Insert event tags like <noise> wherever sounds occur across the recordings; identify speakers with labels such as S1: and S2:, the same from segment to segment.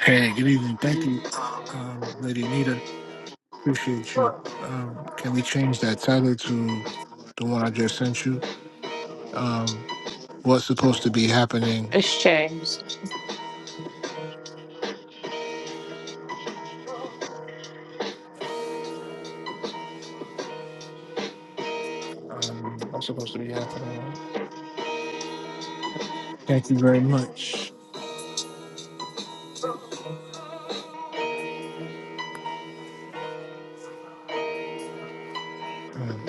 S1: Hey, good evening. Thank you, um, Lady Anita. Appreciate you. Um, can we change that title to the one I just sent you? Um, what's supposed to be happening?
S2: It's James.
S1: Um, what's supposed to be happening? Thank you very much. Um,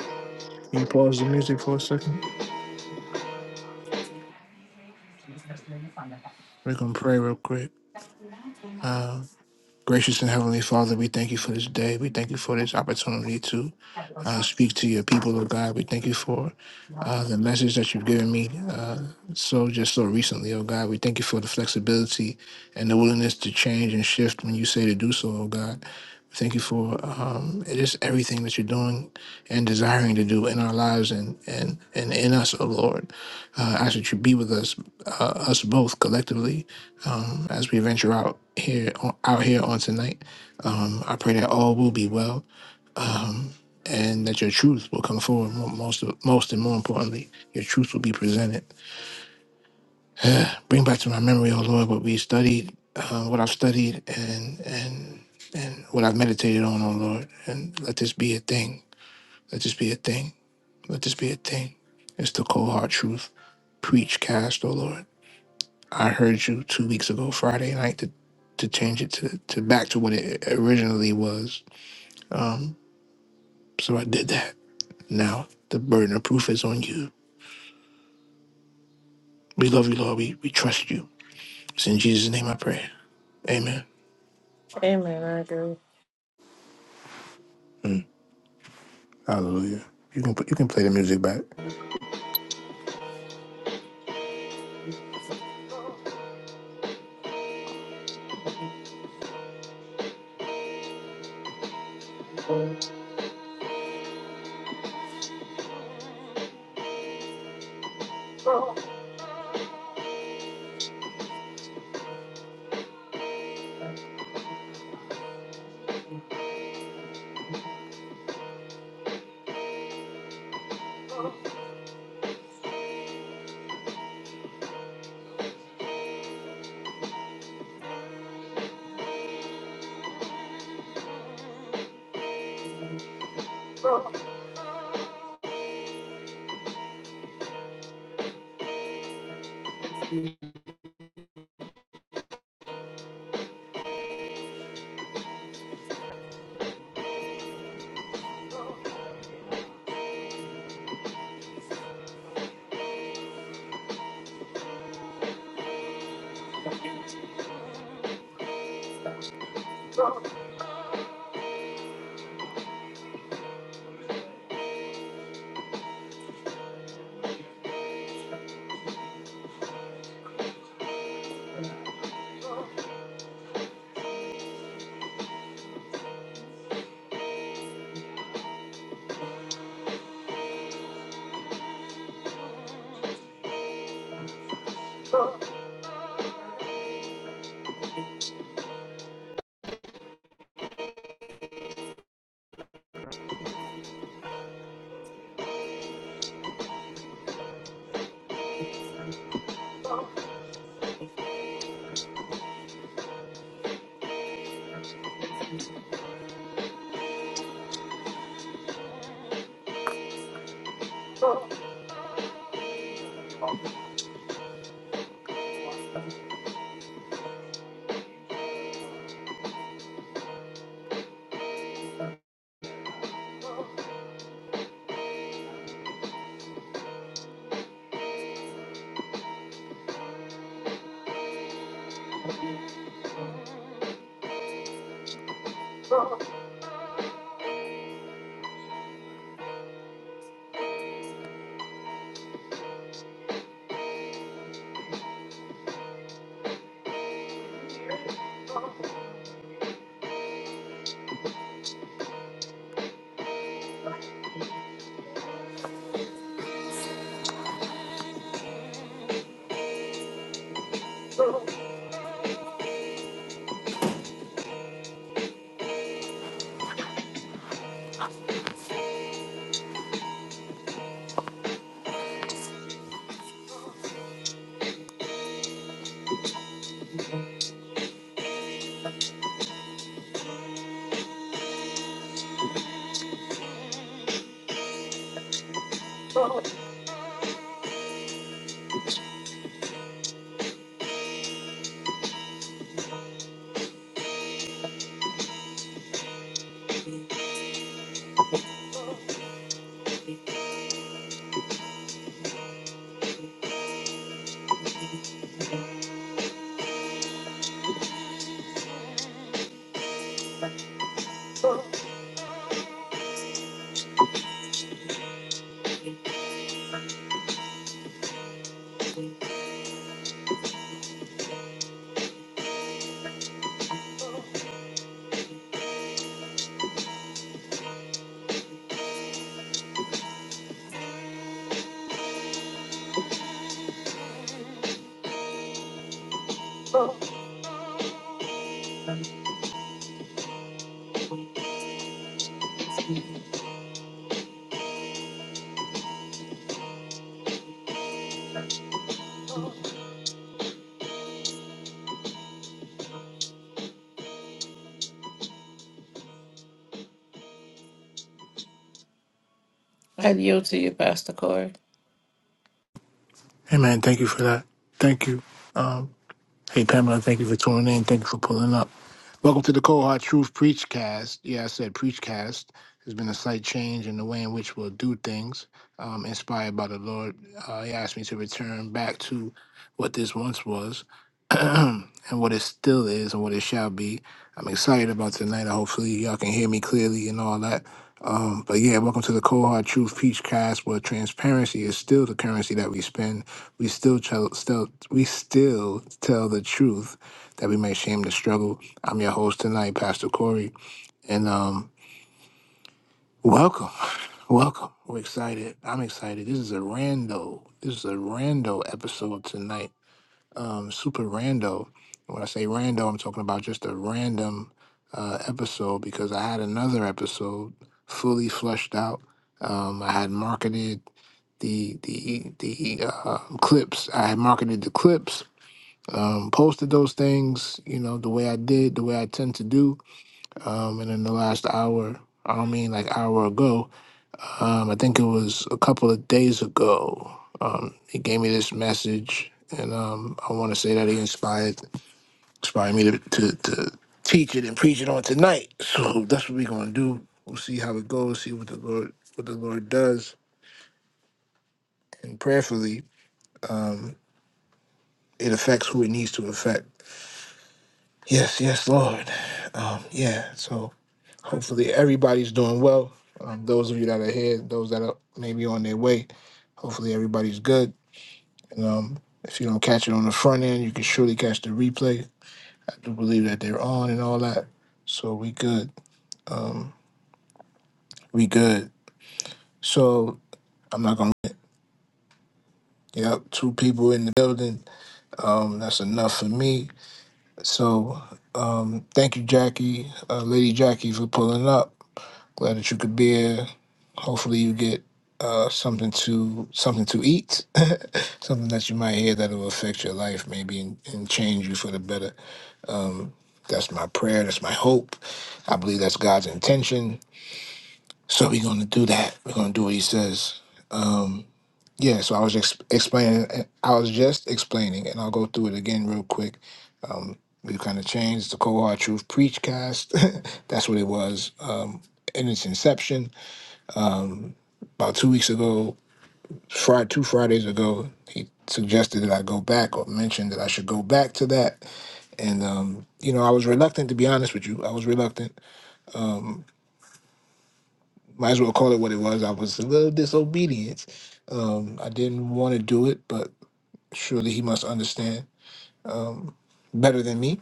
S1: can you pause the music for a second? We're gonna pray real quick. Uh, Gracious and Heavenly Father, we thank you for this day. We thank you for this opportunity to uh, speak to your people, oh God. We thank you for uh, the message that you've given me uh, so just so recently, oh God. We thank you for the flexibility and the willingness to change and shift when you say to do so, oh God. We Thank you for um, just everything that you're doing and desiring to do in our lives and and, and in us, oh Lord. Uh, I ask that you be with us, uh, us both collectively um, as we venture out here on, out here on tonight. Um, I pray that all will be well and that your truth will come forward. Mo- Most of, most and more importantly, your truth will be presented. Bring back to my memory, oh Lord, what we studied, uh, what I've studied, and and and what I've meditated on, oh Lord. And let this be a thing. Let this be a thing. Let this be a thing. It's the cold hard truth. Preach, cast, oh Lord. I heard you two weeks ago, Friday night, to to change it to, to back to what it originally was. So I did that. Now the burden of proof is on you. We love you, Lord. We we trust you. It's in Jesus' name I pray. Amen.
S2: Amen.
S1: Mm. Hallelujah. You can put, you can play the music back.
S2: I yield to you, Pastor Corey.
S1: Amen. Thank you for that. Thank you. Um, Hey Pamela, thank you for tuning in. Thank you for pulling up. Welcome to the Cold Hard Truth Preachcast. Yeah, I said Preachcast. There's been a slight change in the way in which we'll do things, um, inspired by the Lord. Uh, he asked me to return back to what this once was. <clears throat> and what it still is and what it shall be. I'm excited about tonight. Hopefully, y'all can hear me clearly and all that. Um, but yeah, welcome to the Cold Hard Truth Peach Cast, where transparency is still the currency that we spend. We still, tell, still, we still tell the truth that we may shame the struggle. I'm your host tonight, Pastor Corey, and um, welcome, <laughs> welcome. We're excited. I'm excited. This is a rando. This is a rando episode tonight um, super rando. And When I say rando, I'm talking about just a random uh, episode because I had another episode fully fleshed out. Um, I had marketed the the the uh, clips. I had marketed the clips. Um, posted those things, you know, the way I did, the way I tend to do. Um, and in the last hour, I don't mean like hour ago. Um, I think it was a couple of days ago. Um, he gave me this message, and um, I want to say that he inspired inspired me to, to to teach it and preach it on tonight. So that's what we're gonna do. We'll see how it goes. See what the Lord what the Lord does, and prayerfully it affects who it needs to affect. Yes, yes, Lord. Um, yeah. So hopefully everybody's doing well. Um, those of you that are here, those that are maybe on their way, hopefully everybody's good And, um, if you don't catch it on the front end, you can surely catch the replay. I do believe that they're on and all that. So we good. We good. So I'm not gonna. Yep, two people in the building. Um, that's enough for me. So um, thank you, Jackie, uh, Lady Jackie, for pulling up. Glad that you could be here. Hopefully, you get uh, something to something to eat, <laughs> something that you might hear that will affect your life, maybe and, and change you for the better. That's my prayer. That's my hope. I believe that's God's intention. So we're going to do that. We're going to do what He says. Um, yeah. So I was ex- explaining. I was just explaining, and I'll go through it again real quick. Um, we kind of changed the cold hard truth preach cast. <laughs> that's what it was um, in its inception about two weeks ago. Friday, two Fridays ago, he suggested that I go back or mentioned that I should go back to that. And um, you know, I was reluctant to be honest with you. I was reluctant Might as well call it what it was. I was a little disobedient. Um, I didn't want to do it, but surely he must understand better than me.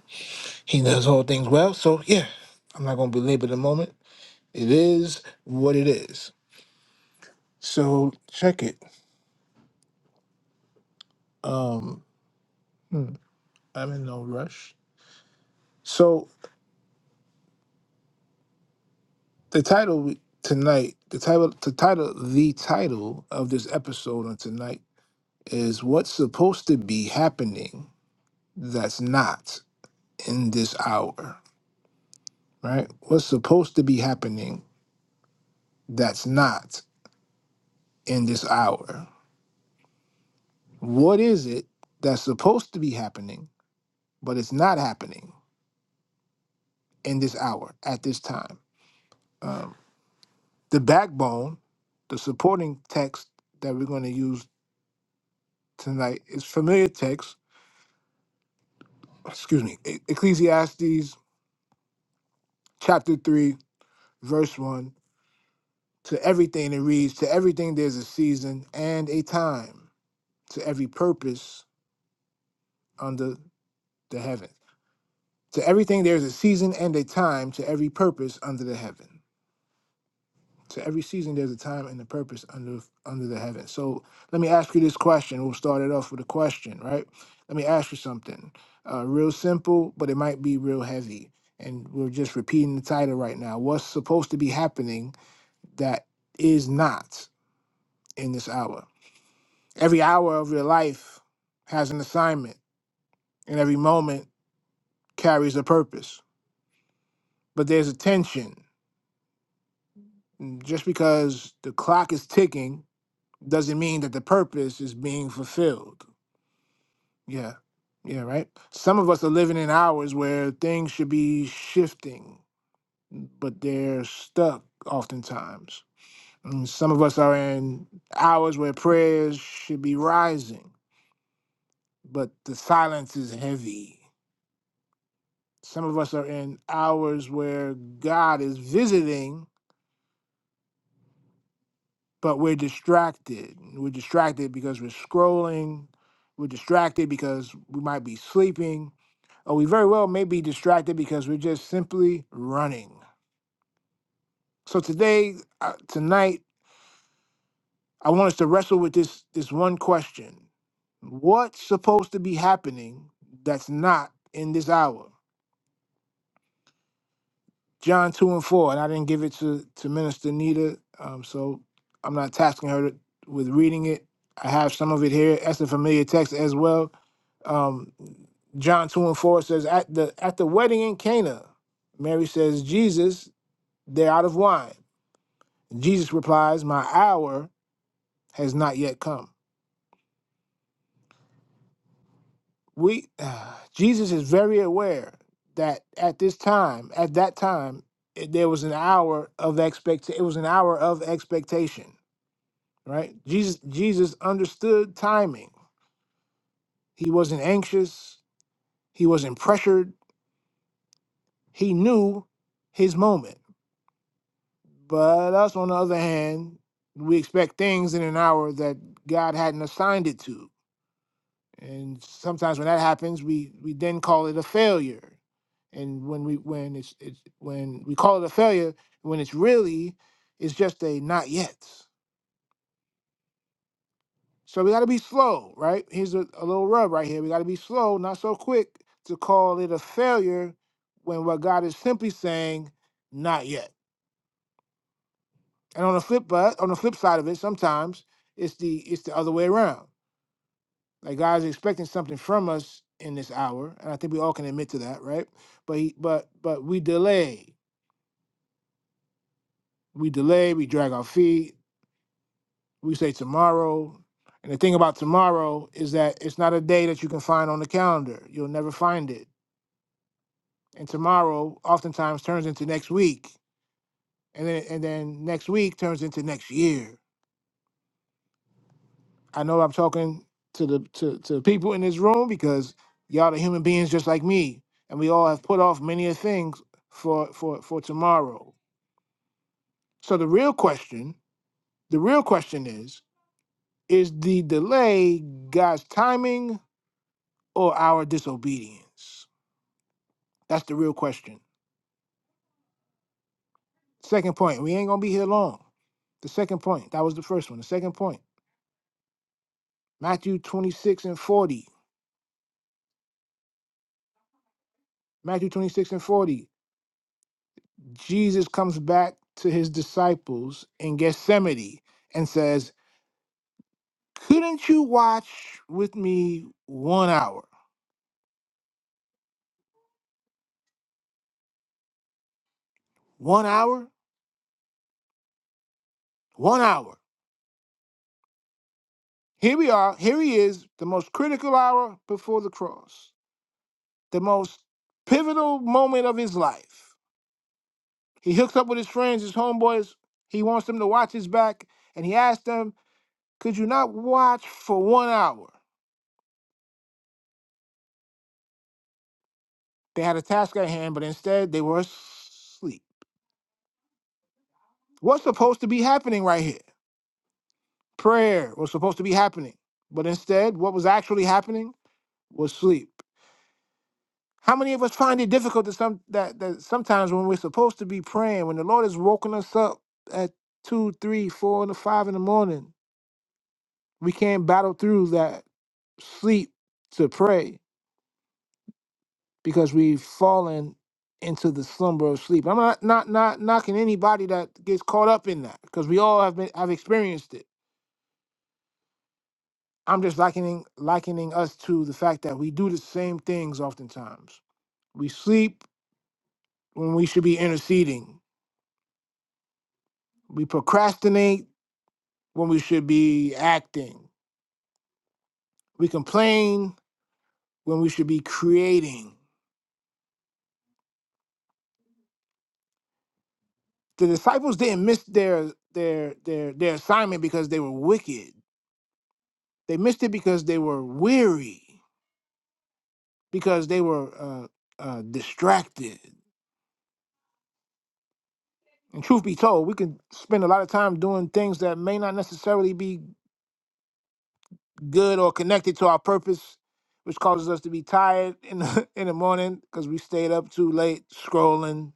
S1: He knows all things well. So yeah, I'm not gonna belabor the moment. It is what it is. So check it. Um, hmm, I'm in no rush. So the title tonight, the title, the title, the title of this episode on tonight is "What's Supposed to Be Happening That's Not in This Hour." right? What's supposed to be happening that's not in this hour? What is it that's supposed to be happening, but it's not happening in this hour at this time? Um, the backbone, the supporting text that we're going to use tonight is familiar text, excuse me, E- Ecclesiastes chapter 3, verse 1. To everything it reads, to everything there's a season and a time, to every purpose under the heaven. To everything there's a season and a time to every purpose under the heaven. To every season there's a time and a purpose under under the heaven. So let me ask you this question. We'll start it off with a question, right? Let me ask you something. Uh, real simple, but it might be real heavy. And we're just repeating the title right now. What's supposed to be happening that is not in this hour? Every hour of your life has an assignment, and every moment carries a purpose. But there's a tension Mm, Just because the clock is ticking doesn't mean that the purpose is being fulfilled. Yeah. Yeah, right? Some of us are living in hours where things should be shifting, but they're stuck oftentimes. And some of us are in hours where prayers should be rising, but the silence is heavy. Some of us are in hours where God is visiting, but we're distracted. We're distracted because we're scrolling. We're distracted because we might be sleeping, or we very well may be distracted because we're just simply running. So today, uh, tonight, I want us to wrestle with this this one question: What's supposed to be happening that's not in this hour? John 2 and 4, and I didn't give it to, to Minister Nita, um, so I'm not tasking her with reading it. I have some of it here. That's a familiar text as well. Um, John 2 and 4 says, at the, at the wedding in Cana, Mary says, Jesus, they're out of wine. Jesus replies, My hour has not yet come. We, <sighs> Jesus is very aware that at this time, at that time, it- there was an hour of expect. It was an hour of expectation right? Jesus Jesus understood timing. He wasn't anxious, he wasn't pressured. He knew his moment. But us on the other hand, we expect things in an hour that God hadn't assigned it to. And sometimes when that happens, we we then call it a failure. And when we when it's it's when we call it a failure, when it's really it's just a not yet. So we got to be slow, right? Here's a, a little rub right here. We got to be slow, not so quick to call it a failure when what God is simply saying, not yet. And on the flip, but on the flip side of it, sometimes it's the it's the other way around. Like God's expecting something from us in this hour, and I think we all can admit to that, right? But he, but but we delay, we delay, we drag our feet, we say tomorrow. And the thing about tomorrow is that it's not a day that you can find on the calendar. You'll never find it and tomorrow oftentimes turns into next week and then and then next week turns into next year i know i'm talking to the to, to people in this room because y'all are human beings just like me and we all have put off many of things for for for tomorrow so the real question the real question is is the delay god's timing or our disobedience that's the real question second point we ain't gonna be here long the second point that was the first one the second point Matthew 26 and 40. Matthew 26 and 40. Jesus comes back to his disciples in Gethsemane and says, Couldn't you watch with me one hour? One hour? One hour. Here we are. Here he is, the most critical hour before the cross, the most pivotal moment of his life. He hooks up with his friends, his homeboys. He wants them to watch his back, and he asks them, Could you not watch for one hour? They had a task at hand, but instead they were asleep. What's supposed to be happening right here? Prayer was supposed to be happening, but instead, what was actually happening was sleep. How many of us find it difficult that some that, that sometimes when we're supposed to be praying, when the Lord has woken us up at two, three, four, and five in the morning, we can't battle through that sleep to pray because we've fallen into the slumber of sleep. I'm not not not knocking anybody that gets caught up in that because we all have been have experienced it. I'm just likening likening us to the fact that we do the same things oftentimes. We sleep when we should be interceding. We procrastinate when we should be acting. We complain when we should be creating. The disciples didn't miss their their their their assignment because they were wicked. They missed it because they were weary. because they were uh, uh, distracted. And truth be told, we can spend a lot of time doing things that may not necessarily be good or connected to our purpose, which causes us to be tired in the, <laughs> in the morning because we stayed up too late scrolling,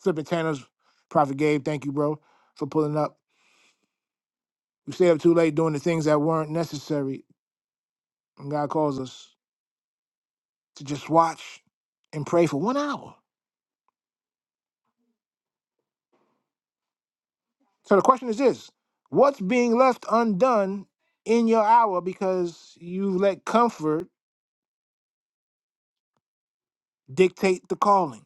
S1: flipping channels. Prophet Gabe, thank you, bro, for pulling up. We stayed up too late doing the things that weren't necessary, and God calls us to just watch and pray for one hour. So the question is this what's being left undone in your hour because you let comfort dictate the calling?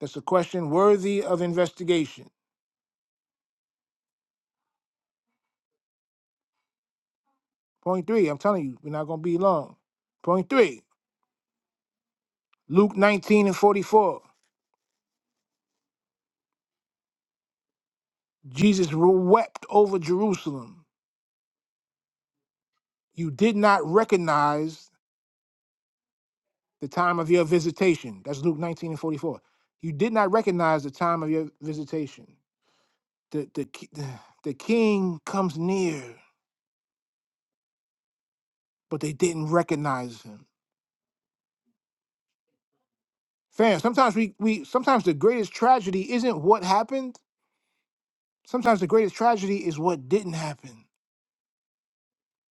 S1: That's a question worthy of investigation. Point three, I'm telling you, we're not going to be long. Point three, Luke 19 and 44. Jesus wept over Jerusalem. You did not recognize the time of your visitation. That's Luke 19 and 44. You did not recognize the time of your visitation. The, the, ki- the king comes near but they didn't recognize him. Fam, sometimes we we sometimes the greatest tragedy isn't what happened. Sometimes the greatest tragedy is what didn't happen.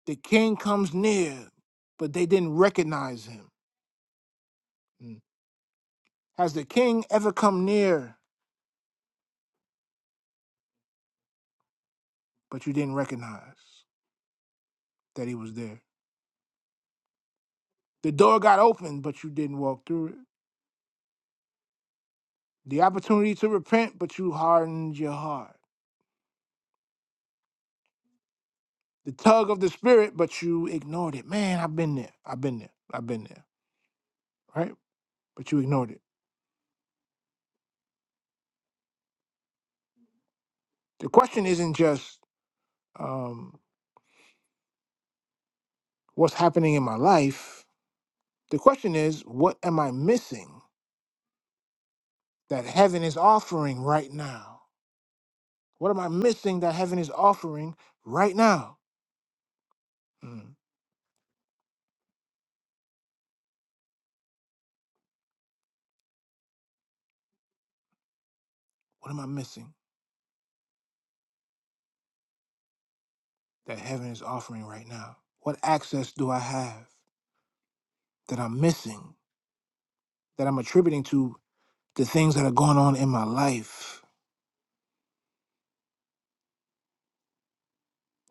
S1: The king comes near, but they didn't recognize him. Mm. Has the king ever come near, but you didn't recognize that he was there? The door got open, but you didn't walk through it. The opportunity to repent, but you hardened your heart. The tug of the spirit, but you ignored it. Man, I've been there. I've been there. I've been there. Right? But you ignored it. The question isn't just um, what's happening in my life. The question is, what am I missing that heaven is offering right now? What am I missing that heaven is offering right now? Mm. What am I missing that heaven is offering right now? What access do I have that I'm missing, that I'm attributing to the things that are going on in my life?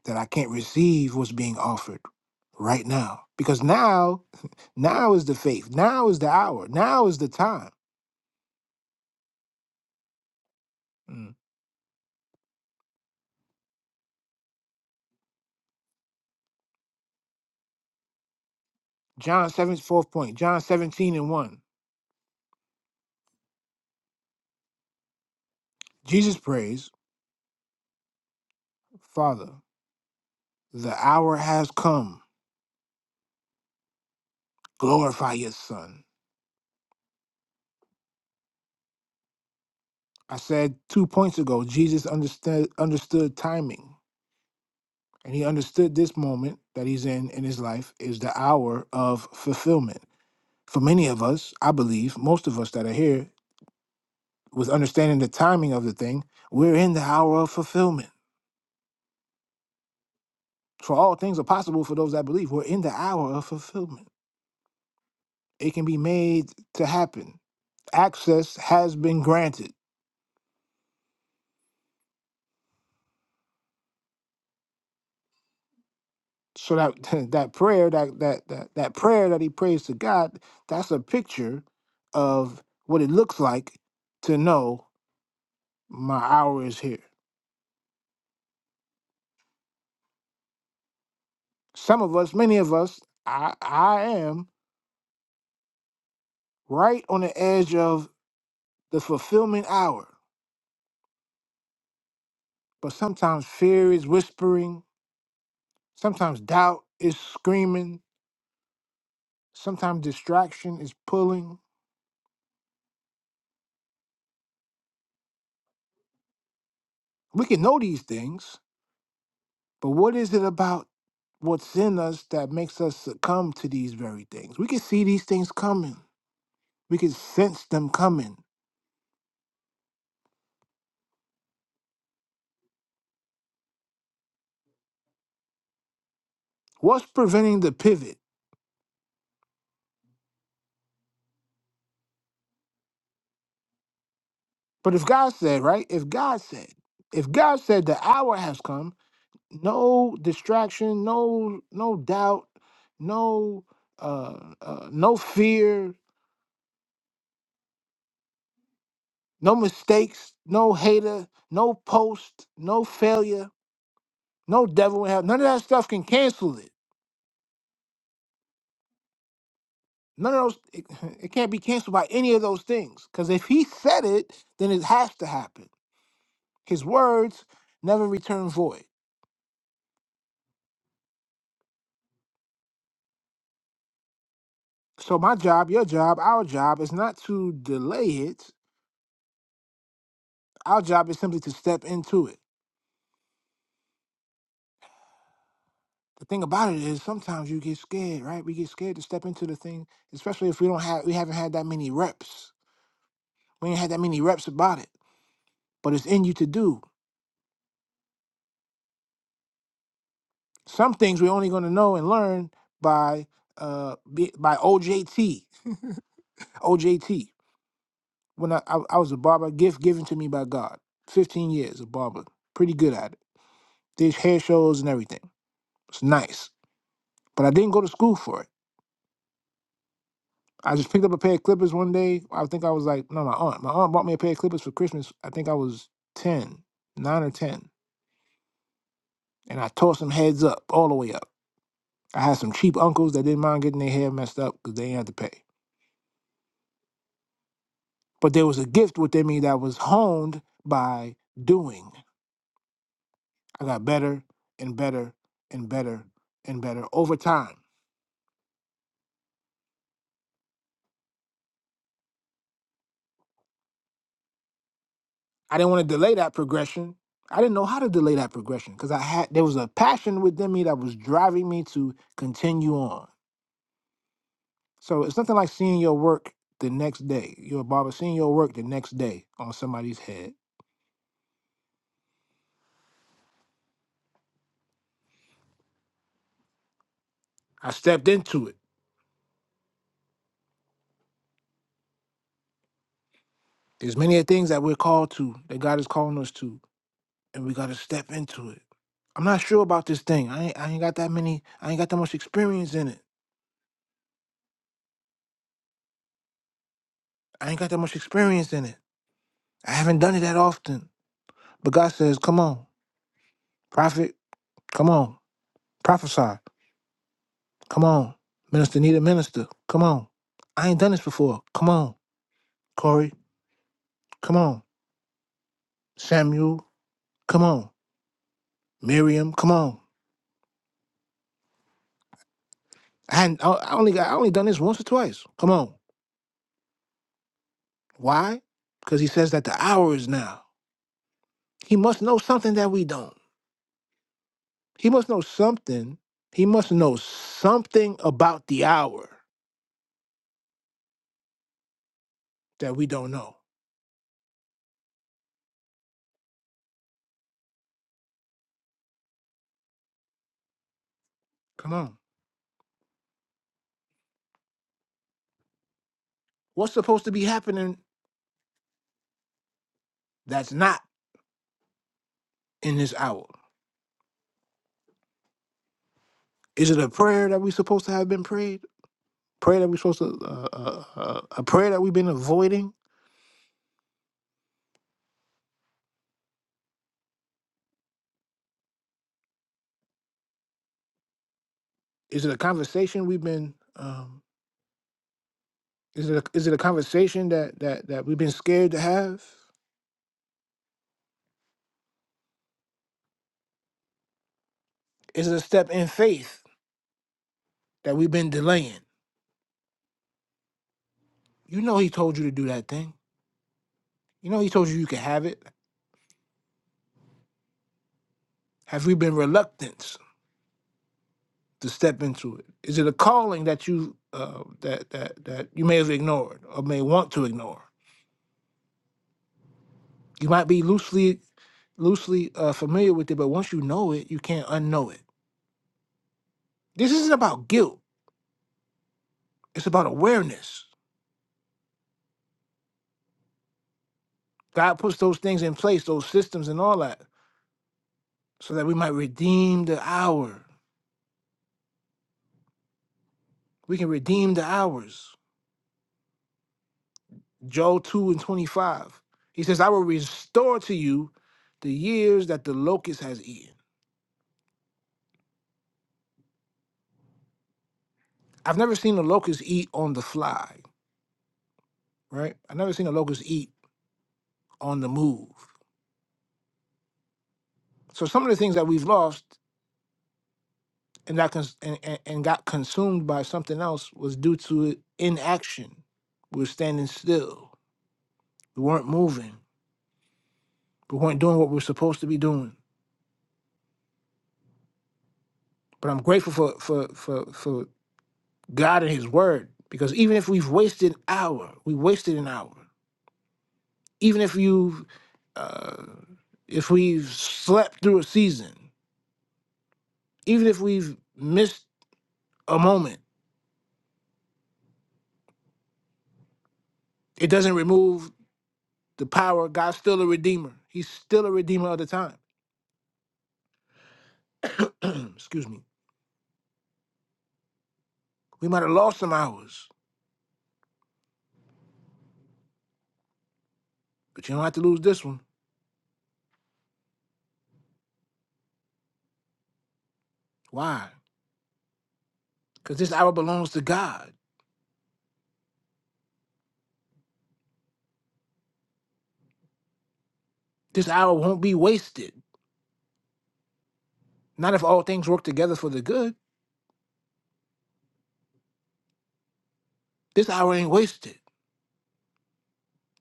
S1: that I can't receive what's being offered right now. Because now, <laughs> now is the faith. Now is the hour. Now is the time. Mm. John 7 fourth point, John 17 and 1. Jesus prays, Father, the hour has come. Glorify your son. I said two points ago, Jesus understood understood timing. And he understood this moment that he's in in his life is the hour of fulfillment. For many of us, I believe, most of us that are here, with understanding the timing of the thing, we're in the hour of fulfillment. For all things are possible for those that believe. We're in the hour of fulfillment. It can be made to happen. Access has been granted. So that <laughs> that prayer, that that that that prayer that he prays to God, that's a picture of what it looks like to know my hour is here. Some of us, many of us, I I am right on the edge of the fulfillment hour But sometimes fear is whispering, sometimes doubt is screaming, sometimes distraction is pulling. We can know these things, but what is it about what's in us that makes us succumb to these very things? We can see these things coming, we can sense them coming. What's preventing the pivot? But if God said, right? If God said, if God said the hour has come, no distraction, no no doubt, no uh, uh no fear, No mistakes, no hater, no post, no failure, no devil in hell. None of that stuff can cancel it. None of those, it, it can't be canceled by any of those things. Because if he said it, then it has to happen. His words never return void. So my job, your job, our job is not to delay it. Our job is simply to step into it. The thing about it is sometimes you get scared, right? We get scared to step into the thing, especially if we don't have we haven't had that many reps. We ain't had that many reps about it. but it's in you to do. Some things we're only going to know and learn by uh be, by OJT. OJT. When I, I I was a barber, gift given to me by God. 15 years a barber, pretty good at it. Did hair shows and everything. It's nice, but I didn't go to school for it. I just picked up a pair of clippers one day. I think I was like, no, my aunt. My aunt bought me a pair of clippers for Christmas. I think I was 10, 9 or 10. And I tore some heads up, all the way up. I had some cheap uncles that didn't mind getting their hair messed up because they didn't have to pay. But there was a gift within me that was honed by doing. I got better and better and better and better over time. I didn't want to delay that progression. I didn't know how to delay that progression because I had there was a passion within me that was driving me to continue on. So it's nothing like seeing your work the next day. You're a barber seeing your work the next day on somebody's head. I stepped into it. There's many things that we're called to, that God is calling us to. and we gotta step into it. I'm not sure about this thing. I ain't, I ain't got that many. I ain't got that much experience in it. I ain't got that much experience in it. I haven't done it that often. But God says, "Come on, prophet. Come on, prophesy. Come on, minister. Need a minister. Come on. I ain't done this before. Come on, Corey. Come on, Samuel. Come on, Miriam. Come on. I, hadn't, I I only got. I only done this once or twice. Come on. Why? Because He says that the hour is now. He must know something that we don't. He must know something. He must know something about the hour that we don't know. Come on. What's supposed to be happening that's not in this hour? Is it a prayer that we supposed to have been prayed? Prayer that we supposed to, uh, uh, uh, a prayer that we've been avoiding? Is it a conversation we've been, um, is it a, is it a conversation that, that, that we've been scared to have? Is it a step in faith that we've been delaying? You know he told you to do that thing. You know he told you you could have it. Have we been reluctant? to step into it? Is it a calling that you uh, that that that you may have ignored or may want to ignore? You might be loosely loosely uh, familiar with it, but once you know it, you can't unknow it. This isn't about guilt; it's about awareness. God puts those things in place, those systems and all that, so that we might redeem the hour. We can redeem the hours. Joel two and twenty five. He says, "I will restore to you the years that the locust has eaten." I've never seen a locust eat on the fly. right? i never seen the locust eat on the move. So some of the things that we've lost and that cons- and, and, and got consumed by something else was due to inaction. We were standing still. We weren't moving. We weren't doing what we were supposed to be doing. But I'm grateful for for for for God and His Word because even if we've wasted an hour, we wasted an hour. Even if you've uh, if we've slept through a season, even if we've missed a moment, it doesn't remove The power of God's still a redeemer. He's still a redeemer of the time. <clears throat> Excuse me. We might have lost some hours, but you don't have to lose this one. Why? Because this hour belongs to God. This hour won't be wasted. Not if all things work together for the good. This hour ain't wasted.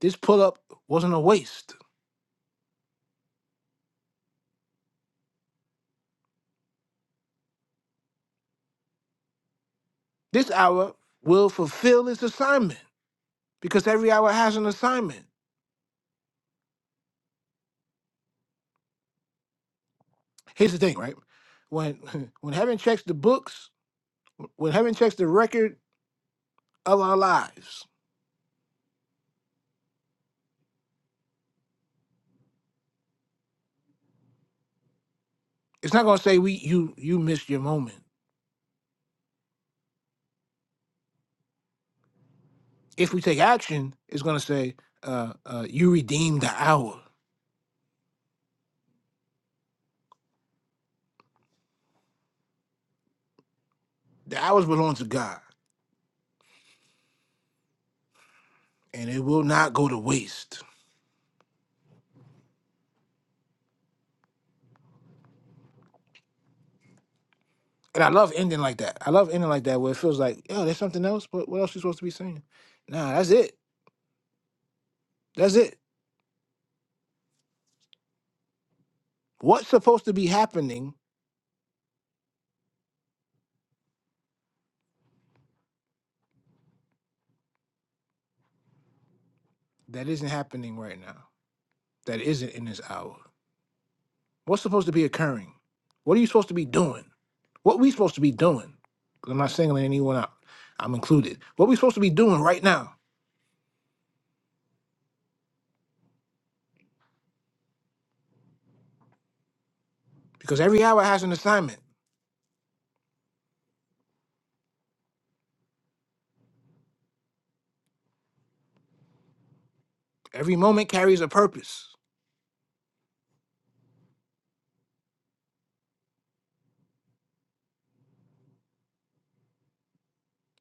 S1: This pull up wasn't a waste. This hour will fulfill its assignment because every hour has an assignment. Here's the thing, right? When <laughs> when heaven checks the books, when heaven checks the record of our lives, It's not gonna say we you you missed your moment. If we take action, it's gonna say uh, uh, you redeemed the hour. The hours belong to God, and it will not go to waste. And I love ending like that. I love ending like that where it feels like, oh, there's something else. But what else you supposed to be saying? Nah, that's it. That's it. What's supposed to be happening that isn't happening right now? That isn't in this hour. What's supposed to be occurring? What are you supposed to be doing? What we supposed to be doing? 'Cause I'm not singling anyone out. I'm included. What we supposed to be doing right now? Because every hour has an assignment. Every moment carries a purpose.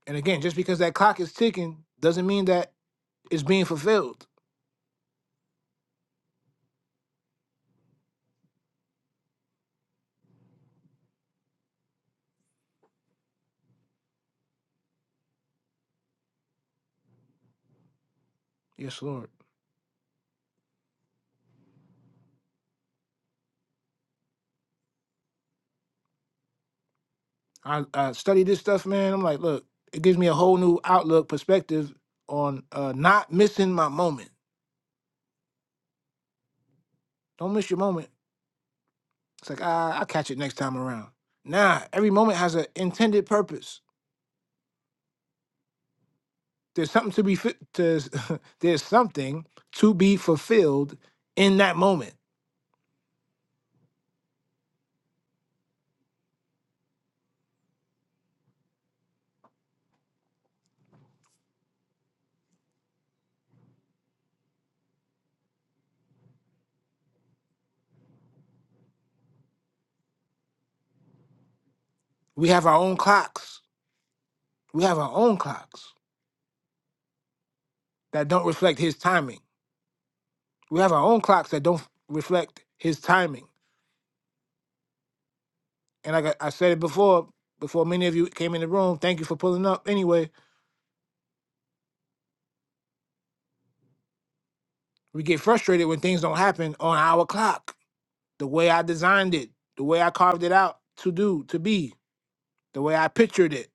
S1: And again, just because that clock is ticking doesn't mean that it's being fulfilled. Yes, Lord. I, I study this stuff, man. I'm like, look, it gives me a whole new outlook, perspective on uh, not missing my moment. Don't miss your moment. It's like, ah, I'll catch it next time around. Nah, every moment has an intended purpose. There's something to be fit. To, <laughs> there's something to be fulfilled in that moment. We have our own clocks. We have our own clocks that don't reflect His timing. We have our own clocks that don't reflect His timing. And like I, I said it before, before many of you came in the room, thank you for pulling up. Anyway, we get frustrated when things don't happen on our clock, the way I designed it, the way I carved it out to do, to be, the way I pictured it.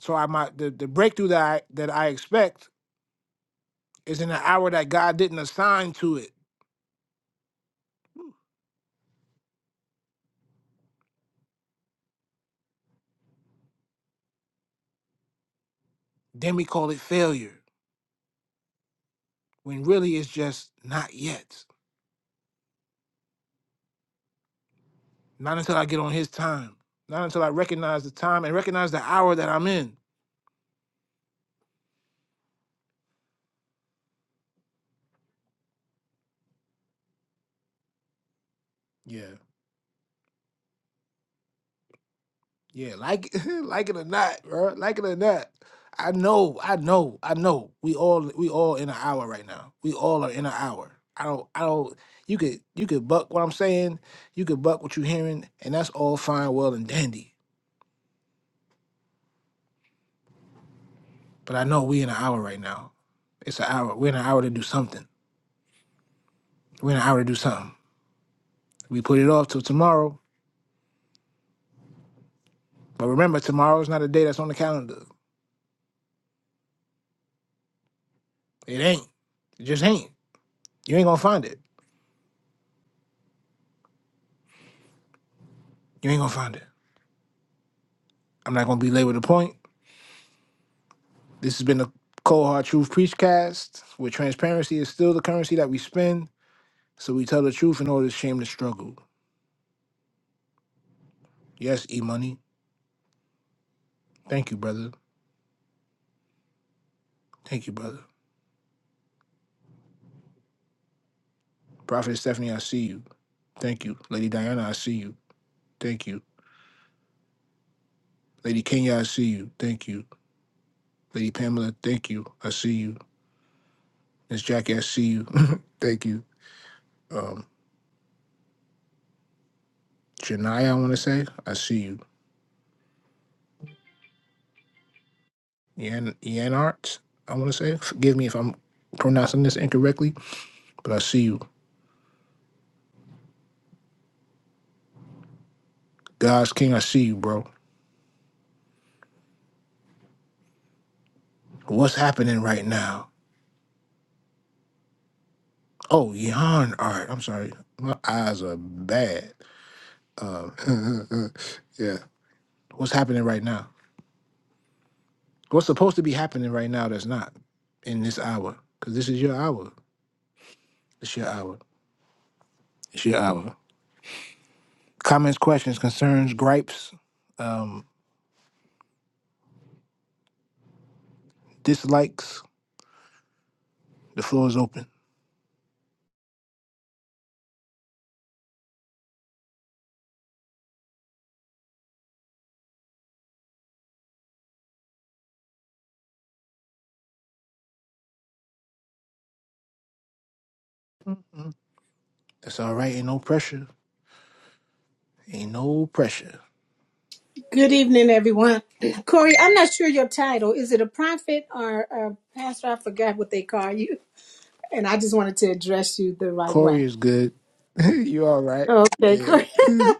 S1: So I might the, the breakthrough that I that I expect It's in an hour that God didn't assign to it. Then we call it failure, when really it's just not yet. Not until I get on His time. Not until I recognize the time and recognize the hour that I'm in. Yeah, yeah, like <laughs> like it or not, bro, like it or not. I know, I know, I know. We all we all in an hour right now. We all are in an hour. I don't, I don't. You could you could buck what I'm saying. You could buck what you're hearing, and that's all fine, well, and dandy. But I know we in an hour right now. It's an hour. We're in an hour to do something. We're in an hour to do something. We put it off till tomorrow. But remember, tomorrow is not a day that's on the calendar. It ain't. It just ain't. You ain't gonna find it. You ain't gonna find it. I'm not gonna belabor the point. This has been the Cold Hard Truth Preachcast, where transparency is still the currency that we spend, so we tell the truth in order to shame the struggle. Yes, E Money. Thank you, brother. Thank you, brother. Prophet Stephanie, I see you. Thank you. Lady Diana, I see you. Thank you. Lady Kenya, I see you. Thank you. Lady Pamela, thank you. I see you. Miss Jackie, I see you. <laughs> thank you. Um, Janaya, I want to say, I see you. Yan Yan I want to say. Forgive me if I'm pronouncing this incorrectly, but I see you. God's King, I see you, bro. What's happening right now? Oh, Yan Art. I'm sorry. My eyes are bad. Um, <laughs> yeah. What's happening right now? What's supposed to be happening right now that's not in this hour? Because this is your hour. It's your hour. It's your hour. Comments, questions, concerns, gripes, um, dislikes. The floor is open. Mm-mm. That's all right. Ain't no pressure. Ain't no pressure.
S3: Good evening, everyone. Corey, I'm not sure your title. Is it a prophet or a pastor? I forgot what they call you. And I just wanted to address you the right
S1: Corey
S3: way.
S1: is good. <laughs> you all right?
S3: Okay, Corey. <laughs>
S1: Yeah.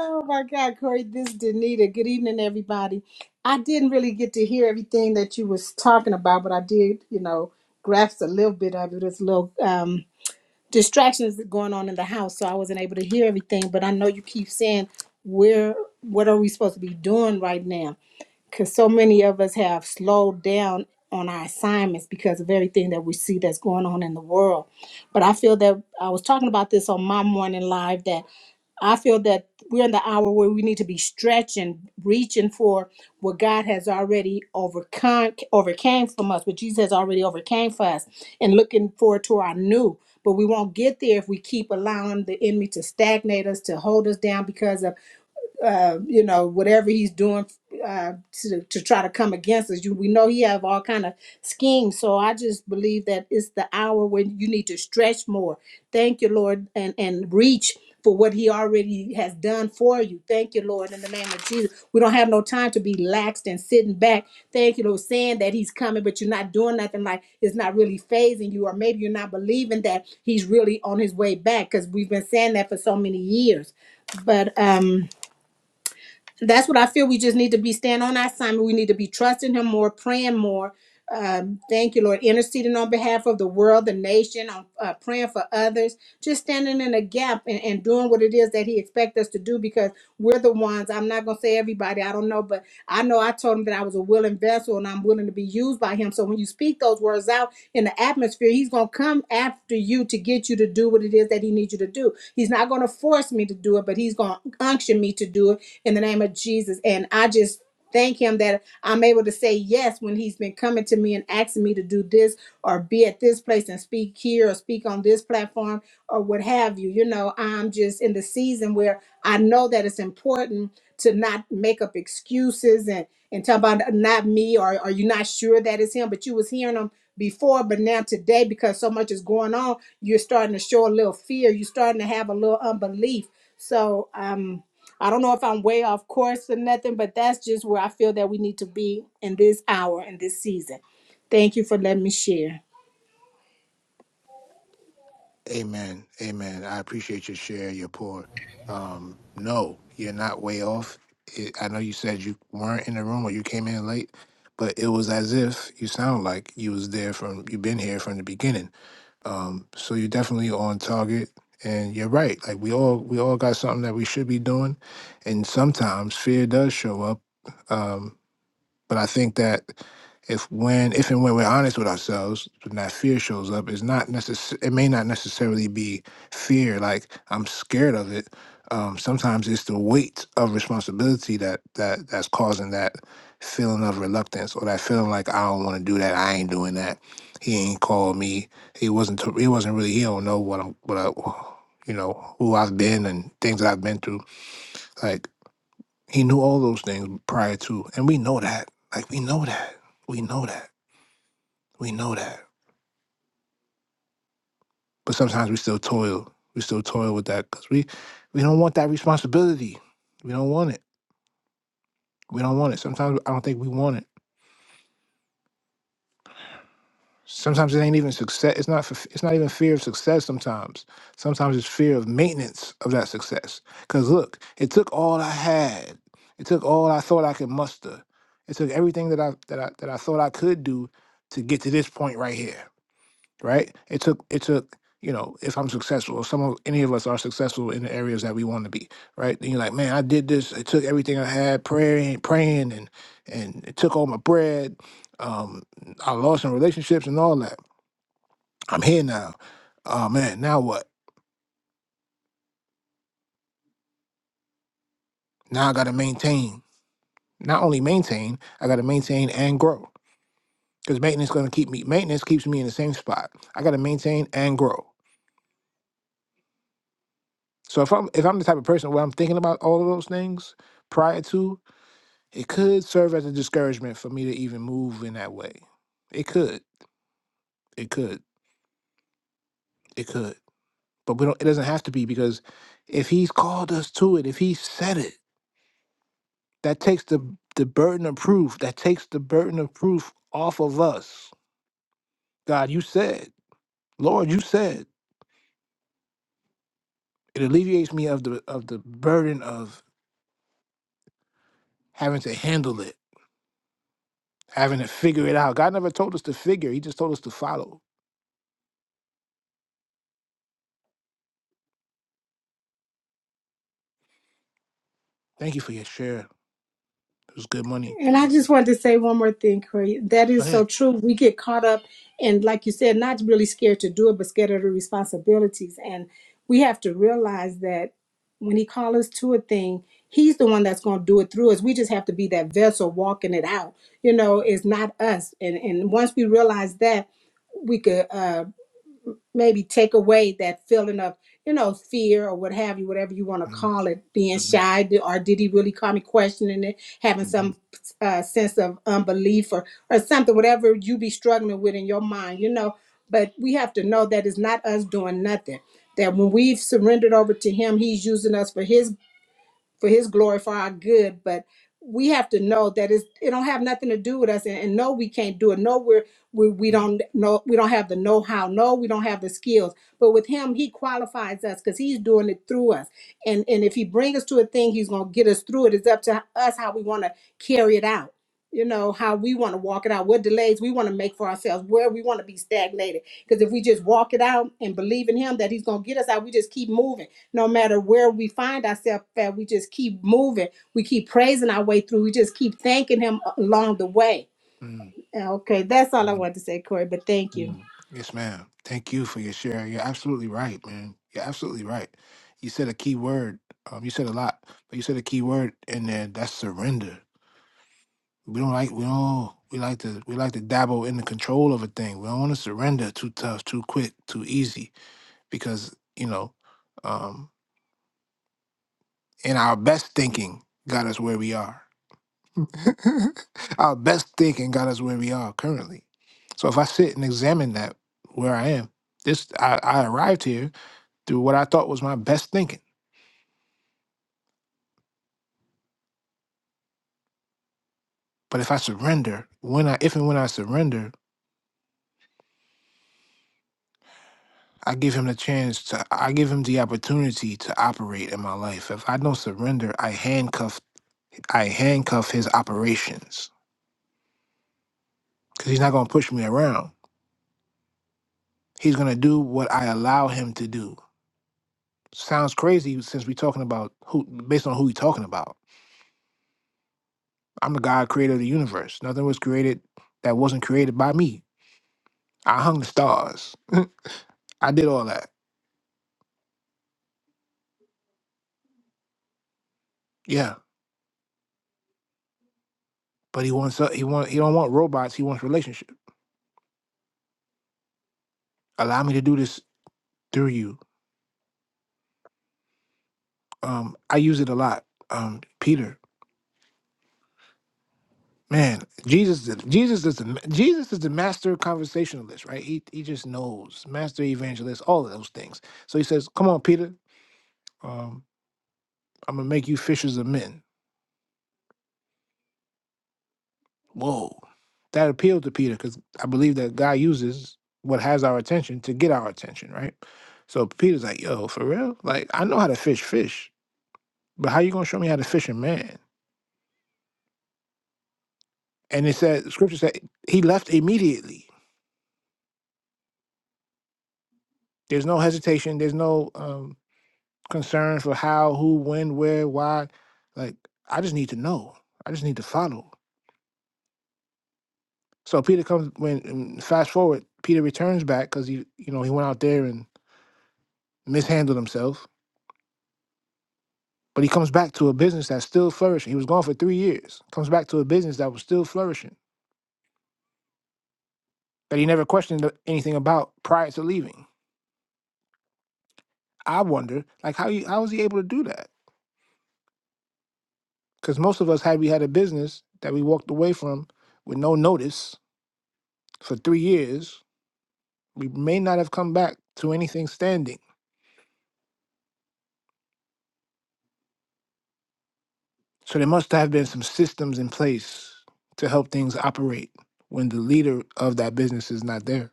S3: Oh my God, Corey, this is Danita. Good evening, everybody. I didn't really get to hear everything that you was talking about, but I did, you know, grasp a little bit of it. There's little um, distractions that going on in the house, so I wasn't able to hear everything. But I know you keep saying, where, what are we supposed to be doing right now? because so many of us have slowed down on our assignments because of everything that we see that's going on in the world. But I feel that I was talking about this on my morning live that I feel that we're in the hour where we need to be stretching, reaching for what God has already overcome, overcame from us, what Jesus has already overcame for us, and looking forward to our new. But we won't get there if we keep allowing the enemy to stagnate us, to hold us down because of uh, you know whatever he's doing uh, to to try to come against us. You, we know he have all kind of schemes. So I just believe that it's the hour when you need to stretch more. Thank you, Lord, and and reach for what He already has done for you. Thank you, Lord, in the name of Jesus. We don't have no time to be laxed and sitting back. Thank you, Lord, saying that He's coming, but you're not doing nothing. Like it's not really phasing you, or maybe you're not believing that He's really on His way back. Because we've been saying that for so many years, but um that's what I feel. We just need to be staying on our assignment. We need to be trusting Him more, praying more. Um, thank you, Lord. Interceding on behalf of the world, the nation, on uh, praying for others, just standing in a gap and, and doing what it is that He expects us to do because we're the ones. I'm not going to say everybody, I don't know, but I know I told Him that I was a willing vessel and I'm willing to be used by Him. So when you speak those words out in the atmosphere, He's going to come after you to get you to do what it is that He needs you to do. He's not going to force me to do it, but He's going to unction me to do it in the name of Jesus. And I just thank him that I'm able to say yes when he's been coming to me and asking me to do this or be at this place and speak here or speak on this platform or what have you. You know, I'm just in the season where I know that it's important to not make up excuses and and talk about not me or are you not sure that it's him, but you was hearing him before, but now today because so much is going on, you're starting to show a little fear. You're starting to have a little unbelief. So um I don't know if I'm way off course or nothing, but that's just where I feel that we need to be in this hour and this season. Thank you for letting me share.
S1: <laughs> Amen. Amen. I appreciate your share, your pour. Um, no, you're not way off. It, I know you said you weren't in the room or you came in late, but it was as if you sound like you was there from you've been here from the beginning Um, so you're definitely on target, and you're right. Like we all we all got something that we should be doing, and sometimes fear does show up. Um, but I think that if when if and when we're honest with ourselves, when that fear shows up, it's not necess- it may not necessarily be fear like I'm scared of it. Um, sometimes it's the weight of responsibility that that that's causing that feeling of reluctance or that feeling like I don't want to do that. I ain't doing that. He ain't called me. He wasn't. T- he wasn't really. He don't know what I'm. What I, you know who I've been and things that I've been through. Like he knew all those things prior to, and we know that. Like we know that. We know that. We know that. But sometimes we still toil. We still toil with that because we we don't want that responsibility. We don't want it. We don't want it. Sometimes I don't think we want it. Sometimes it ain't even success. It's not. f- It's not even fear of success. Sometimes. Sometimes it's fear of maintenance of that success. Cause look, it took all I had. It took all I thought I could muster. It took everything that I that I that I thought I could do to get to this point right here right? It took it took you know if I'm successful, if some of any of us are successful in the areas that we want to be, right? Then you're like, man, I did this. It took everything I had, praying, praying, and and it took all my bread. Um, I lost in relationships and all that. I'm here now. Oh man, now what? Now I got to maintain. Not only maintain, I got to maintain and grow. Because maintenance gonna keep me. Maintenance keeps me in the same spot. I got to maintain and grow. So if I'm if I'm the type of person where I'm thinking about all of those things prior to, It could serve as a discouragement for me to even move in that way. It could. It could. It could. But we don't it doesn't have to be because if he's called us to it, if he said it, that takes the the burden of proof, that takes the burden of proof off of us. God, you said. Lord, you said. It alleviates me of the of the burden of having to handle it, having to figure it out. God never told us to figure, he just told us to follow. Thank you for your share. It was good money.
S3: And I just wanted to say one more thing, Corey. That
S1: Go
S3: is so
S1: ahead.
S3: true. We get caught up and like you said, not really scared to do it, but scared of the responsibilities. And we have to realize that when he calls us to a thing, he's the one that's going to do it through us. We just have to be that vessel walking it out. You know, it's not us. And and once we realize that, we could. Um, maybe take away that feeling of you know fear or what have you whatever you want to call it being shy d- or did he really call me questioning it having some uh, sense of unbelief or or something whatever you be struggling with in your mind you know but we have to know that it's not us doing nothing that when we've surrendered over to him he's using us for his for his glory for our good but we have to know that it's, it don't have nothing to do with us and, and no we can't do it no we're we, we don't know we don't have the know-how no we don't have the skills but with him he qualifies us because he's doing it through us and and if he brings us to a thing he's going to get us through it it's up to us how we want to carry it out you know how we want to walk it out what delays we want to make for ourselves where we want to be stagnated because if we just walk it out and believe in Him that He's going to get us out, we just keep moving. No matter where we find ourselves at, we just keep moving. We keep praising our way through. We just keep thanking Him along the way. Okay, that's all I wanted to say, Corey, but thank you.
S1: Yes, ma'am. Thank you for your share. You're absolutely right, man. You're absolutely right. You said a key word. Um, you said a lot, but you said a key word in there. That's surrender. We don't like we don't we like to we like to dabble in the control of a thing. We don't want to surrender too tough, too quick, too easy, because you know, um, in our best thinking got us where we are. <laughs> Our best thinking got us where we are currently. So if I sit and examine that where I am, this I, I arrived here through what I thought was my best thinking. But if I surrender, when I if and when I surrender, I give him the chance to I give him the opportunity to operate in my life. If I don't surrender, I handcuff I handcuff his operations because he's not gonna push me around. He's gonna do what I allow him to do. Sounds crazy since we're talking about who based on who we're talking about. I'm the God creator of the universe. Nothing was created that wasn't created by me. I hung the stars. I did all that. Yeah. But he wants he want he don't want robots, he wants relationship. Allow me to do this through you. Um I use it a lot. Um Peter, man, Jesus is- Jesus is the Jesus is the master conversationalist, right? He he just knows, master evangelist, all of those things. So he says, "Come on, Peter. Um I'm going to make you fishers of men." Whoa. That appealed to Peter because I believe that God uses what has our attention to get our attention, right? So Peter's like, yo, for real? Like, I know how to fish fish, but how you gonna show me how to fish a man? And it said, scripture said, he left immediately. There's no hesitation. There's no um, concern for how, who, when, where, why. Like, I just need to know. I just need to follow. So Peter comes when and fast forward. Peter returns back because he, you know, he went out there and mishandled himself But he comes back to a business that's still flourishing. He was gone for three years. Comes back to a business that was still flourishing that he never questioned anything about prior to leaving. I wonder, like, how you, how was he able to do that? Because most of us had we had a business that we walked away from with no notice for three years, we may not have come back to anything standing. So there must have been some systems in place to help things operate when the leader of that business is not there.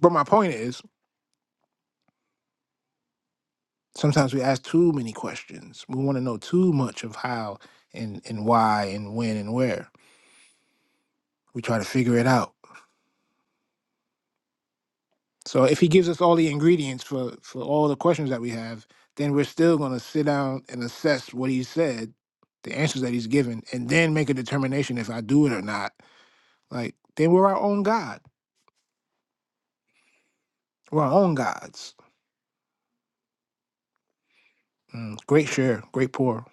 S1: But my point is, Sometimes we ask too many questions. We want to know too much of how and, and why and when and where. We try to figure it out. So if he gives us all the ingredients for, for all the questions that we have, then we're still going to sit down and assess what he said, the answers that he's given, and then make a determination if I do it or not. Like, then we're our own God. We're our own gods. Mm, great share, great pour.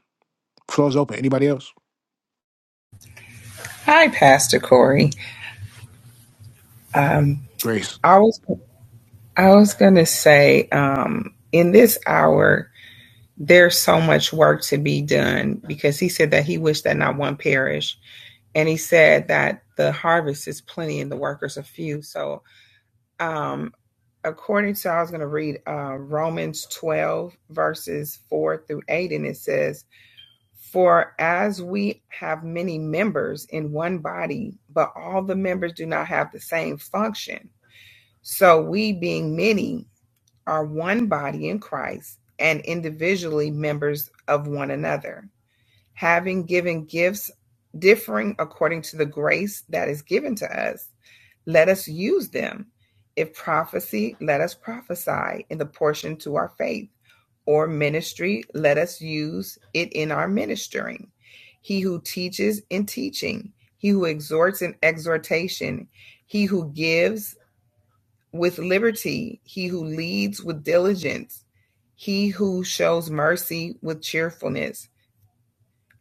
S1: Floor's open. Anybody else?
S4: Hi, Pastor Corey. Um,
S1: Grace.
S4: I was I was gonna say, um, in this hour, there's so much work to be done because he said that he wished that not one perish, and he said that the harvest is plenty and the workers are few. So, um, according to I was gonna read uh, Romans 12 verses four through eight, and it says. For as we have many members in one body, but all the members do not have the same function, So we, being many, are one body in Christ and individually members of one another, having given gifts differing according to the grace that is given to us. Let us use them. If prophecy, let us prophesy in the portion to our faith, or ministry, let us use it in our ministering. He who teaches in teaching, he who exhorts in exhortation, he who gives with liberty, he who leads with diligence, he who shows mercy with cheerfulness.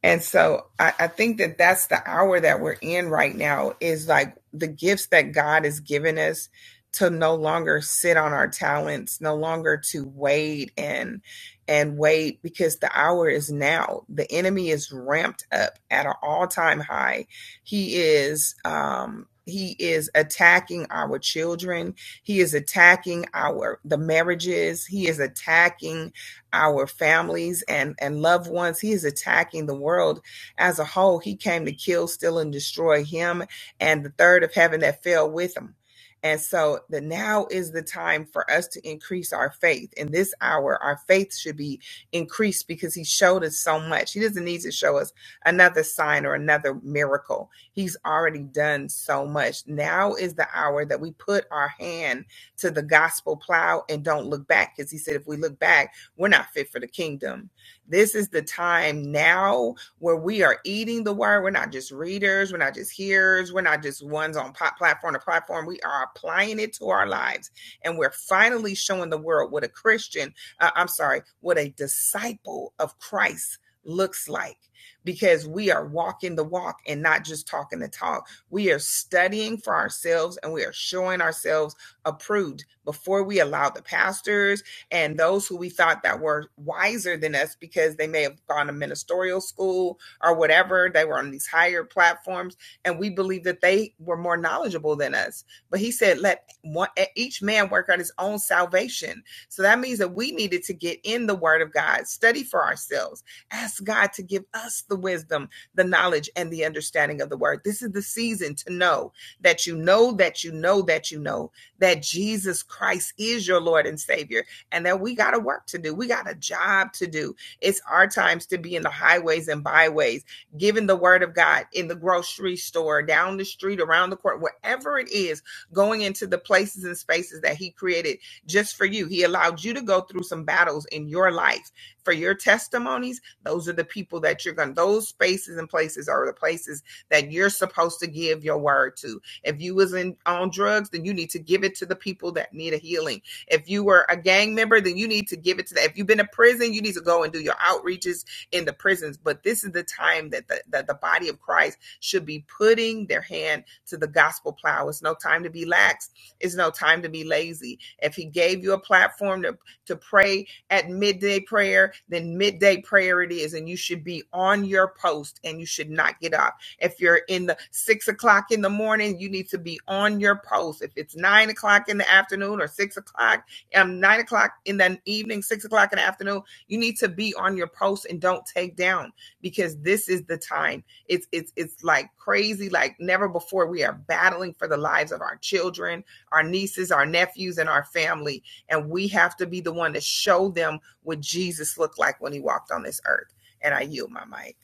S4: And so I, I think that that's the hour that we're in right now is like the gifts that God has given us to no longer sit on our talents, no longer to wait and and wait because the hour is now. The enemy is ramped up at an all-time high. He is um he is attacking our children. He is attacking our the marriages. He is attacking our families and, and loved ones. He is attacking the world as a whole. He came to kill, steal, and destroy him and the third of heaven that fell with him. And so the now is the time for us to increase our faith. In this hour, our faith should be increased because he showed us so much. He doesn't need to show us another sign or another miracle. He's already done so much. Now is the hour that we put our hand to the gospel plow and don't look back. Because he said, if we look back, we're not fit for the kingdom. This is the time now where we are eating the word. We're not just readers, we're not just hearers, we're not just ones on platform to platform. We are applying it to our lives, and we're finally showing the world what a Christian, uh, I'm sorry, what a disciple of Christ looks like because we are walking the walk and not just talking the talk. We are studying for ourselves and we are showing ourselves approved before we allow the pastors and those who we thought that were wiser than us because they may have gone to ministerial school or whatever they were on these higher platforms and we believed that they were more knowledgeable than us but he said let one, e, each man work out his own salvation so that means that we needed to get in the word of god study for ourselves ask god to give us the wisdom the knowledge and the understanding of the word this is the season to know that you know that you know that you know that jesus christ is your lord and savior and that we got a work to do. We got a job to do. It's our times to be in the highways and byways, giving the word of God in the grocery store, down the street, around the court, wherever it is, going into the places and spaces that He created just for you. He allowed you to go through some battles in your life for your testimonies. Those are the people that you're going. to Those spaces and places are the places that you're supposed to give your word to. If you was in on drugs, then you need to give it to the people that need a healing if you were a gang member, then you need to give it to that. If you've been to prison, you need to go and do your outreaches in the prisons. But this is the time that the, that the body of Christ should be putting their hand to the gospel plow. It's no time to be lax. It's no time to be lazy. If he gave you a platform to, to pray at midday prayer, then midday prayer it is. And you should be on your post and you should not get up. If you're in the six o'clock in the morning, you need to be on your post. If it's nine o'clock in the afternoon or six o'clock, um, nine o'clock in the evening, six o'clock in the afternoon, you need to be on your post and don't take down because this is the time. It's it's it's like crazy, like never before. We are battling for the lives of our children, our nieces, our nephews, and our family, and we have to be the one to show them what Jesus looked like when he walked on this earth. And I yield my mic.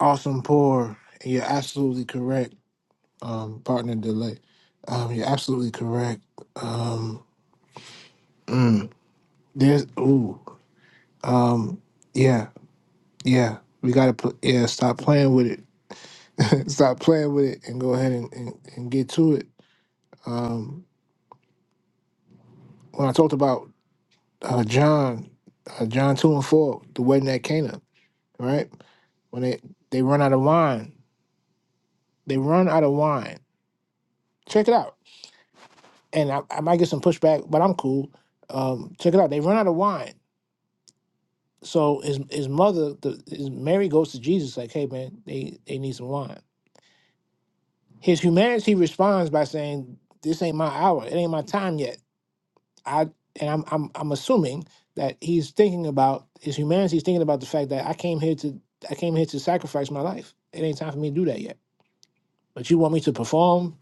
S1: Awesome pour. You're absolutely correct um, partner delay. Um, you're absolutely correct. Um, there's ooh, um, yeah, yeah. We gotta put yeah. Stop playing with it. <laughs> stop playing with it and go ahead and, and, and get to it. Um, when I talked about uh, John, uh, John two and four, the wedding at Cana, right? When they they run out of wine, they run out of wine. Check it out. And I, I might get some pushback, but I'm cool. Um, check it out. They run out of wine So his his mother, the, his Mary goes to Jesus like, "Hey man, they they need some wine." His humanity responds by saying, "This ain't my hour. It ain't my time yet." I and I'm I'm I'm assuming that he's thinking about his humanity is thinking about the fact that I came here to I came here to sacrifice my life. It ain't time for me to do that yet. But you want me to perform?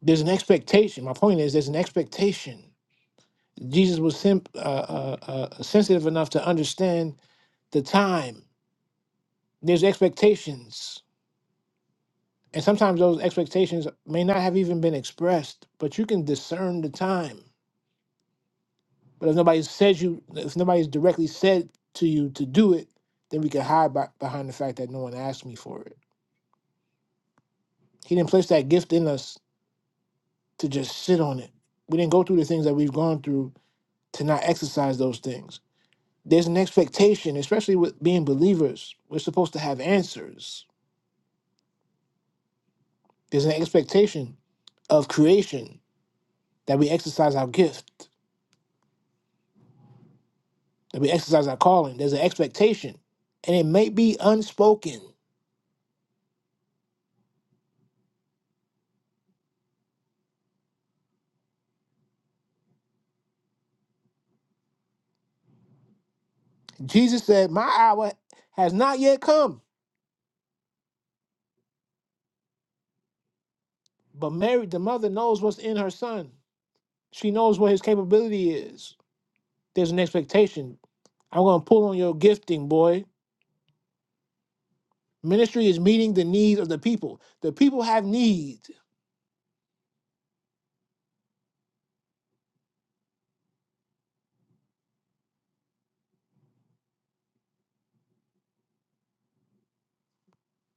S1: There's an expectation. My point is, there's an expectation. Jesus was sim- uh, uh, uh, sensitive enough to understand the time. There's expectations And sometimes those expectations may not have even been expressed, but you can discern the time. But if nobody says you, if nobody's directly said to you to do it, then we can hide by, behind the fact that no one asked me for it. He didn't place that gift in us to just sit on it. We didn't go through the things that we've gone through to not exercise those things. There's an expectation, especially with being believers. We're supposed to have answers. There's an expectation of creation that we exercise our gift. that we exercise our calling. There's an expectation, and it may be unspoken. Jesus said, My hour has not yet come. But Mary, the mother, knows what's in her son. She knows what his capability is. There's an expectation. I'm going to pull on your gifting, boy. Ministry is meeting the needs of the people. The people have need.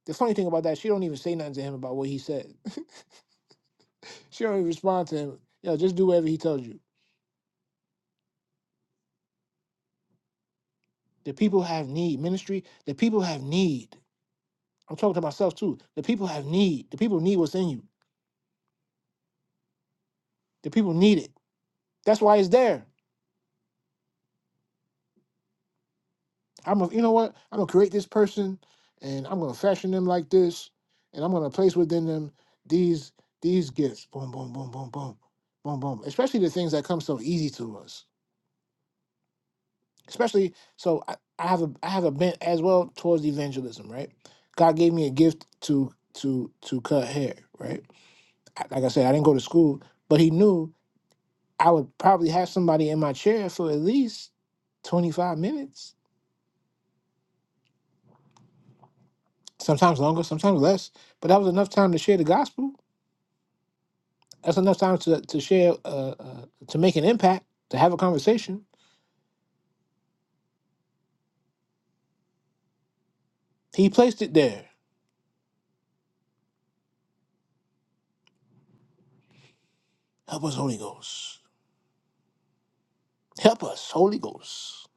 S1: The funny thing about that, she don't even say nothing to him about what he said. <laughs> she don't even respond to him. Yo, just do whatever he tells you. The people have need. Ministry, the people have need. I'm talking to myself too. The people have need. The people need what's in you. The people need it. That's why it's there. I'm a, you know what? I'm gonna create this person, and I'm gonna fashion them like this, and I'm gonna place within them these these gifts. Boom, boom, boom, boom, boom, boom, boom. Especially the things that come so easy to us. Especially so, I, I have a I have a bent as well towards evangelism. Right? God gave me a gift to to to cut hair. Right? I- Like I said, I didn't go to school, but He knew. I would probably have somebody in my chair for at least 25 minutes, sometimes longer, sometimes less. But that was enough time to share the gospel. That's enough time to, to share, uh, uh, to make an impact, to have a conversation. He placed it there. Help us, Holy Ghost. Help us, Holy Ghost.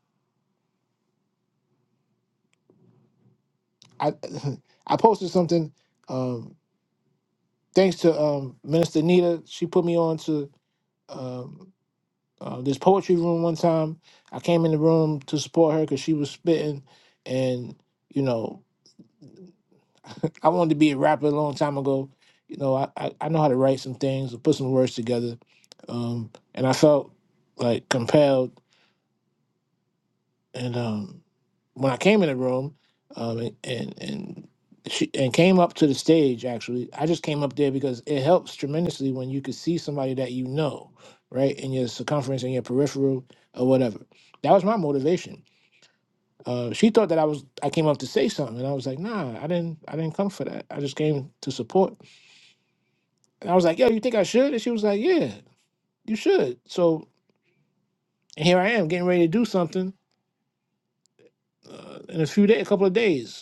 S1: I, <laughs> I posted something. Um, thanks to um, Minister Nita, she put me on to. um, uh, this poetry room one time. I came in the room to support her because she was spitting, and you know, <laughs> I wanted to be a rapper a long time ago. You know, I, I, I know how to write some things or put some words together, um, and I felt like compelled. And um, when I came in the room, um, and and and she and came up to the stage. Actually, I just came up there because it helps tremendously when you can see somebody that you know, right, in your circumference, in your peripheral, or whatever. That was my motivation. Uh, she thought that I was I came up to say something, and I was like, Nah, I didn't. I didn't come for that. I just came to support. And I was like, Yo, you think I should? And she was like, Yeah, you should. So here I am, getting ready to do something uh, in a few days, a couple of days.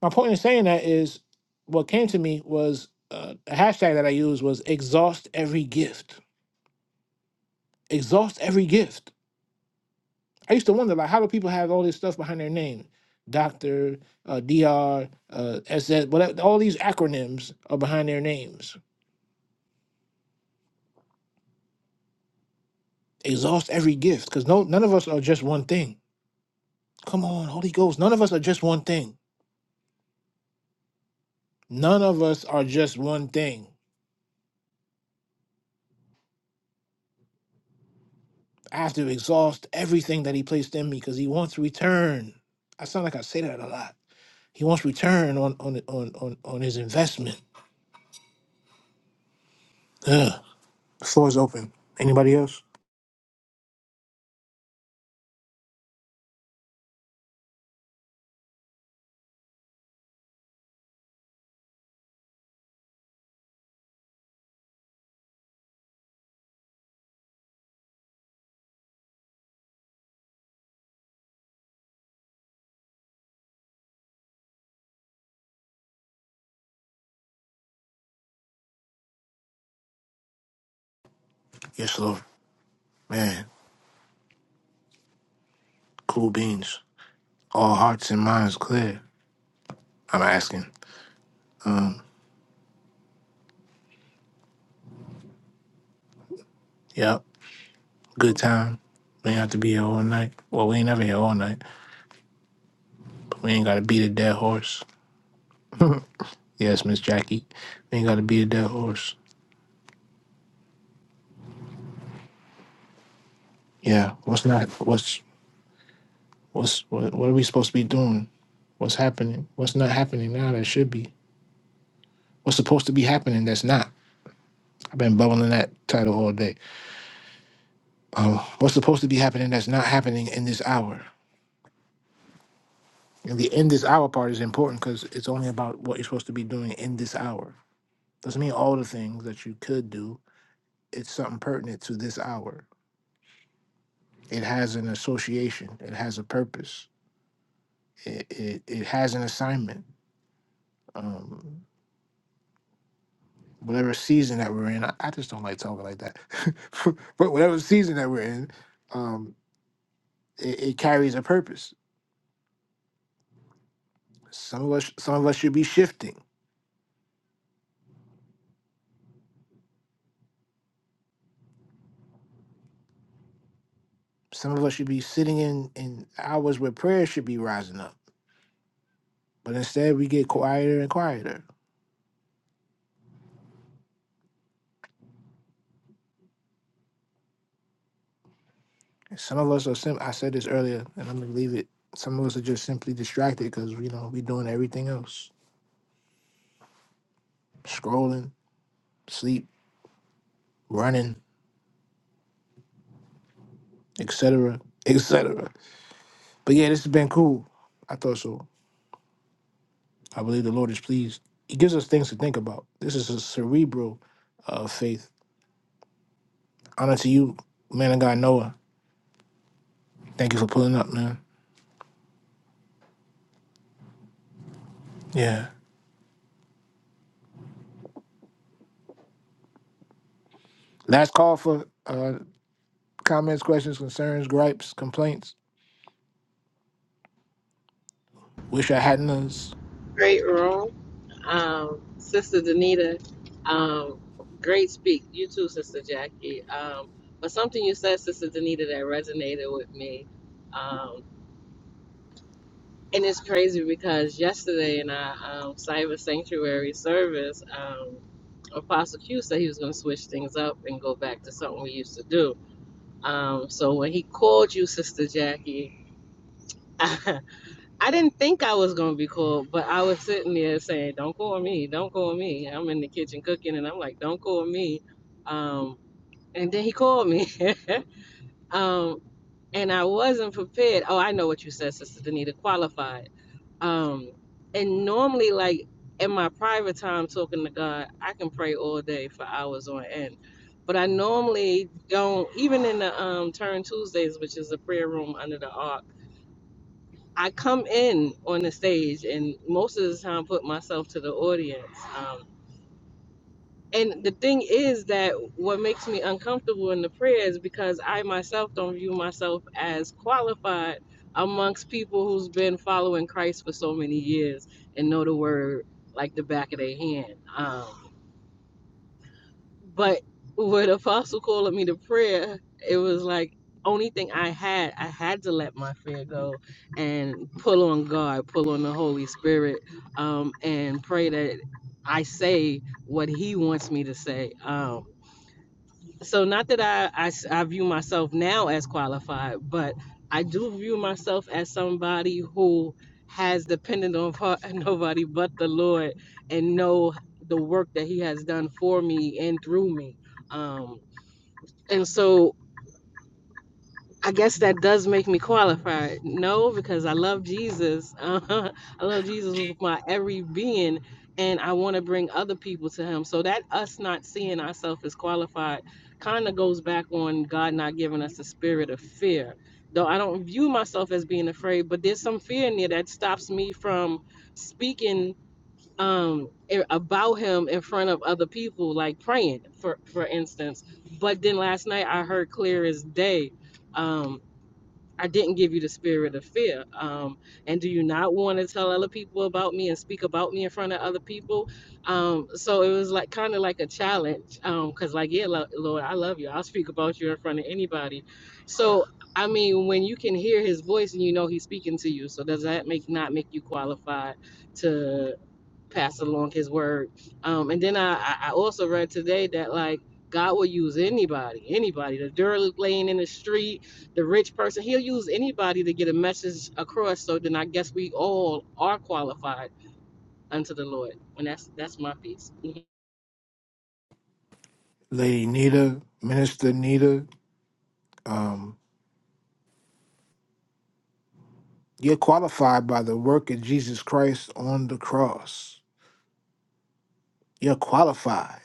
S1: My point in saying that is what came to me was uh, a hashtag that I used was exhaust every gift. Exhaust every gift. I used to wonder like how do people have all this stuff behind their name? Doctor, uh, DR, uh, SS, whatever, all these acronyms are behind their names. Exhaust every gift because no, none of us are just one thing. Come on, Holy Ghost, none of us are just one thing. None of us are just one thing. I have to exhaust everything that He placed in me because He wants return. I sound like I say that a lot He wants return on on on on, on his investment. Ugh. The floor is open. Anybody else? Yes, Lord. Man, cool beans. All hearts and minds clear. I'm asking. Yep. Good time. We ain't have to be here all night. Well, we ain't never here all night. But we ain't gotta beat a dead horse. Yes, Miss Jackie. We ain't gotta beat a dead horse. Yeah. What's not? What's what's what? What are we supposed to be doing? What's happening? What's not happening now that should be? What's supposed to be happening that's not? I've been bubbling that title all day. Um, what's supposed to be happening that's not happening in this hour? And the in this hour part is important because it's only about what you're supposed to be doing in this hour. Doesn't mean all the things that you could do. It's something pertinent to this hour. It has an association. It has a purpose. It it, it has an assignment. Um, whatever season that we're in, I, I just don't like talking like that. <laughs> but whatever season that we're in, um, it, it carries a purpose. Some of us, some of us should be shifting Some of us should be sitting in, in hours where prayer should be rising up. But instead, we get quieter and quieter. And some of us are, sim- I said this earlier, and I'm going to leave it. Some of us are just simply distracted because, you know, we're doing everything else scrolling, sleep, running, etc., etc. But yeah, this has been cool. I thought so. I believe the Lord is pleased. He gives us things to think about. This is a cerebral uh, faith. Honor to you, man of God, Noah. Thank you for pulling up, man. Yeah. Last call for uh, Comments, questions, concerns, gripes, complaints. Wish I hadn't us.
S2: Great room. Um, Sister Danita, um, great speak. You too, Sister Jackie. Um, but something you said, Sister Danita, that resonated with me. Um, And it's crazy because yesterday in our um, cyber sanctuary service, um, Apostle Q said he was going to switch things up and go back to something we used to do. Um, so when he called you, Sister Jackie, <laughs> I didn't think I was going to be called, but I was sitting there saying, "Don't call me, don't call me." I'm in the kitchen cooking, and I'm like, "Don't call me." Um, and then he called me. <laughs> um, and I wasn't prepared. Oh, I know what you said, Sister Danita, qualified. Um, and normally, like in my private time talking to God, I can pray all day for hours on end. But I normally don't, even in the um, Turn Tuesdays, which is a prayer room under the ark, I come in on the stage and most of the time put myself to the audience. um, and the thing is that what makes me uncomfortable in the prayer is because I myself don't view myself as qualified amongst people who's been following Christ for so many years and know the word like the back of their hand. Um, but when Apostle called me to prayer, it was like only thing I had, I had to let my fear go and pull on God, pull on the Holy Spirit, um, and pray that I say what He wants me to say. Um, so not that I I I view myself now as qualified but i do view myself as somebody who has depended on <laughs> her, nobody but the lord and know the work that he has done for me and through me um and so I guess that does make me qualified. No, because I love Jesus. <laughs> I love Jesus with my every being, and I want to bring other people to Him. So that us not seeing ourselves as qualified kind of goes back on God not giving us a spirit of fear. Though I don't view myself as being afraid, but there's some fear in there that stops me from speaking um i- about him in front of other people like praying for for instance but then last night i heard clear as day um, I didn't give you the spirit of fear. Um, and do you not want to tell other people about me and speak about me in front of other people? Um, so it was like kind of like a challenge. Um, 'cause cause like, yeah, lo- Lord, I love you. I'll speak about you in front of anybody. So, I mean, when you can hear his voice and you know he's speaking to you, so does that make not make you qualified to? pass along his word. Um, and then I, I also read today that like God will use anybody, anybody, the dirt laying in the street, the rich person, he'll use anybody to get a message across. So then I guess we all are qualified unto the Lord. And that's that's my piece. Mm-hmm.
S1: Lady Nita, Minister Nita. Um, you're qualified by the work of Jesus Christ on the cross. You're qualified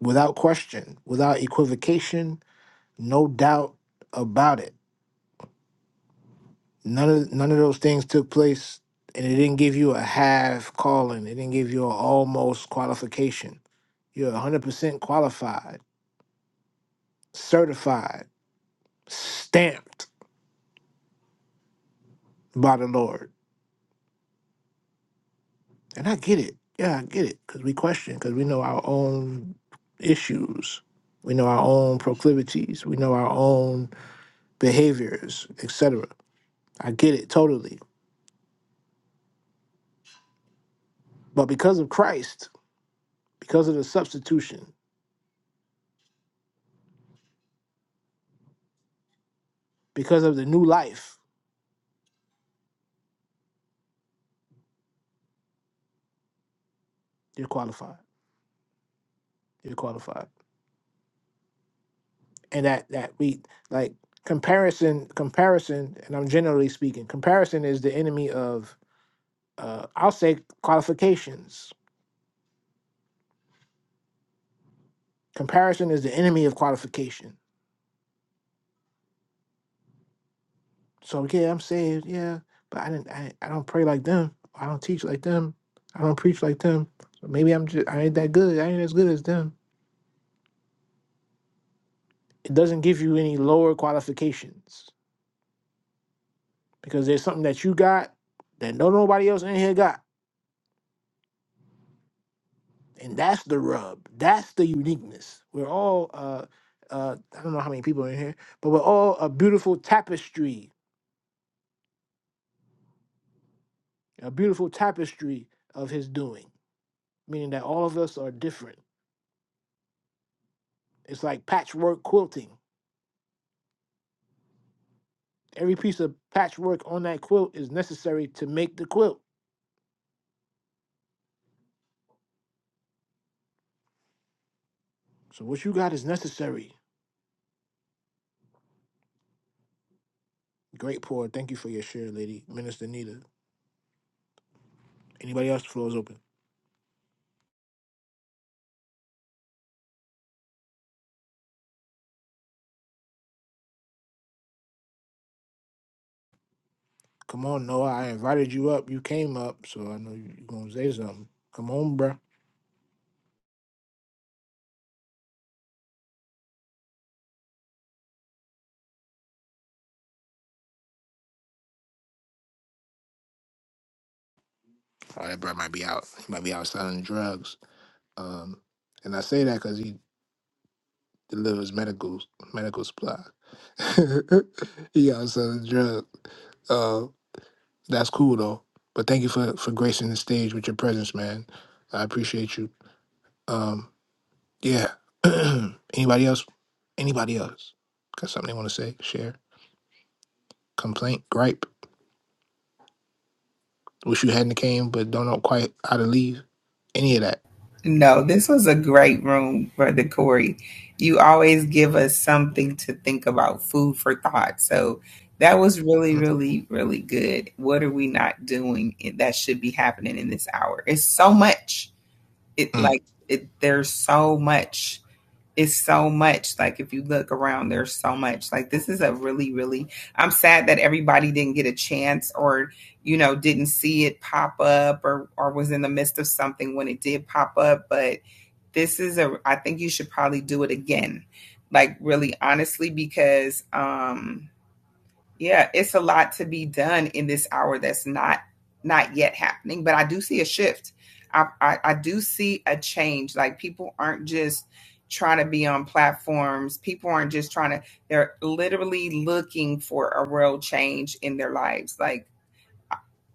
S1: without question, without equivocation, no doubt about it. None of none of those things took place, and it didn't give you a half calling. It didn't give you an almost qualification. You're 100% qualified, certified, stamped by the Lord And I get it. Yeah, I get it. Because we question, because we know our own issues, we know our own proclivities, we know our own behaviors, etc. I get it totally. But because of Christ, because of the substitution, because of the new life, you're qualified. You're qualified. And that that we like comparison comparison and I'm generally speaking, comparison is the enemy of uh I'll say qualifications. Comparison is the enemy of qualification So yeah, I'm saved. Yeah, but I didn't. I, I don't pray like them. I don't teach like them. I don't preach like them. So maybe I'm just. I ain't that good. I ain't as good as them. It doesn't give you any lower qualifications because there's something that you got that no nobody else in here got, and that's the rub. That's the uniqueness. We're all. uh uh, I don't know how many people are in here, but we're all a beautiful tapestry, a beautiful tapestry of his doing, meaning that all of us are different. It's like patchwork quilting Every piece of patchwork on that quilt is necessary to make the quilt. So what you got is necessary. Great pour. Thank you for your share, lady. Minister Nita. Anybody else? The floor is open. Come on, Noah. I invited you up. You came up, so I know you- you're gonna say something. Come on, bruh. Oh, that bruh might be out. He might be out selling drugs. Um, and I say that because he delivers medical medical supply. <laughs> he out selling drugs. Uh, That's cool though. But thank you for for gracing the stage with your presence, man. I appreciate you. Um, yeah. <clears throat> Anybody else? Anybody else? Got something they want to say? Share? Complaint? Gripe? Wish you hadn't came, but don't know quite how to leave. Any of that?
S4: No, this was a great room, Brother Corey. You always give us something to think about, food for thought. So that was really, really, really good. What are we not doing that should be happening in this hour? It's so much. It
S1: Mm-mm.
S4: like it, there's so much. It's so much. Like if you look around, there's so much. Like this is a really, really. I'm sad that everybody didn't get a chance or you know didn't see it pop up or or was in the midst of something when it did pop up, but this is a I think you should probably do it again. Like really honestly because um yeah, it's a lot to be done in this hour that's not not yet happening, but I do see a shift. I, I, I do see a change. Like people aren't just trying to be on platforms. People aren't just trying to, they're literally looking for a real change in their lives. Like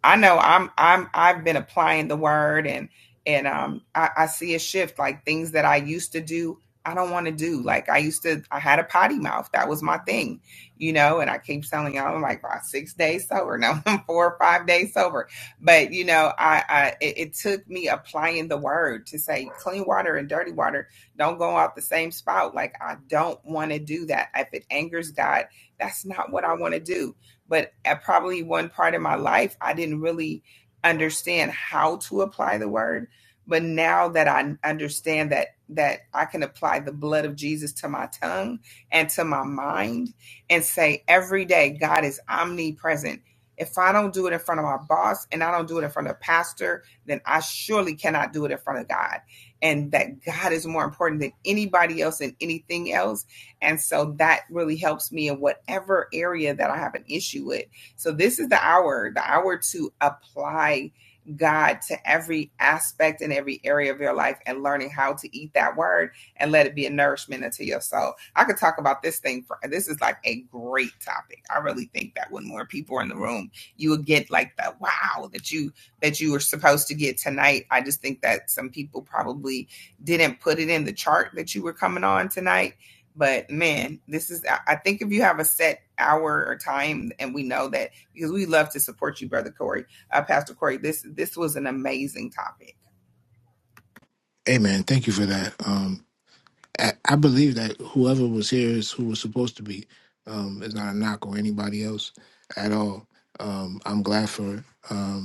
S4: I know I'm I'm I've been applying the word and and um I, I see a shift like things that I used to do I don't want to do like I used to I had a potty mouth that was my thing you know and I keep telling y'all I'm like well, six days sober now I'm <laughs> four or five days sober but you know I, I it, it took me applying the word to say clean water and dirty water don't go out the same spout like I don't want to do that if it angers God that's not what I want to do but at probably one part of my life, I didn't really understand how to apply the word. But now that I understand that that I can apply the blood of Jesus to my tongue and to my mind and say every day, God is omnipresent. If I don't do it in front of my boss and I don't do it in front of a pastor, then I surely cannot do it in front of God. And that God is more important than anybody else and anything else and so that really helps me in whatever area that I have an issue with. So this is the hour, the hour to apply God to every aspect and every area of your life and learning how to eat that word and let it be a nourishment unto your soul. I could talk about this thing for this is like a great topic. I really think that when more people are in the room, you will get like the wow that you that you were supposed to get tonight. I just think that some people probably didn't put it in the chart that you were coming on tonight but man, this is, I think if you have a set hour or time, and we know that because we love to support you, Brother Corey, uh, Pastor Corey, this, this was an amazing topic.
S1: Hey, man. Thank you for that. Um, I, I believe that whoever was here is who was supposed to be. Um, it's not a knock on anybody else at all. Um, I'm glad for it.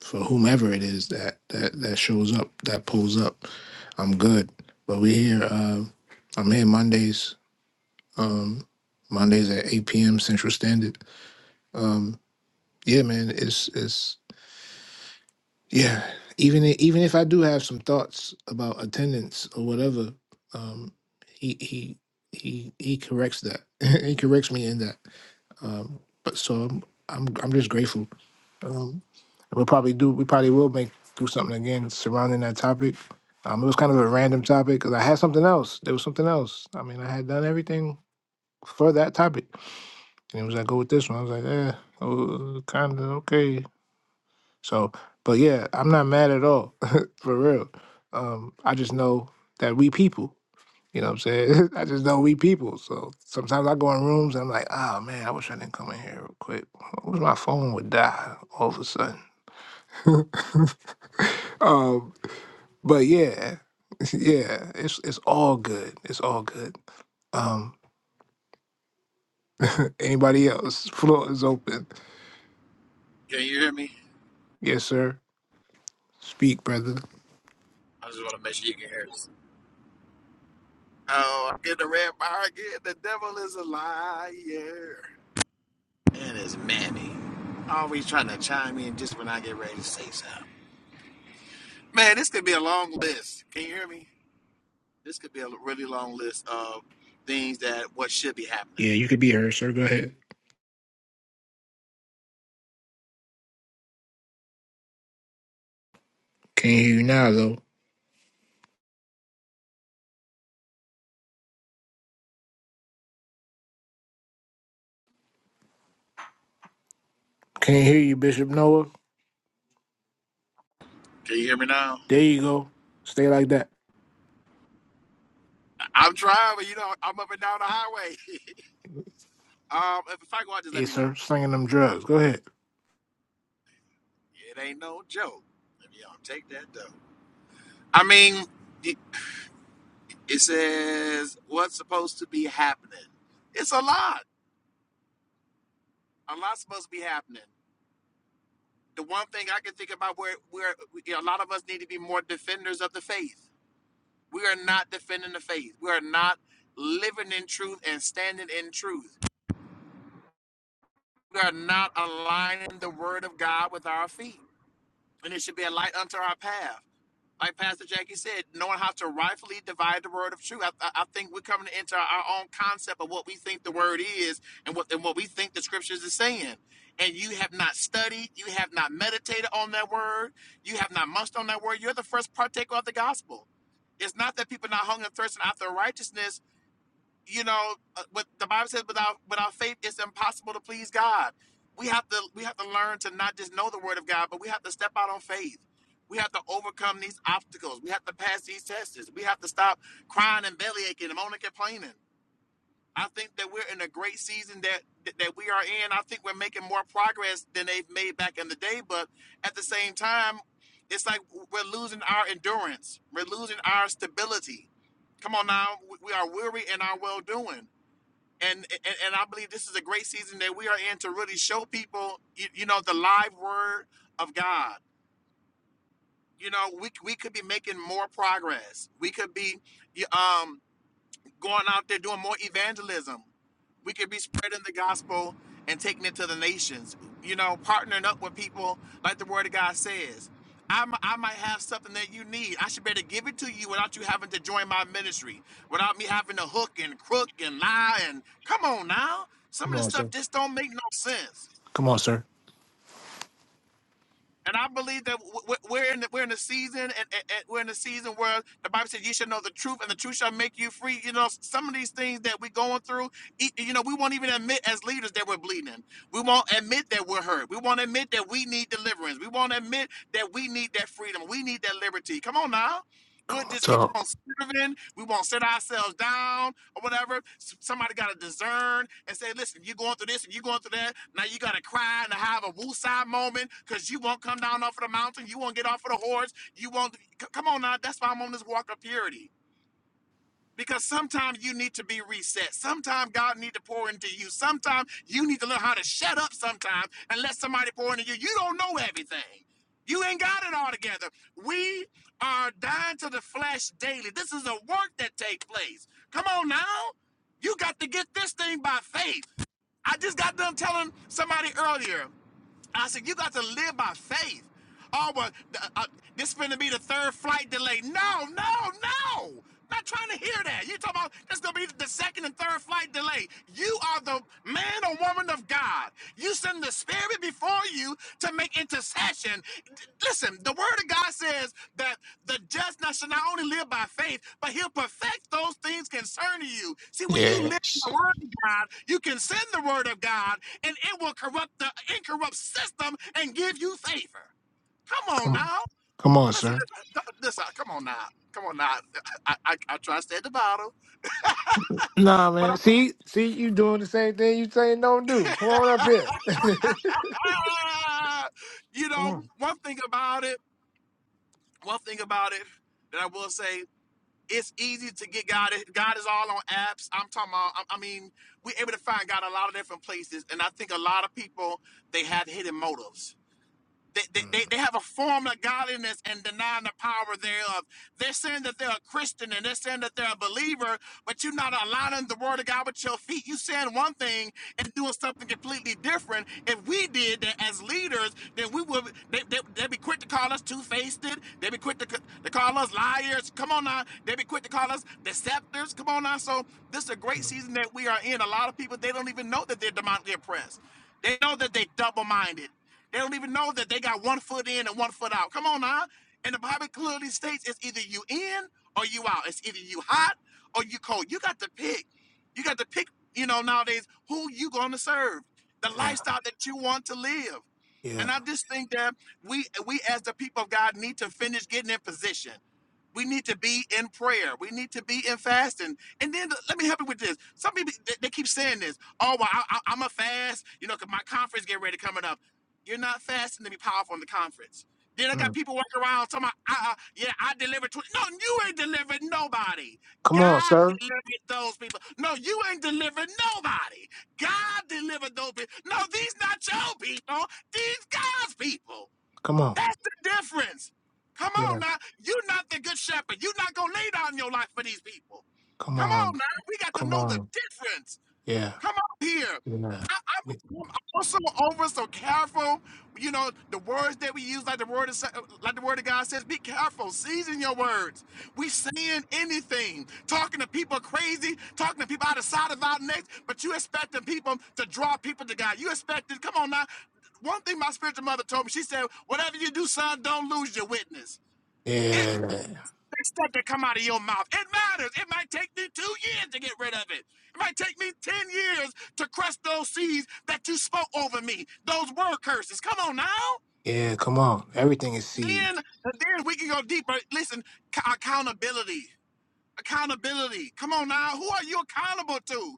S1: for whomever it is that that that shows up, that pulls up. I'm good. But we here. Uh, I'm here Mondays. Um, Mondays at 8 p.m. Central Standard. Um, yeah, man. It's it's yeah. Even i- even if I do have some thoughts about attendance or whatever, um, he he he he corrects that. <laughs> he corrects me in that. Um, but so I'm I'm I'm just grateful. Um, We'll probably do. We probably will make do something again surrounding that topic. Um, it was kind of a random topic because I had something else. There was something else. I mean, I had done everything for that topic, and it was like go with this one. I was like, eh, oh, kind of okay. So, but yeah, I'm not mad at all <laughs> for real. Um, I just know that we people. You know what I'm saying? <laughs> I just know we people. So sometimes I go in rooms and I'm like, oh man, I wish I didn't come in here real quick. I wish my phone would die all of a sudden. <laughs> um, But yeah, <laughs> yeah, it's it's all good. It's all good. Um, anybody else? <laughs> Floor is open.
S5: Can you hear me?
S1: Yes, sir. Speak, brother.
S5: I just want to make sure you can hear us. Oh, I get the red bar again. The devil is a liar. And it's Manny. Always trying to chime in just when I get ready to say something. Man, this could be a long list. Can you hear me? This could be a really long list of things that what should be happening.
S1: Yeah, you could be heard, sir. Go
S5: Can
S1: ahead. Can't hear you now though. Can't hear you, Bishop Noah.
S5: Can you hear me now?
S1: There you go. Stay like that.
S5: I- I'm driving, you know, I'm up and down the highway. <laughs> um, if, if I go out, just let
S1: Yes,
S5: me know.
S1: sir. Slinging them drugs. Go ahead.
S5: It ain't no joke. Let me um, take that though. I mean, It says what's supposed to be happening. It's a lot. A lot's supposed to be happening. The one thing I can think about where where you know, a lot of us need to be more defenders of the faith. We are not defending the faith. We are not living in truth and standing in truth. We are not aligning the word of God with our feet. And it should be a light unto our path. like Pastor Jackie said, knowing how to rightfully divide the word of truth. I, I, I think we're coming into our, our own concept of what we think the word is and what and what we think the scriptures is saying. And you have not studied, you have not meditated on that word, you have not munched on that word. You're the first partaker of the gospel. It's not that people are not hungry and thirsting after righteousness you know, uh, what the Bible says without without faith, it's impossible to please God. We have to we have to learn to not just know the Word of God, but we have to step out on faith. We have to overcome these obstacles. We have to pass these tests. We have to stop crying and belly aching and moaning and complaining. I think that we're in a great season that that that we are in. I think we're making more progress than they've made back in the day, but at the same time, it's like we're losing our endurance. We're losing our stability. Come on now, we we are weary in our well doing and, and and I believe this is a great season that we are in to really show people, you, you know, the live word of God. You know, we we could be making more progress. We could be, um, going out there doing more evangelism. We could be spreading the gospel and taking it to the nations. You know, partnering up with people like the Word of God says. I, mi- I might have something that you need. I should better give it to you without you having to join my ministry, without me having to hook and crook and lie and come on now. Some
S1: Come
S5: of this
S1: on,
S5: stuff
S1: sir.
S5: just don't make no sense.
S1: Come on, sir.
S5: And I believe that w- w- we're in the, we're in a season and, and- and we're in a season where the Bible says you shall know the truth and the truth shall make you free. You know, s- some of these things that we're going through, e- you know, we won't even admit as leaders that we're bleeding. We won't admit that we're hurt. We won't admit that we need deliverance. We won't admit that we need that freedom. We need that liberty. Come on now. We'll just keep on
S1: Talk.
S5: serving. We won't set ourselves down or whatever. S- Somebody got to discern and say, listen, you're going through this and you're going through that. Now you got to cry and have a woosah moment because you won't come down off of the mountain. You won't get off of the horse. You won't. c- Come on now. That's why I'm on this walk of purity because sometimes you need to be reset. Sometimes God need to pour into you. Sometimes you need to learn how to shut up sometimes and let somebody pour into you. You don't know everything. You ain't got it all together. We are dying to the flesh daily. This is a work that takes place. Come on now. You got to get this thing by faith. I just got done telling somebody earlier. I said, you got to live by faith. Oh, but uh, uh, this is going to be the third flight delay. No, no, no. Not trying to hear that. you talking about this going to be the second and third flight delay. You are the man or woman of God. You send the Spirit before you to make intercession. D- Listen, the Word of God says that the just not- shall not only live by faith, but he'll perfect those things concerning you. See, when you live
S1: Yes.
S5: the word of God, you can send the word of God, and it will corrupt the incorrupt system and give you favor. Come on
S1: Come,
S5: now.
S1: come on,
S5: Listen,
S1: sir.
S5: listen, come on now. Come on now. I, I, I try to stay at the bottom,
S1: Nah,
S5: but
S1: man.
S5: I'm,
S1: See, see, you doing the same thing you saying don't do. Come on up here. <laughs>
S5: ah, you
S1: come
S5: know,
S1: on.
S5: one thing about it, one thing about it that I will say, it's easy to get God. God is all on apps. I'm talking about, I, I mean, we're able to find God a lot of different places. And I think a lot of people, they have hidden motives They, they, they they
S1: Mm.
S5: have a form of godliness and denying the power thereof. They're saying that they're a Christian and they're saying that they're a believer, but you're not aligning the word of God with your feet. You saying one thing and doing something completely different. If we did that as leaders, then we would they, they, they'd be quick to call us two-faced. They'd be quick to, to call us liars. Come on now. They'd be quick to call us deceptors. Come on now. So this is a great season that we are in. A lot of people they don't even know that they're demonically oppressed. They know that they double-minded. They don't even know that they got one foot in and one foot out. Come on now. And the Bible clearly states it's either you in or you out. It's either you hot or you cold. You got to pick. You got to pick, you know, nowadays, who you gonna serve, the
S1: Yeah.
S5: lifestyle that you want to live.
S1: Yeah.
S5: And I just think that we we as the people of God need to finish getting in position. We need to be in prayer. We need to be in fasting. And then let me help you with this. Some people they, they keep saying this. Oh, well, I, I, am a fast. You know, 'cause my conference getting ready coming up. You're not fasting to be powerful in the conference. Then I got
S1: Mm.
S5: people walking around talking about, uh, uh, yeah, I delivered. twenty. No, you ain't delivered nobody.
S1: Come on,
S5: God
S1: sir.
S5: delivered those people. No, you ain't delivered nobody. God delivered those people. No, these not your people. These God's people.
S1: Come on.
S5: That's the difference. Come on
S1: Yeah.
S5: now. You're not the good shepherd. You're not going to lay down your life for these people.
S1: Come
S5: Come on
S1: on.
S5: now. We got to
S1: Come
S5: know the
S1: on.
S5: difference.
S1: Yeah.
S5: Come on here.
S1: Yeah.
S5: I, I'm, I'm also over so careful. You know the words that we use, like the word, of, like the word of God says, be careful, season your words. We saying anything, talking to people crazy, talking to people outside of our necks, but you expecting people to draw people to God. You expecting, come on now. One thing my spiritual mother told me, she said, "Whatever you do, son, don't lose your witness." It
S1: Yeah.
S5: there's stuff that come out of your mouth. It matters. It might take me two years to get rid of it. It might take me 10 years to crush those seeds that you spoke over me, those word curses. Come on now.
S1: Yeah. Come on. Everything is seed.
S5: Then, then we can go deeper. Listen, c- accountability accountability. Come on now, who are you accountable to?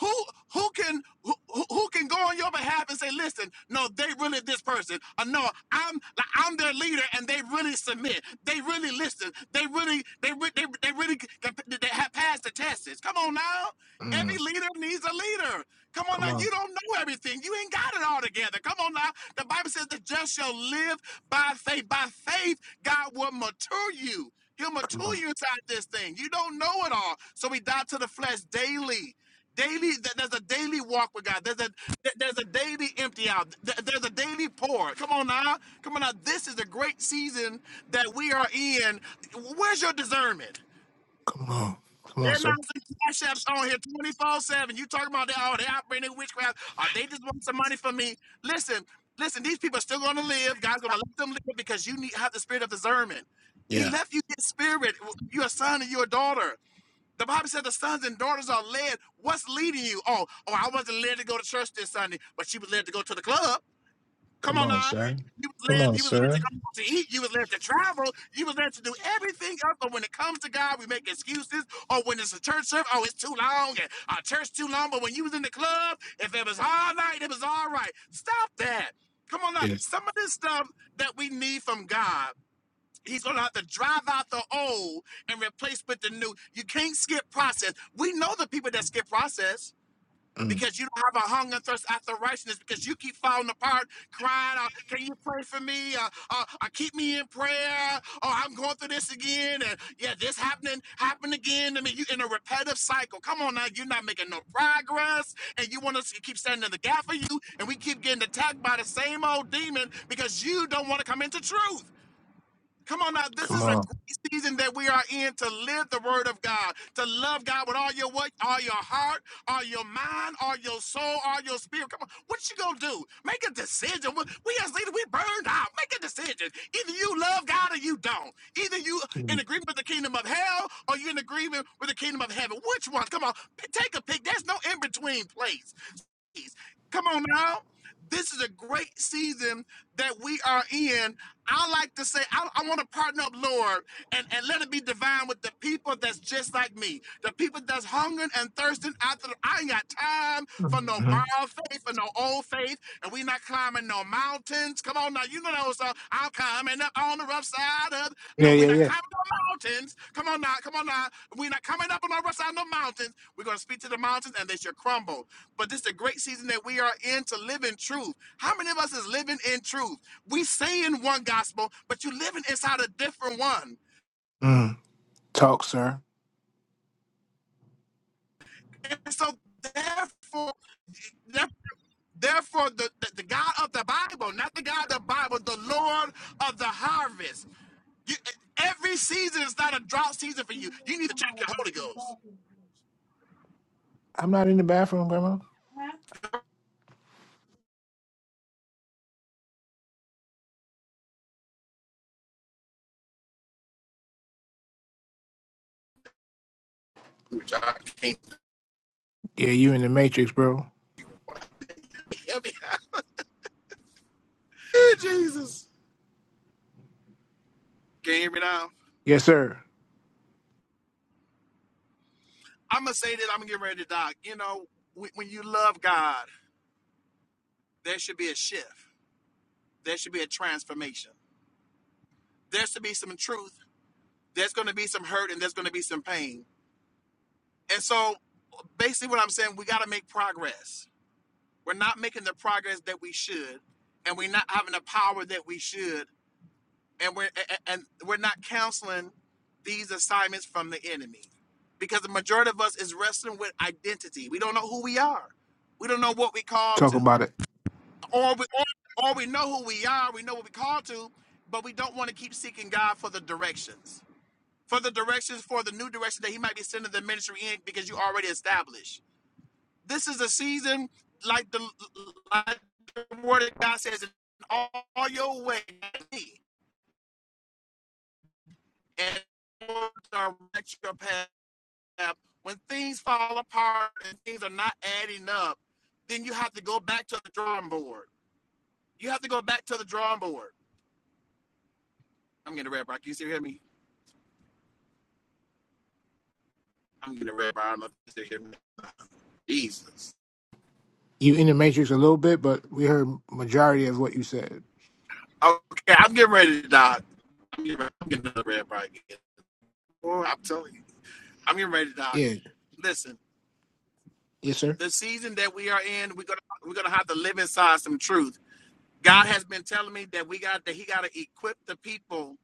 S5: Who who can who, who can go on your behalf and say, listen, no, they really this person, or no, I'm like, I'm their leader, and they really submit, they really listen, they really they re- they, they really c- they, they have passed the tests. Come on now, Every
S1: Mm.
S5: leader needs a leader. Come on
S1: Come
S5: now,
S1: on.
S5: you don't know everything. You ain't got it all together. Come on now. The Bible says the just shall live by faith. By faith, God will mature you. He'll
S1: Come
S5: mature
S1: on.
S5: you inside this thing. You don't know it all. So we die to the flesh daily. Daily, th- there's a daily walk with God. There's a th- there's a daily empty out. Th- There's a daily pour. Come on now, come on now. This is a great season that we are in. Where's your discernment?
S1: Come on. Come on,
S5: They're
S1: sir.
S5: not some on here 24 7. You talking about they, oh, they operating in witchcraft. Or they just want some money from me. Listen, listen, these people are still going to live. God's going to let them live because you need have the spirit of discernment.
S1: Yeah.
S5: He left you this spirit. You're a son and you're a daughter. The Bible said the sons and daughters are led. What's leading you? Oh, oh, I wasn't led to go to church this Sunday, but she was led to go to the club. Come
S1: Come
S5: on
S1: on,
S5: now.
S1: sir.
S5: You was
S1: Come
S5: led,
S1: on,
S5: you was led
S1: sir.
S5: to go to eat, you was led to travel, you was led to do everything else. But when it comes to God, we make excuses. Or when it's a church service, oh, it's too long, and our church too long. But when you was in the club, if it was all night, it was all right. Stop that. Come on now.
S1: Yeah.
S5: Some of this stuff that we need from God. He's gonna have to drive out the old and replace with the new. You can't skip process. We know the people that skip process
S1: Mm.
S5: because you don't have a hunger and thirst after righteousness because you keep falling apart, crying, uh, can you pray for me? Uh, uh, uh, keep me in prayer. Oh, I'm going through this again. And yeah, this happening, happened again. I mean, you in a repetitive cycle. Come on now, you're not making no progress and you want us to keep standing in the gap for you and we keep getting attacked by the same old demon because you don't want to come into truth. Come on now, this
S1: Come
S5: is a
S1: on.
S5: great season that we are in to live the word of God, to love God with all your what, all your heart, all your mind, all your soul, all your spirit. Come on, what you gonna do? Make a decision. We we as leaders, we burned out. Make a decision. Either you love God or you don't. Either you in
S1: Mm.
S5: agreement with the kingdom of hell or you in agreement with the kingdom of heaven. Which one? Come on, p- take a pick. There's no in between place. Come on now. This is a great season that we are in. I like to say, I, I want to partner up, Lord, and, and let it be divine with the people that's just like me. The people that's hungering and thirsting after. the- I ain't got time for no
S1: Mm-hmm.
S5: borrowed faith or no old faith, and we not climbing no mountains. Come on now, you know those. Uh, I'm climbing up on the rough side of. No,
S1: Yeah.
S5: we're
S1: Yeah.
S5: not
S1: Yeah.
S5: climbing no mountains. Come on now, come on now. We're not coming up on the rough side of the mountains. We're going to speak to the mountains, and they should crumble. But this is the great season that we are in to live in truth. How many of us is living in truth? We say in one gospel, but you living inside a different one.
S1: Mm. Talk, sir.
S5: And so therefore, therefore the, the, the God of the Bible, not the God of the Bible, the Lord of the harvest. You, every season is not a drought season for you. You need to check your Holy Ghost.
S1: I'm not in the bathroom, Grandma.
S5: Which I can't
S1: Yeah, you in the Matrix, bro.
S5: hear me. <laughs> Hey, Jesus. Can you hear me now?
S1: Yes, sir.
S5: I'm going to say that I'm going to get ready to die. You know, when you love God, there should be a shift. There should be a transformation. There should be some truth. There's going to be some hurt and there's going to be some pain. And so basically, what I'm saying, we got to make progress. We're not making the progress that we should, and we're not having the power that we should, and we're a- a- and we're not counseling these assignments from the enemy, because the majority of us is wrestling with identity. We don't know who we are. We don't know what we called
S1: Talk
S5: to.
S1: about it.
S5: or we, or, or we know who we are, we know what we called to, but we don't want to keep seeking God for the directions, for the directions, for the new direction that He might be sending the ministry in because you already established. This is a season like the like the Word of God says, in all, all your ways. and will direct your path. When things fall apart and things are not adding up, then you have to go back to the drawing board. You have to go back to the drawing board. I'm getting a red rock. You still hear me? I'm getting ready, I'm not gonna sit here. Jesus.
S1: You in the matrix a little bit, but we heard majority of what you said.
S5: Okay, I'm getting ready to die. I'm getting, I'm getting another red bar again. Boy, I'm telling you, I'm getting ready to die.
S1: Yeah.
S5: Listen,
S1: Yes, sir.
S5: the season that we are in, we're gonna we're gonna have to live inside some truth. God has been telling me that we got that He got to equip the people.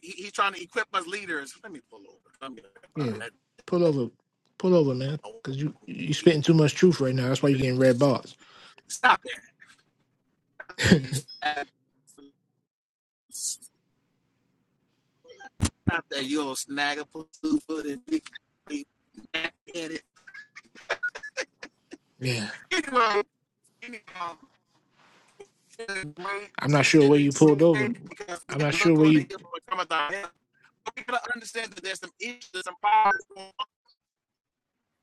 S5: He, he's trying to equip us leaders. Let me pull over. Let
S1: Yeah. Pull over. Pull over, man. Cause you you
S5: me
S1: spitting too much truth right now. That's why you're getting red
S5: finish.
S1: bars.
S5: Stop
S1: <laughs>
S5: that. out there, you old snagger, pussyfoot, and big big backheaded.
S1: Yeah.
S5: Anyway, anyhow, it's a great
S1: I'm not sure
S5: season.
S1: where you
S5: It's
S1: pulled over.
S5: great because we
S1: I'm
S5: got
S1: not
S5: to
S1: sure
S5: look
S1: where
S5: for the
S1: you
S5: hill when it cometh our help. We got to understand that there's some issues, some power going on.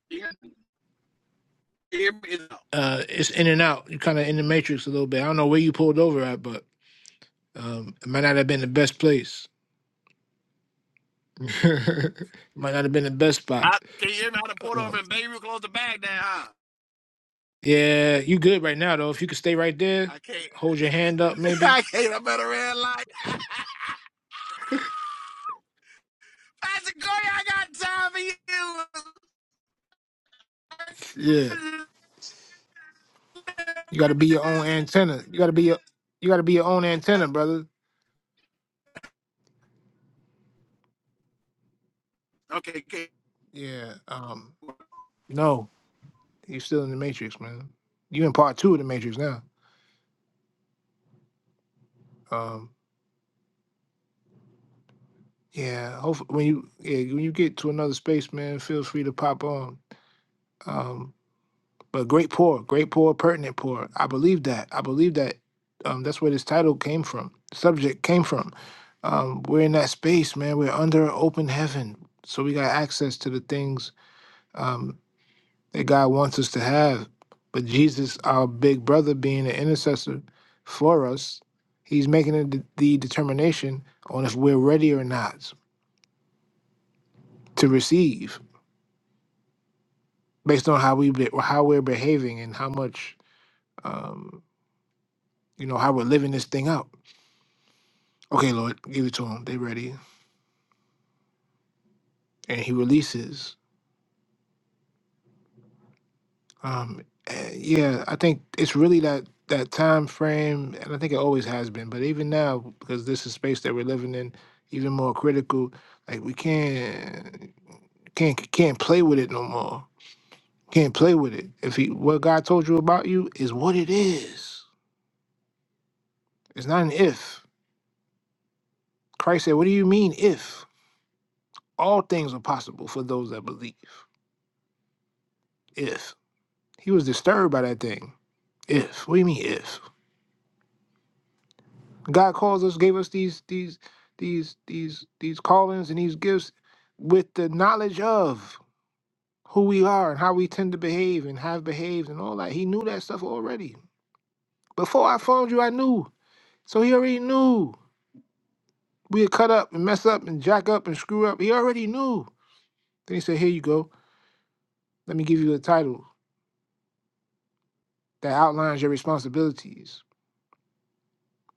S5: You hear me? You
S1: uh it's in and out. You're kinda in the matrix a little bit. I don't know where you pulled over at, but um it might not have been the best place. <laughs> might not have been the best spot.
S5: I can you hear me out of Port over
S1: Um,
S5: and Beirut, close the bag down, huh?
S1: yeah, you good right now though. If you could stay right there,
S5: I can't.
S1: hold your hand up
S5: <laughs>
S1: maybe.
S5: I can't. I'm at a red light. <laughs> Pastor Corey, I got time for you. <laughs>
S1: Yeah. You got to be your own antenna. You got to be your, you got to be your own antenna, brother.
S5: Okay, okay.
S1: Yeah. Um. No, you're still in the matrix, man. You in part two of the matrix now. Um. Yeah. Hopefully, when you yeah, when you get to another space, man, feel free to pop on. Um. But great poor, great poor, pertinent poor. I believe that. I believe that. Um. That's where this title came from. Subject came from. Um. We're in that space, man. We're under open heaven, so we got access to the things. Um. that God wants us to have. But Jesus, our big brother, being an intercessor for us, he's making a de- the determination on if we're ready or not to receive based on how we be- how we're behaving and how much um, you know how we're living this thing out. Okay, Lord, give it to him. They ready, and he releases. Um, eh, yeah, I think it's really that that time frame, and I think it always has been. But even now, because this is space that we're living in, even more critical. Like we can't can't can't play with it no more. Can't play with it. If he, what God told you about you is what it is. It's not an if. Christ said, "What do you mean if? All things are possible for those that believe." If he was disturbed by that thing, if what do you mean if? God calls us, gave us these these these these these callings and these gifts with the knowledge of who we are and how we tend to behave and have behaved and all that. He knew that stuff already. Before I formed you, I knew. So he already knew. We'd cut up and mess up and jack up and screw up. He already knew. Then he said, Here you go. Let me give you a title that outlines your responsibilities.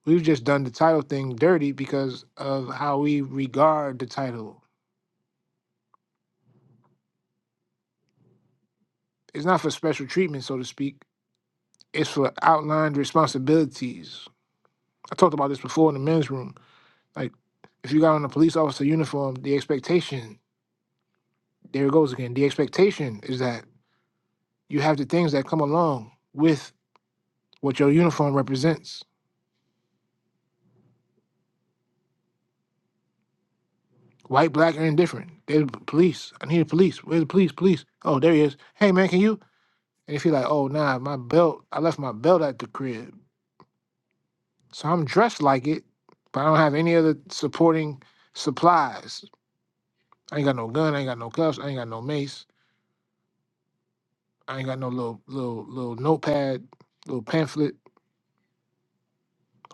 S1: We've just done the title thing dirty because of how we regard the title. It's not for special treatment, so to speak It's for outlined responsibilities. I talked about this before in the men's room. Like, if you got on a police officer uniform, the expectation, there it goes again. The expectation is that you have the things that come along with what your uniform represents. White, black, or indifferent. There's police. I need a police. Where's the police? Police. Oh, there he is. Hey, man, can you? And if you're like, oh, nah, my belt, I left my belt at the crib. So I'm dressed like it, but I don't have any other supporting supplies. I ain't got no gun, I ain't got no cuffs, I ain't got no mace. I ain't got no little little little notepad, little pamphlet,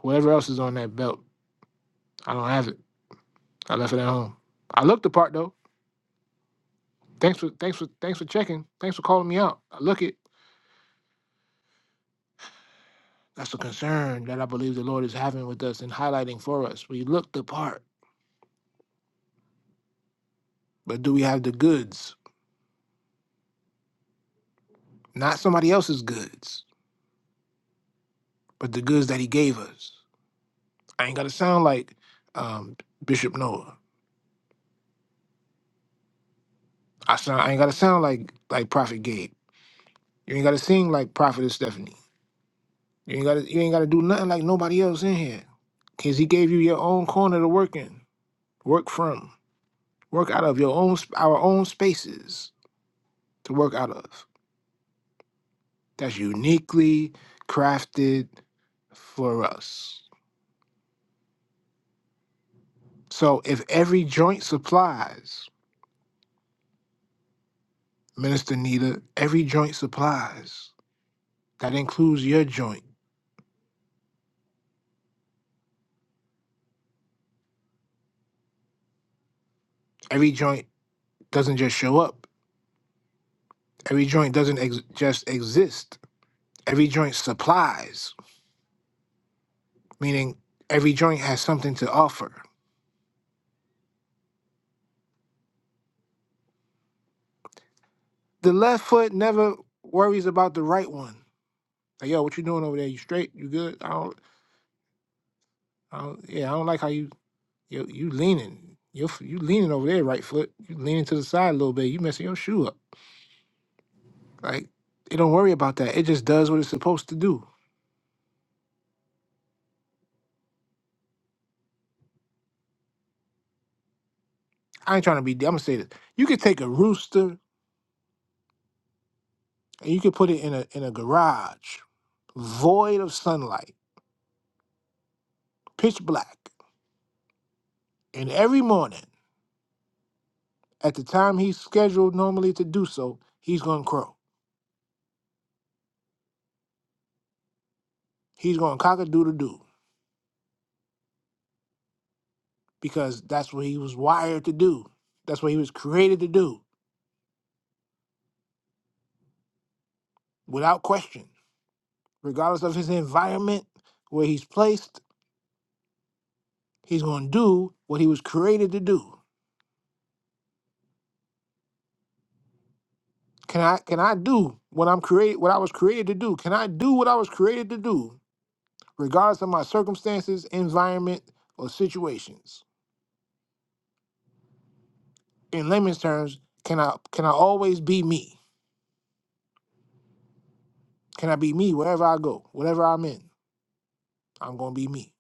S1: whatever else is on that belt. I don't have it. I left it at home. I looked the part though. Thanks for thanks for thanks for checking. Thanks for calling me out. I look it. That's the concern that I believe the Lord is having with us and highlighting for us. We look the part, but do we have the goods? Not somebody else's goods, but the goods that He gave us. I ain't gotta sound like um, Bishop Noah. I sound I ain't gotta sound like like Prophet Gabe. You ain't gotta sing like Prophetess Stephanie. You ain't gotta you ain't gotta do nothing like nobody else in here. Cause he gave you your own corner to work in, work from, work out of your own sp- our own spaces to work out of. That's uniquely crafted for us. So if every joint supplies, Minister Nita, every joint supplies. That includes your joint. Every joint doesn't just show up. Every joint doesn't ex- just exist. Every joint supplies. meaning every joint has something to offer. The left foot never worries about the right one. Like, yo, what you doing over there? You straight? You good? I don't, I don't yeah, I don't like how you, you, you leaning. You, f- you leaning over there, right foot. You leaning to the side a little bit. You messing your shoe up. Like, it don't worry about that. It just does what it's supposed to do. I ain't trying to be. I'm gonna say this. You could take a rooster and you could put it in a in a garage, void of sunlight, pitch black, and every morning. At the time he's scheduled normally to do so, he's going to crow. He's going to cock a doodle doo because that's what he was wired to do. That's what he was created to do without question. Regardless of his environment, where he's placed, he's going to do what he was created to do. Can I can I do what I'm created what I was created to do? Can I do what I was created to do regardless of my circumstances, environment, or situations? In layman's terms, can I can I always be me? Can I be me wherever I go, whatever I'm in? I'm gonna be me.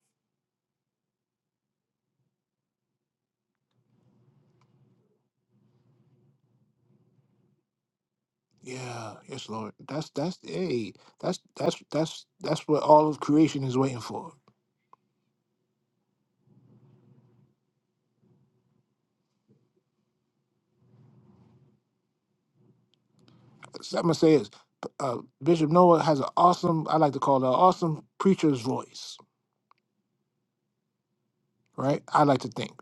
S1: Yeah, yes, Lord. That's that's hey, that's that's that's that's what all of creation is waiting for. So I'm gonna say is uh, Bishop Noah has an awesome, I like to call it an awesome preacher's voice, right? I like to think,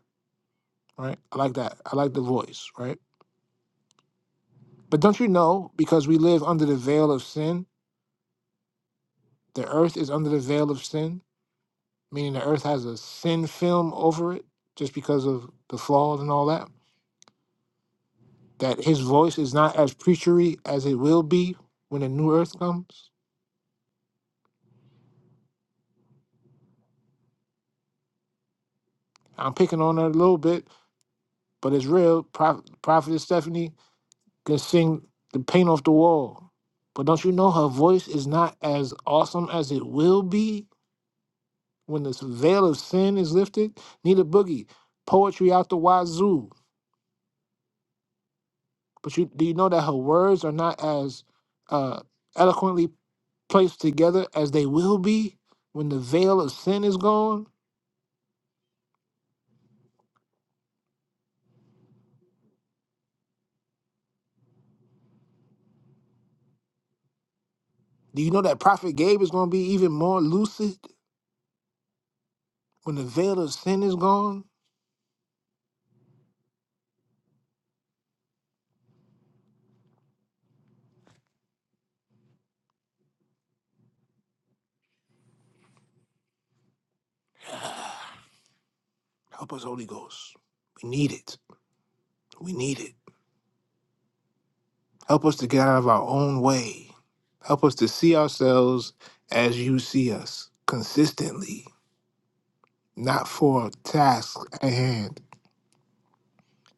S1: right? I like that. I like the voice, right? But don't you know, because we live under the veil of sin, the earth is under the veil of sin, meaning the earth has a sin film over it just because of the fall and all that, that his voice is not as preachery as it will be when the new earth comes. I'm picking on her a little bit, but it's real. Prophet, Prophetess Stephanie can sing the paint off the wall. But don't you know her voice is not as awesome as it will be when this veil of sin is lifted? Need a boogie, poetry out the wazoo. But you do you know that her words are not as uh, eloquently placed together as they will be when the veil of sin is gone? Do you know that Prophet Gabe is going to be even more lucid when the veil of sin is gone? Help us, Holy Ghost. We need it. We need it. Help us to get out of our own way. Help us to see ourselves as you see us consistently, not for a task at hand,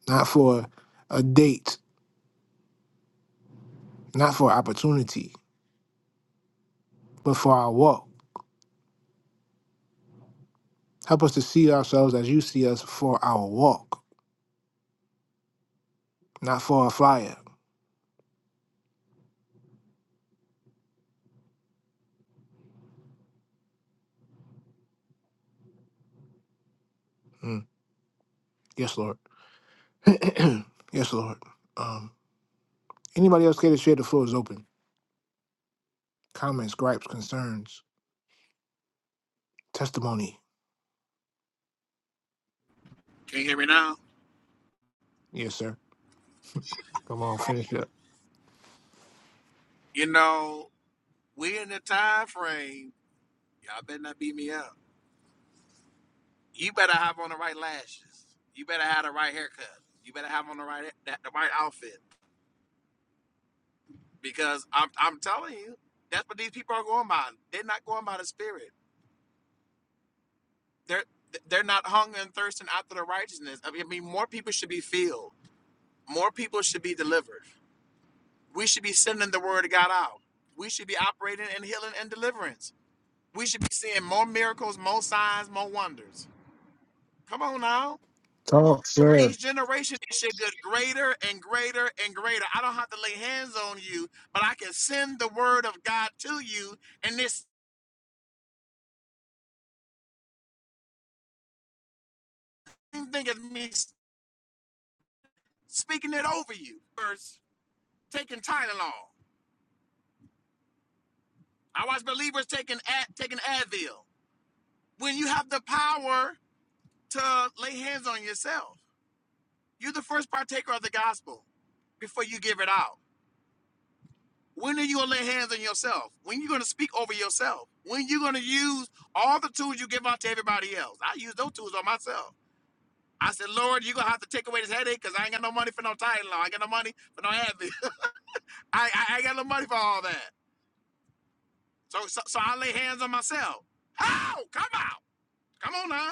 S1: not for a date, not for opportunity, but for our walk. Help us to see ourselves as you see us for our walk, not for a flyer. Mm. Yes, Lord. <clears throat> yes, Lord. Um, anybody else care to share? The floor is open. Comments, gripes, concerns, testimony.
S5: Can you hear me now?
S1: Yes, sir. Come on, finish it up.
S5: You know, we're in the time frame. Y'all better not beat me up. You better have on the right lashes. You better have the right haircut. You better have on the right that the right outfit. Because I'm I'm telling you, that's what these people are going by. They're not going by the spirit. They're they're not hungry and thirsting after the righteousness. I mean, I mean, more people should be filled. More people should be delivered. We should be sending the word of God out. We should be operating in healing and deliverance. We should be seeing more miracles, more signs, more wonders Come on now.
S1: Talk, sir.
S5: Each generation, it should get greater and greater and greater. I don't have to lay hands on you, but I can send the word of God to you. And this same thing as me s- speaking it over you. First, taking Tylenol. I watch believers taking Ad, taking Advil. When you have the power to lay hands on yourself, you're the first partaker of the gospel before you give it out. When are you gonna lay hands on yourself? When are you gonna speak over yourself? When are you gonna use all the tools you give out to everybody else? I use those tools on myself. I said, Lord, you're gonna have to take away this headache because I ain't got no money for no title. I ain't got no money for no Advil. <laughs> I, I I ain't got no money for all that. So so, so I lay hands on myself. How? Come out. Come on now.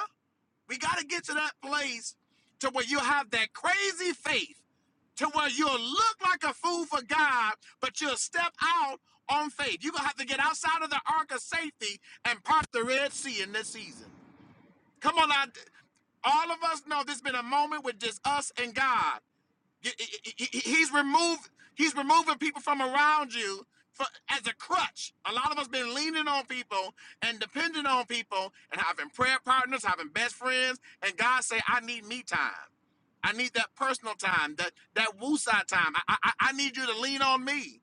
S5: We got to get to that place to where you have that crazy faith to where you'll look like a fool for God, but you'll step out on faith. You're going to have to get outside of the ark of safety and part the Red Sea in this season. Come on, I, all of us know there's been a moment with just us and God. Y- y- y- y- He's removed. He's removing people from around you for, as a crutch. A lot of us been leaning on people and depending on people and having prayer partners, having best friends, and God say, "I need me time. I need that personal time, that that woosah time. I, I I I need you to lean on me."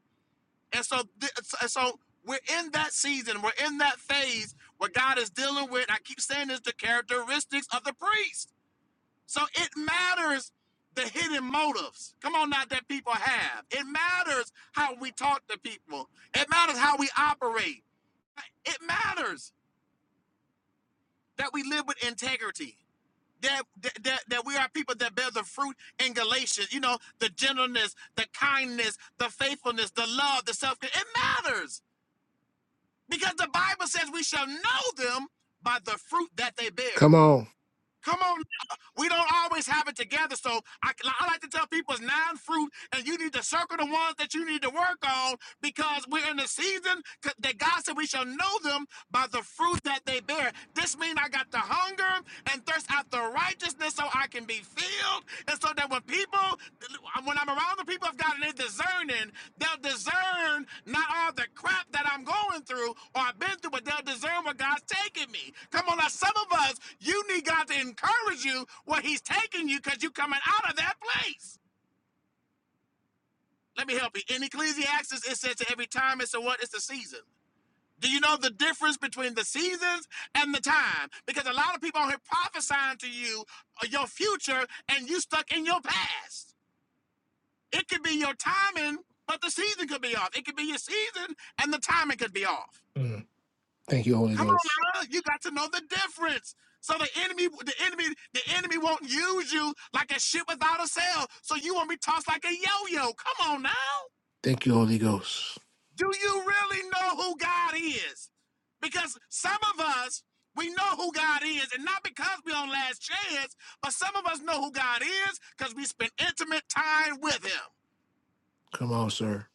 S5: And so, th- so so we're in that season. We're in that phase where God is dealing with. I keep saying this: the characteristics of the priest. So it matters the hidden motives. Come on now that people have. It matters how we talk to people. It matters how we operate. It matters that we live with integrity. That, that, that that we are people that bear the fruit in Galatians, you know, the gentleness, the kindness, the faithfulness, the love, the self. It matters because the Bible says we shall know them by the fruit that they bear.
S1: Come on.
S5: Come on, we don't always have it together. So I, I like to tell people it's nine fruit, and you need to circle the ones that you need to work on because we're in the season that God said we shall know them by the fruit that they bear. This means I got to hunger and thirst after righteousness so I can be filled. And so that when people, when I'm around the people of God and they're discerning, they'll discern not all the crap that I'm going through or I've been through, but they'll discern where God's taking me. Come on, now, some of us, you need God to encourage you where He's taking you because you're coming out of that place. Let me help you. In Ecclesiastes, it says that every time it's a what? It's a season. Do you know the difference between the seasons and the time? Because a lot of people on here prophesying to you uh, your future and you stuck in your past. It could be your timing, but the season could be off. It could be your season and the timing could be off.
S1: Mm. Thank you, Holy
S5: Come
S1: Ghost.
S5: on, now, you got to know the difference. So the enemy, the enemy, the enemy won't use you like a ship without a sail. So you won't be tossed like a yo-yo. Come on now.
S1: Thank you, Holy Ghost.
S5: Do you really know who God is? Because some of us, we know who God is, and not because we're on last chance, but some of us know who God is because we spend intimate time with Him.
S1: Come on, sir.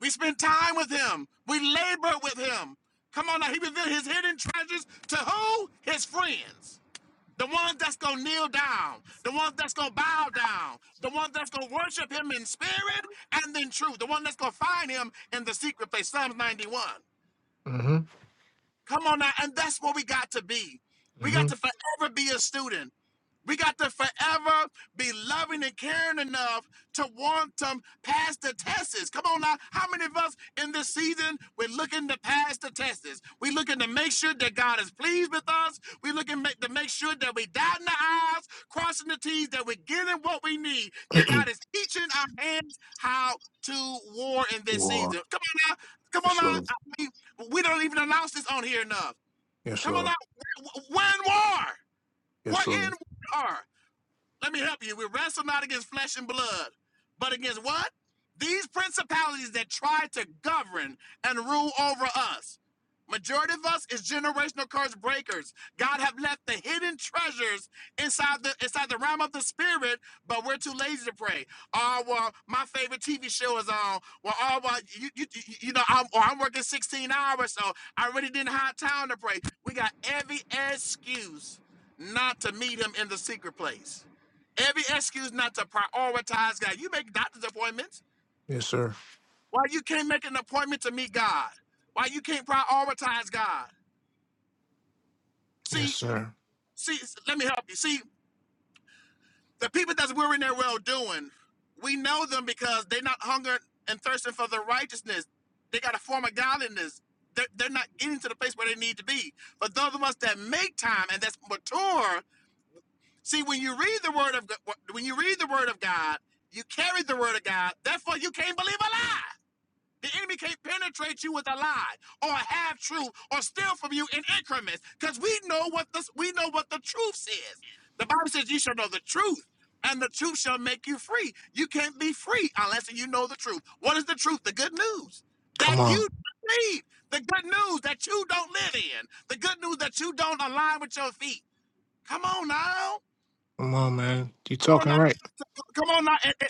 S5: We spend time with Him. We labor with Him. Come on now, He revealed His hidden treasures to who? His friends. The ones that's gonna kneel down, the ones that's gonna bow down, the ones that's gonna worship him in spirit and in truth, the one that's gonna find him in the secret place. Psalms 91.
S1: Mm-hmm.
S5: Come on now. And that's what we got to be. We got to forever be a student. We got to forever be loving and caring enough to want to pass the tests. Come on now. How many of us in this season, we're looking to pass the tests? We're looking to make sure that God is pleased with us. We're looking ma- to make sure that we dotting the I's, crossing the T's, that we're getting what we need, that
S1: Mm-hmm.
S5: God is teaching our hands how to war in
S1: <clears throat>
S5: this
S1: War.
S5: season. Come on now. Come on
S1: Yes,
S5: now.
S1: Lord.
S5: I mean, we don't even announce this on here enough.
S1: Yes,
S5: Come on,
S1: Lord.
S5: now. we're in war.
S1: Yes,
S5: We're
S1: Lord.
S5: in war. Let me help you. We wrestle not against flesh and blood, but against what? These principalities that try to govern and rule over us. Majority of us is generational curse breakers. God have left the hidden treasures inside the inside the realm of the spirit, but we're too lazy to pray. Oh well, my favorite TV show is on. Well, oh well, you you, you know I'm or I'm working 16 hours, so I really didn't have time to pray. We got every excuse not to meet Him in the secret place. Every excuse not to prioritize God. You make doctor's appointments.
S1: Yes, sir.
S5: Why you can't make an appointment to meet God? Why you can't prioritize God?
S1: Yes,
S5: See,
S1: sir.
S5: see, let me help you. See, the people that's weary in their well doing, we know them because they're not hungering and thirsting for the righteousness. They got a form of godliness. They're, they're not getting to the place where they need to be. But those of us that make time and that's mature, see, when you read the word of Go- when you read the word of God, you carry the word of God. Therefore, you can't believe a lie. The enemy can't penetrate you with a lie or a half truth or steal from you in increments because we know what the we know what the truth says. The Bible says you shall know the truth, and the truth shall make you free. You can't be free unless you know the truth. What is the truth? The good news that
S1: Come
S5: you
S1: on.
S5: need, the good news that you don't live in, the good news that you don't align with your feet. Come on now.
S1: Come on, man. You
S5: Come on
S1: talking
S5: now.
S1: right.
S5: Come on now, and, and,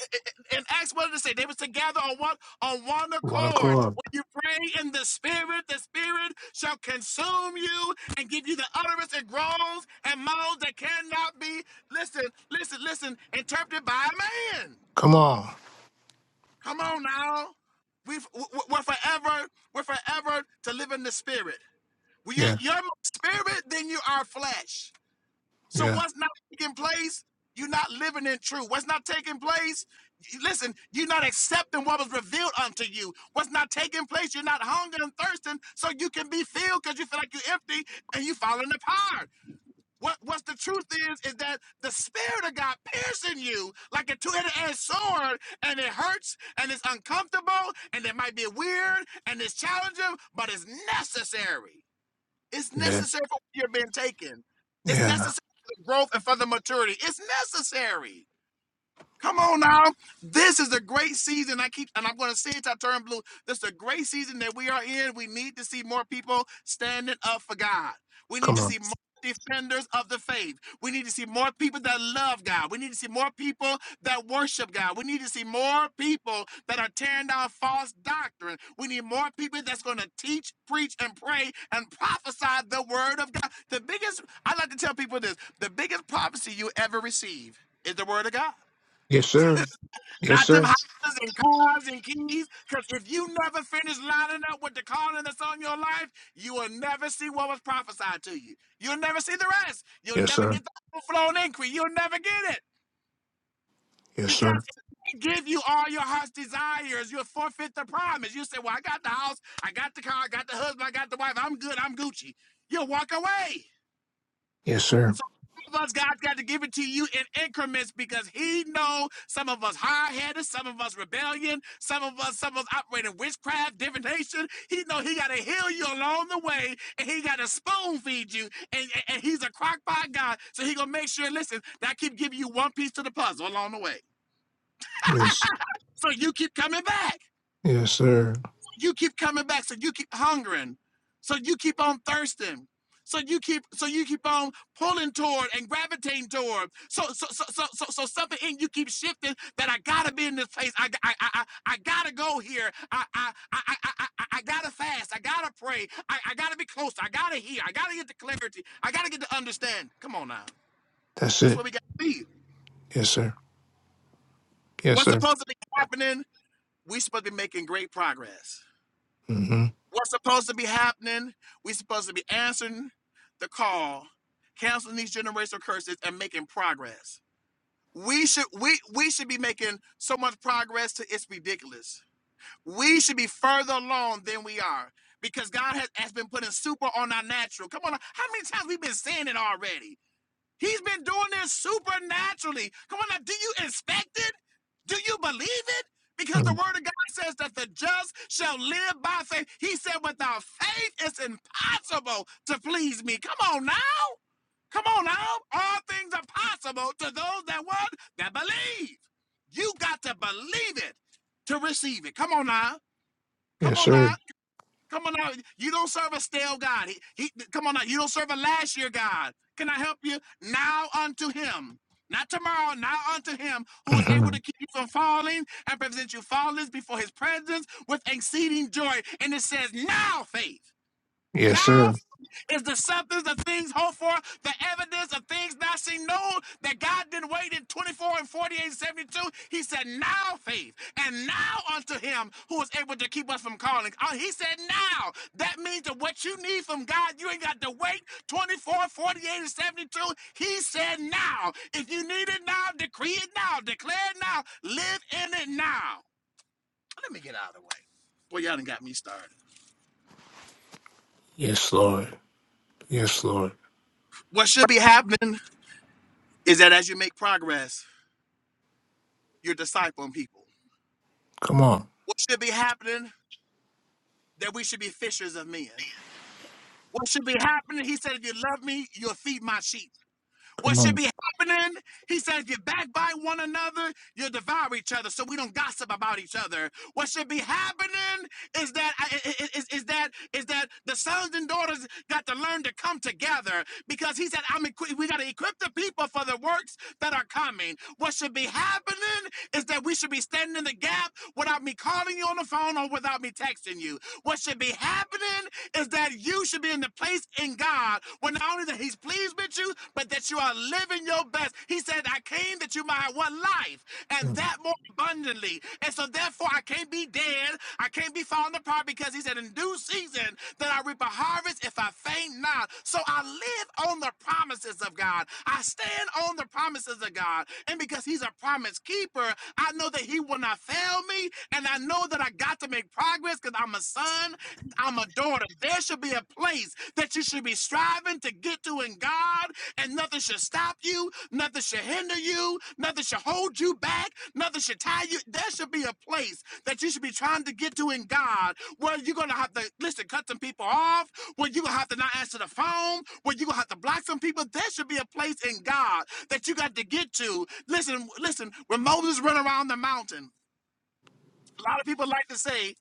S5: and Acts what did it say? They was together on one on one
S1: One
S5: accord.
S1: accord.
S5: When you pray in the Spirit, the Spirit shall consume you and give you the utterance and groans and moans that cannot be listen, listen, listen, interpreted by a man.
S1: Come on.
S5: Come on now, we've w- w- we're forever we're forever to live in the Spirit. We you're
S1: Yeah.
S5: you're more spirit than you are flesh. So
S1: Yeah.
S5: what's not taking place? You're not living in truth. What's not taking place? y- Listen, you're not accepting what was revealed unto you. What's not taking place? You're not hungering and thirsting, so you can be filled because you feel like you're empty and you falling apart. What what's the truth is is that the spirit of God piercing you like a 2 headed sword, and it hurts and it's uncomfortable and it might be weird and it's challenging, but it's necessary. It's
S1: Yeah.
S5: necessary for where you're being taken. It's
S1: Yeah.
S5: necessary for the growth and for the maturity. It's necessary. Come on now. This is a great season. I keep and I'm gonna say it till I turn blue. This is a great season that we are in. We need to see more people standing up for God. We need
S1: Come
S5: to
S1: on.
S5: see more defenders of the faith. We need to see more people that love God. We need to see more people that worship God. We need to see more people that are tearing down false doctrine. We need more people that's going to teach, preach, and pray and prophesy the word of God. The biggest, I like to tell people this the biggest prophecy you ever receive is the word of God.
S1: Yes, sir. Yes,
S5: Not them
S1: sir.
S5: houses and cars and keys. Because if you never finish lining up with the calling that's on your life, you will never see what was prophesied to you. You'll never see the rest. You'll
S1: Yes,
S5: never
S1: sir.
S5: get the overflow and increase. You'll never get it.
S1: Yes,
S5: Because
S1: sir.
S5: if they give you all your heart's desires, you'll forfeit the promise. You say, Well, I got the house, I got the car, I got the husband, I got the wife, I'm good, I'm Gucci. You'll walk away.
S1: Yes, sir.
S5: So some of us, God's got to give it to you in increments because He know some of us hard-headed, some of us rebellion, some of us, some of us operating witchcraft, divination. He know He got to heal you along the way, and He got to spoon feed you. And, and, and He's a crockpot God, so He gonna make sure. Listen, that I keep giving you one piece to the puzzle along the way.
S1: Yes.
S5: So you keep coming back.
S1: Yes, sir.
S5: you keep coming back so you keep hungering so you keep on thirsting so you keep so you keep on pulling toward and gravitating toward so so so so so, so something in you keeps shifting that i gotta be in this place I, I, I, I i i, I- I gotta go here I I, I I I I I gotta fast i gotta pray I, I gotta be close i gotta hear i gotta get the clarity i gotta get the understanding come on now
S1: That's
S5: that's
S1: it.
S5: what we gotta be
S1: Yes, sir. Yes,
S5: what's
S1: sir.
S5: supposed to be happening we supposed to be making great progress
S1: Mm-hmm.
S5: What's supposed to be happening? We're supposed to be answering the call, canceling these generational curses, and making progress. We should we we should be making so much progress to it's ridiculous. We should be further along than we are because God has, has been putting super on our natural. Come on, how many times we've been saying it already? He's been doing this supernaturally. Come on now, do you expect it? Do you believe it? Because the
S1: mm
S5: word of God says that the just shall live by faith. He said, without faith, it's impossible to please me. Come on now. Come on now. All things are possible to those that what? That believe. You got to believe it to receive it. Come on now. Come
S1: Yes,
S5: on now.
S1: sir.
S5: Come on out. You don't serve a stale God. He, he, come on out. You don't serve a last year God. Can I help you? Now unto him. Not tomorrow, now unto him who is able
S1: Mm-hmm.
S5: to keep you from falling and present you faultless before his presence with exceeding joy. And it says, now faith.
S1: Yes,
S5: Now
S1: sir.
S5: is the substance of things hoped for, the evidence of things not seen known, that God didn't wait in 24 and 48 and 72. He said, Now faith, and now unto him who is able to keep us from calling. Oh, he said, Now. That means that what you need from God, you ain't got to wait 24, forty-eight, and 72. He said, Now. If you need it now, decree it now, declare it now, live in it now. Let me get out of the way. Boy, y'all done got me started.
S1: Yes, Lord. Yes, Lord.
S5: What should be happening? is that as you make progress, you're discipling people.
S1: Come on.
S5: What should be happening? That we should be fishers of men. What should be happening? He said, if you love me, you'll feed my sheep.
S1: Come
S5: What should
S1: on.
S5: be happening? He said, if you backbite one another, you'll devour each other so we don't gossip about each other. What should be happening is that is, is that is that the sons and daughters got to learn to come together because he said, I'm equi- we got to equip the people for the works that are coming. What should be happening is that we should be standing in the gap without me calling you on the phone or without me texting you. What should be happening is that you should be in the place in God where not only that He's pleased with you, but that you are living your best. He said, I came that you might have one life and
S1: Mm.
S5: that more abundantly. And so, therefore, I can't be dead. I can't can't be falling apart because he said, In due season, then I reap a harvest if I faint not. So I live on the promises of God. I stand on the promises of God. And because he's a promise keeper, I know that he will not fail me. And I know that I got to make progress because I'm a son, I'm a daughter. There should be a place that you should be striving to get to in God God, and nothing should stop you, nothing should hinder you, nothing should hold you back, nothing should tie you. There should be a place that you should be trying to get to in God where you're gonna have to listen, cut some people off, where you're gonna have to not answer the phone, where you're gonna have to block some people. There should be a place in God that you got to get to. Listen, listen, when Moses ran around the mountain, a lot of people like to say,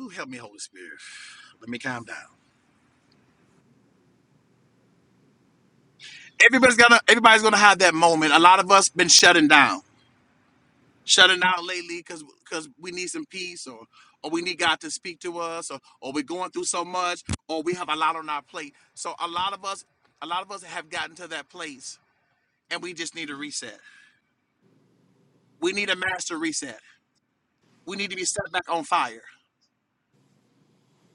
S5: Ooh, help me, Holy Spirit. Let me calm down. Everybody's gonna everybody's gonna have that moment. A lot of us been shutting down. shutting out lately because because we need some peace or or we need God to speak to us or or we're going through so much or we have a lot on our plate. So a lot of us a lot of us have gotten to that place and we just need a reset. We need a master reset. We need to be set back on fire.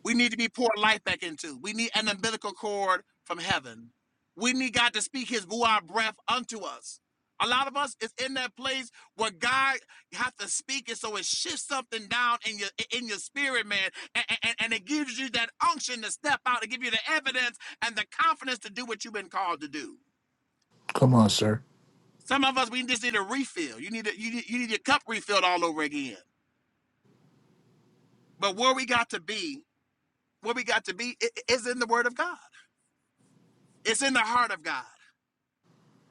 S5: We need to be poured life back into. We need an umbilical cord from heaven. We need God to speak his Ruah breath unto us. A lot of us is in that place where God has to speak it so it shifts something down in your in your spirit, man. And, and, and it gives you that unction to step out, to give you the evidence and the confidence to do what you've been called to do.
S1: Come on, sir.
S5: Some of us we just need a refill. You need a, you need, you need your cup refilled all over again. But where we got to be, where we got to be i- i- is in the word of God. It's in the heart of God.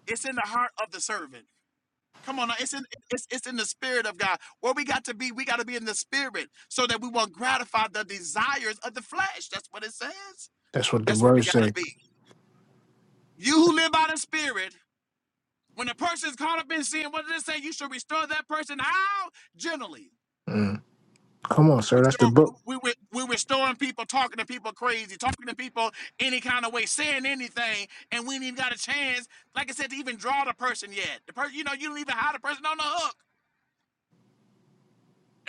S5: It's in the heart of the servant. Come on, now. it's in it's, it's in the spirit of God. Where we got to be, we got to be in the spirit, so that we won't gratify the desires of the flesh. That's what it says.
S1: That's what the
S5: That's where we
S1: words
S5: got to
S1: say.
S5: be. You who live by the spirit, when a person is caught up in sin, what does it say? You should restore that person how generally.
S1: Mm. Come on, sir. That's the
S5: Restore,
S1: book.
S5: we, we, we're restoring people, talking to people crazy, talking to people any kind of way, saying anything, and we ain't even got a chance, like I said, to even draw the person yet. The person, you know, you don't even have the person on the hook.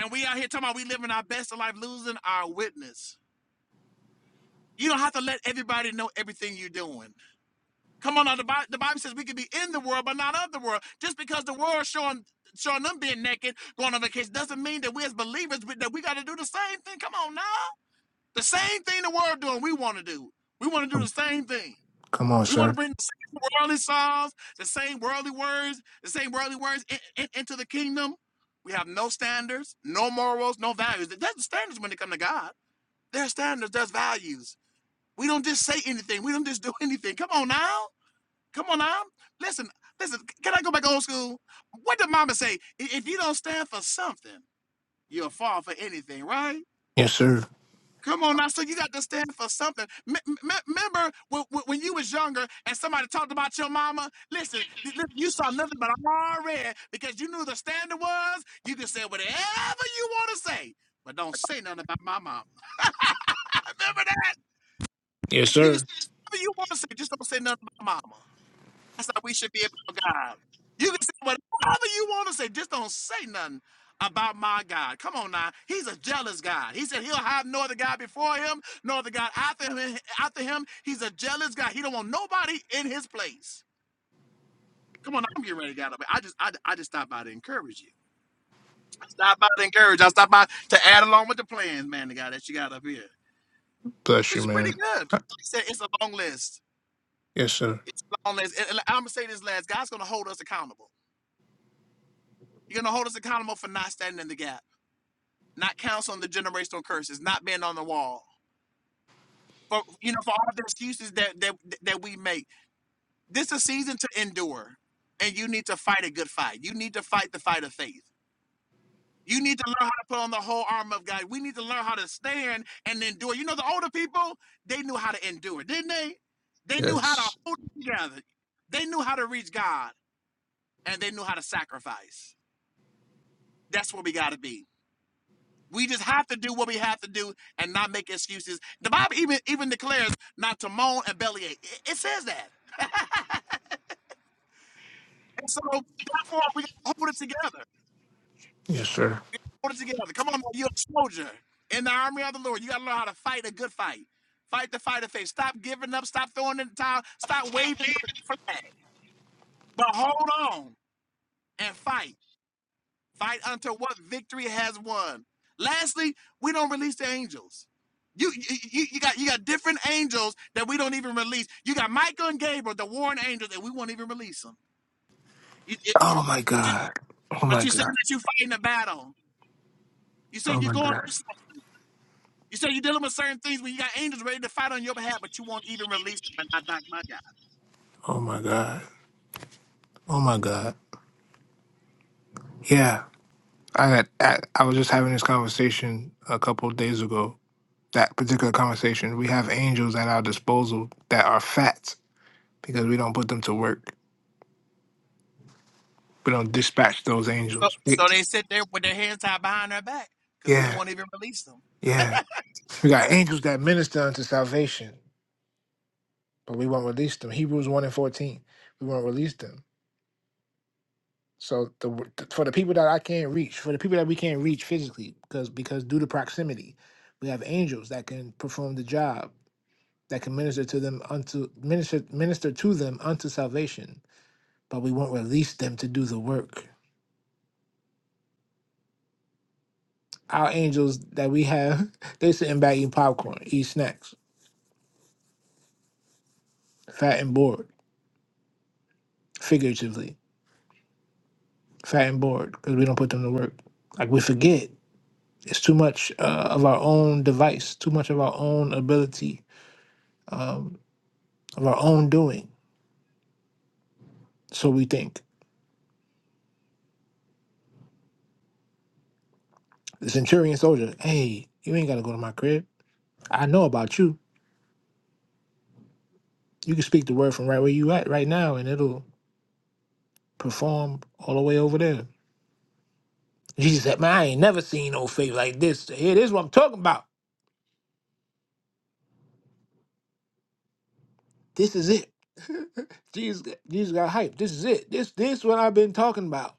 S5: And we out here talking about we living our best of life, losing our witness. You don't have to let everybody know everything you're doing. Come on, now, the, Bible, the Bible says we can be in the world, but not of the world. Just because the world showing showing them being naked, going on vacation, doesn't mean that we as believers we- that we got to do the same thing. Come on now, the same thing the world doing, we want to do. We want to do the same thing.
S1: Come on,
S5: We want
S1: sir.
S5: to bring the same worldly songs, the same worldly words, the same worldly words in- in- into the kingdom. We have no standards, no morals, no values. That's the standards when it comes to God. There's standards, there's values. We don't just say anything. We don't just do <laughs> anything. Come on now. Come on now. Listen, listen, can I go back old school? What did mama say? I- If you don't stand for something, you'll fall for anything, right?
S1: Yes, sir.
S5: Come on now. So you got to stand for something. M- m- m- remember when, when when you was younger and somebody talked about your mama? Listen, th- li- you saw nothing but all red because you knew the standard was you could say whatever you want to say, but don't say nothing about my mama. <laughs> remember that?
S1: Yes,
S5: You can
S1: sir.
S5: say whatever you want to say, just don't say nothing about mama. That's how we should be about God. You can say whatever you want to say, just don't say nothing about my God. Come on now. He's a jealous God. He said he'll have no other God before him, no other God after him. After him. He's a jealous God. He don't want nobody in his place. Come on, I'm getting ready to get up. I just I, I just stopped by to encourage you. I stopped by to encourage. I stopped by to add along with the plans, man, the guy that you got up here.
S1: Bless
S5: Which
S1: you,
S5: is pretty
S1: man.
S5: good. He said it's a long list.
S1: Yes, sir.
S5: as long as and I'm gonna say this last, God's gonna hold us accountable. He's gonna hold us accountable for not standing in the gap, not counseling the generational curses, not being on the wall. For you know, for all the excuses that that that we make. This is a season to endure. And you need to fight a good fight. You need to fight the fight of faith. You need to learn how to put on the whole armor of God. We need to learn how to stand and endure. You know, the older people, they knew how to endure, didn't they? They knew how to
S1: Yes.
S5: hold it together. They knew how to reach God and they knew how to sacrifice. That's where we got to be. We just have to do what we have to do and not make excuses. The Bible even even declares not to moan and bellyache. It, it says that. And so therefore we gotta hold it together.
S1: Yes, sir.
S5: Hold it together. Come on, man, you're a soldier in the army of the Lord. You got to learn how to fight a good fight. Fight the fight of faith. Stop giving up. Stop throwing in the towel. Stop waving the flag. But hold on and fight. Fight until what victory has won. Lastly, we don't release the angels. You, you you got you got different angels that we don't even release. You got Michael and Gabriel, the warring angels, and we won't even release them. You- it-
S1: Oh my
S5: you-
S1: God. Oh
S5: but
S1: my
S5: you saying
S1: God.
S5: that you fighting a battle. You
S1: Oh
S5: saying you're
S1: my
S5: going.
S1: God.
S5: through some- You say you're dealing with certain things when you got angels ready to fight on your behalf, but you won't even release them. And not, not my God.
S1: Oh my God. Oh my God. Yeah. I got. I, I was just having this conversation a couple of days ago. That particular conversation. We have angels at our disposal that are fat because we don't put them to work. We don't dispatch those
S5: So
S1: angels. We-
S5: so they sit there with their hands tied behind their back because we
S1: yeah.
S5: won't even release them.
S1: Yeah. We got angels that minister unto salvation. but we won't release them. Hebrews 1 and 14, we won't release them. So the, for the people that I can't reach, for the people that we can't reach physically, because because due to proximity, we have angels that can perform the job, that can minister to them unto minister minister to them unto salvation, but we won't release them to do the work. Our angels that we have, <laughs> they sitting back eating popcorn, eat snacks, fat and bored, figuratively, fat and bored, because we don't put them to work. Like we forget. It's too much uh, of our own device, too much of our own ability, um, of our own doing. So we think. The centurion soldier, hey, you ain't got to go to my crib. I know about you. You can speak the word from right where you at right now, and it'll perform all the way over there. Jesus said, man, I ain't never seen no faith like this. Here, this is what I'm talking about. This is it. <laughs> Jesus, Jesus got hype. This is it. This, this what I've been talking about.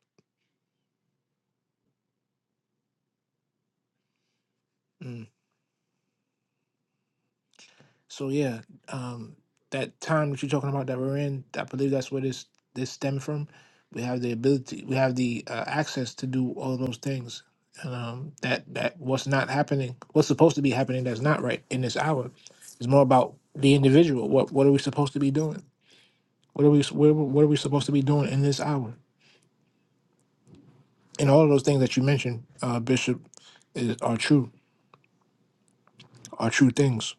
S1: Mm. So yeah, um, that time that you're talking about that we're in, I believe that's where this this stemmed from. We have the ability, we have the uh, access to do all of those things, and um, that that what's not happening, what's supposed to be happening, that's not right in this hour. Is more about the individual. What what are we supposed to be doing? What are we what, what are we supposed to be doing in this hour? And all of those things that you mentioned, uh, Bishop, is, are true, are true things.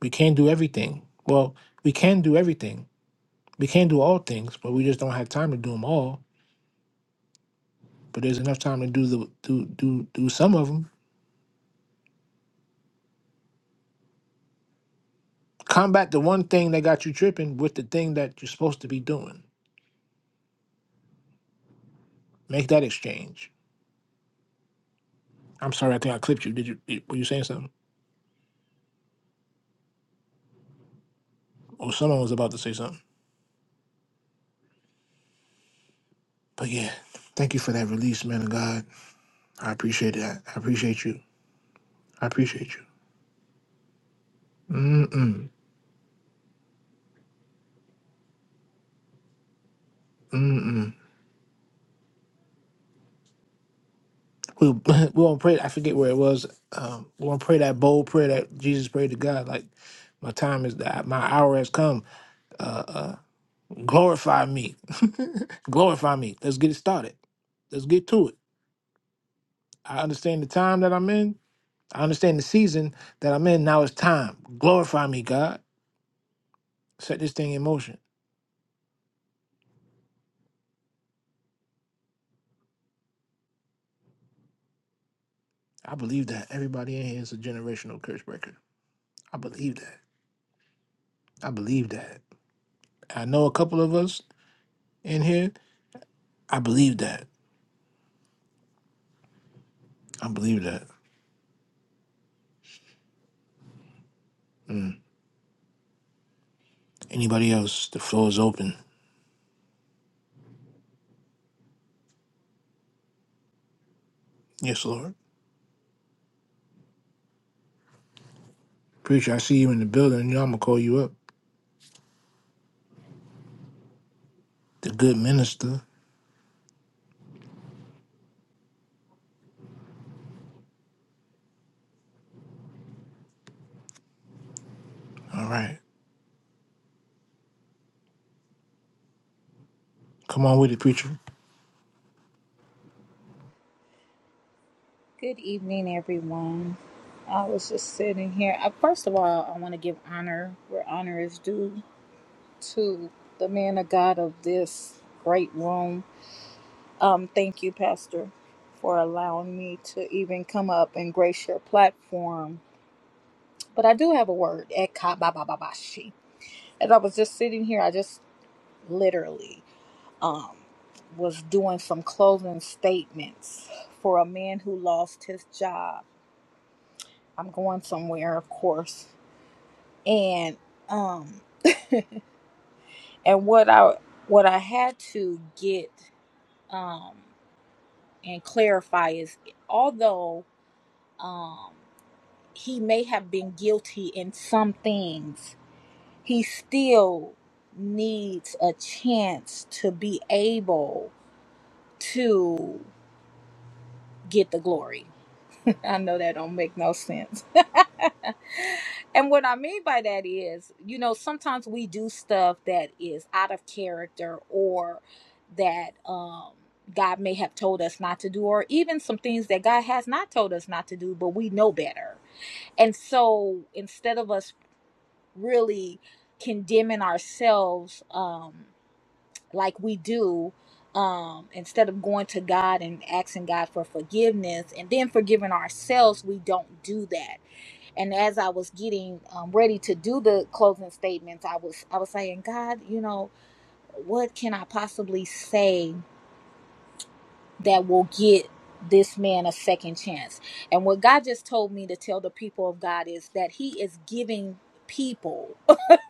S1: We can't do everything. Well, we can do everything we can do all things, but we just don't have time to do them all. But there's enough time to do the do do do some of them. Combat the one thing that got you tripping with the thing that you're supposed to be doing. Make that exchange. I'm sorry, I think I clipped you. Did you did- were you saying something? Or someone was about to say something. But yeah, thank you for that release, man of God. I appreciate that. I appreciate you. I appreciate you. Mm-mm. Mm-mm. We <laughs> we won't pray. I forget where it was. Um, we won't pray that bold prayer that Jesus prayed to God. Like my time is that my hour has come. Glorify me. <laughs> Glorify me. Let's get it started. Let's get to it. I understand the time that I'm in. I understand the season that I'm in. Now it's time. Glorify me, God. Set this thing in motion. I believe that. Everybody in here is a generational curse breaker. I believe that. I believe that. I know a couple of us in here. I believe that. I believe that. Anybody else? The floor is open. Yes, Lord. Preacher, I see you in the building. You know I'm gonna call you up. The good minister. All right. Come on with it, preacher.
S6: Good evening, everyone. I was just sitting here. Uh, First of all, I want to give honor where honor is due to the man of God of this great room. Um, thank you, Pastor, for allowing me to even come up and grace your platform. But I do have a word, ekabababashi. As I was just sitting here, I just literally um, was doing some closing statements for a man who lost his job. I'm going somewhere, of course and um and what i what i had to get um and clarify is although um he may have been guilty in some things he still needs a chance to be able to get the glory <laughs> i know that don't make no sense <laughs> and what I mean by that is, you know, sometimes we do stuff that is out of character or that um God may have told us not to do, or even some things that God has not told us not to do, but we know better. And so instead of us really condemning ourselves um like we do, um, instead of going to God and asking God for forgiveness and then forgiving ourselves, we don't do that and as I was getting um, ready to do the closing statements, I was I was saying, God, you know, what can I possibly say that will get this man a second chance. And what God just told me to tell the people of God is that He is giving people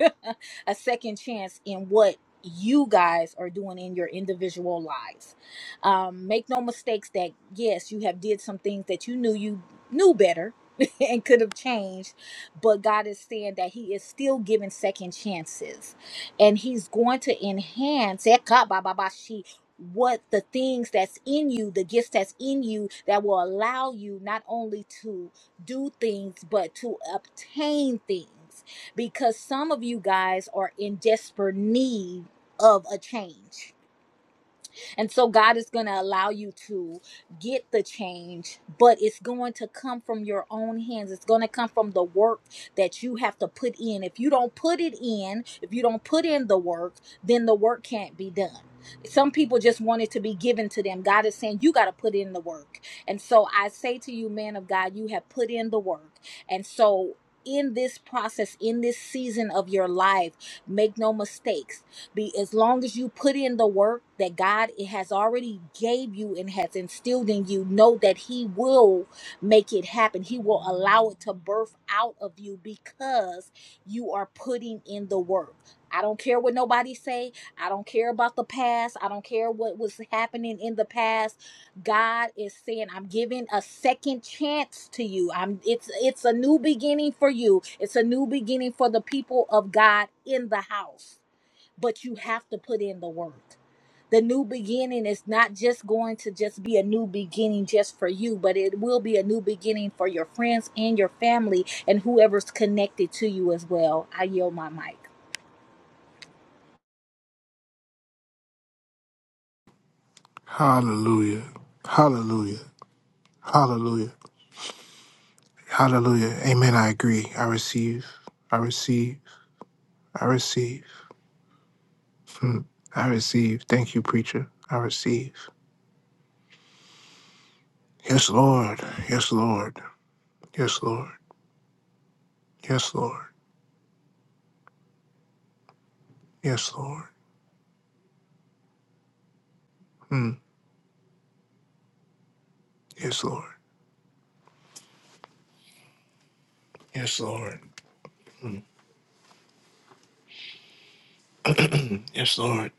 S6: <laughs> a second chance in what you guys are doing in your individual lives. Um, make no mistakes that yes, you have did some things that you knew you knew better <laughs> and could have changed, but God is saying that He is still giving second chances, and He's going to enhance what the things that's in you, the gifts that's in you that will allow you not only to do things, but to obtain things. Because some of you guys are in desperate need of a change and so God is going to allow you to get the change, but it's going to come from your own hands. It's going to come from the work that you have to put in. If you don't put it in, if you don't put in the work, then the work can't be done. Some people just want it to be given to them. God is saying you got to put in the work. And so I say to you, man of God, you have put in the work. And so in this process, in this season of your life, make no mistakes be as long as you put in the work that God has already gave you and has instilled in you, know that He will make it happen. He will allow it to birth out of you because you are putting in the work. I don't care what nobody say. I don't care about the past. I don't care what was happening in the past. God is saying, I'm giving a second chance to you. I'm it's it's a new beginning for you. It's a new beginning for the people of God in the house but you have to put in the work. The new beginning is not just going to just be a new beginning just for you, but it will be a new beginning for your friends and your family and whoever's connected to you as well. I yield my mic.
S1: Hallelujah. Hallelujah. Hallelujah. Hallelujah. Amen. I agree. I receive. I receive. I receive. Hmm. I receive. Thank you, preacher. I receive. Yes, Lord. Yes, Lord. Yes, Lord. Yes, Lord. Yes, Lord. Hmm. Yes, Lord. Yes, Lord. Yes, Lord.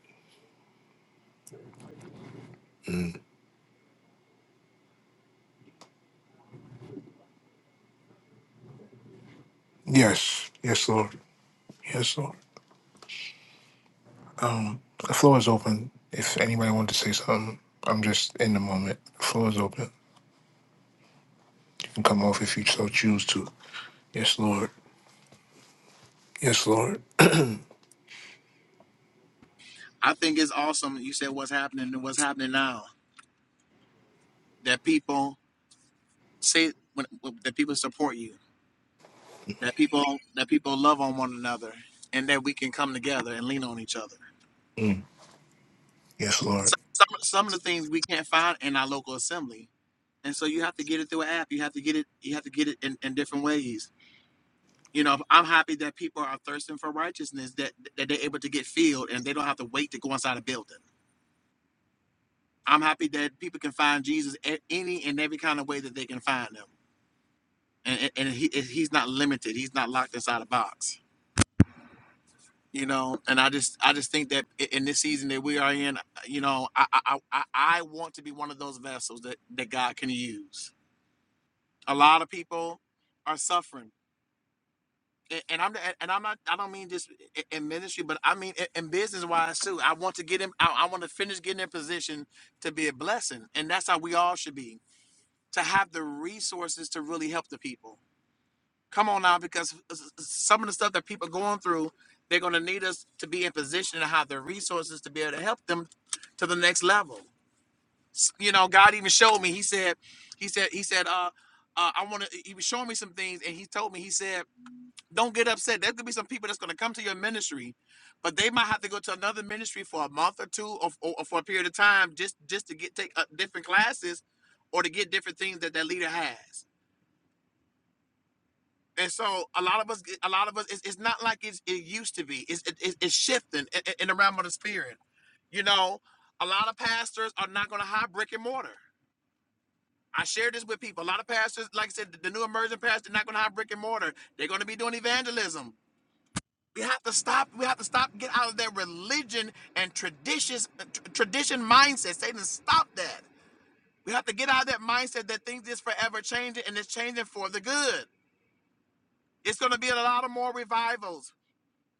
S1: Yes. Yes, Lord. Yes, Lord. The floor is open. If anybody wants to say something, I'm just in the moment. The floor is open. You can come off if you so choose to. Yes, Lord. Yes, Lord.
S5: I think it's awesome. You said what's happening and what's happening now. That people say when, that people support you, that people that people love on one another, and that we can come together and lean on each other.
S1: Mm. Yes, Lord.
S5: Some some, some of the things we can't find in our local assembly, and so you have to get it through an app. You have to get it. You have to get it in, in different ways. You know, I'm happy that people are thirsting for righteousness, that that they're able to get filled, and they don't have to wait to go inside a building. I'm happy that people can find Jesus a- any and every kind of way that they can find him, and and and he, he's not limited. He's not locked inside a box. you know and i just i just think that i- in this season that we are in you know i i i, I want to be one of those vessels that that god can use a lot of people are suffering A- and i'm and and i'm not i don't mean just i- in ministry but i mean in, in business wise too i want to get him I, I want to finish getting in position to be a blessing and that's how we all should be to have the resources to really help the people Come on now, because some of the stuff that people are going through, they're going to need us to be in position to have the resources to be able to help them to the next level. S- You know, God even showed me. He said, He said, He said, uh, uh, I want to. He was showing me some things, and He told me, He said, don't get upset. There's gonna be some people that's gonna come to your ministry, but they might have to go to another ministry for a month or two, or, or, or for a period of time, just just to get take uh, different classes, or to get different things that that leader has. And so a lot of us, a lot of us, it's, it's not like it's, it used to be. It's it, it- it's shifting in, in the realm of the spirit. You know, a lot of pastors are not going to hire brick and mortar. I share this with people. A lot of pastors, like I said, the, the new emerging pastors, not going to hire brick and mortar. They're going to be doing evangelism. We have to stop. We have to stop. Get out of that religion and traditions, tr- tradition mindset. Satan, stop that. We have to get out of that mindset that things is forever changing and it's changing for the good. It's going to be a lot of more revivals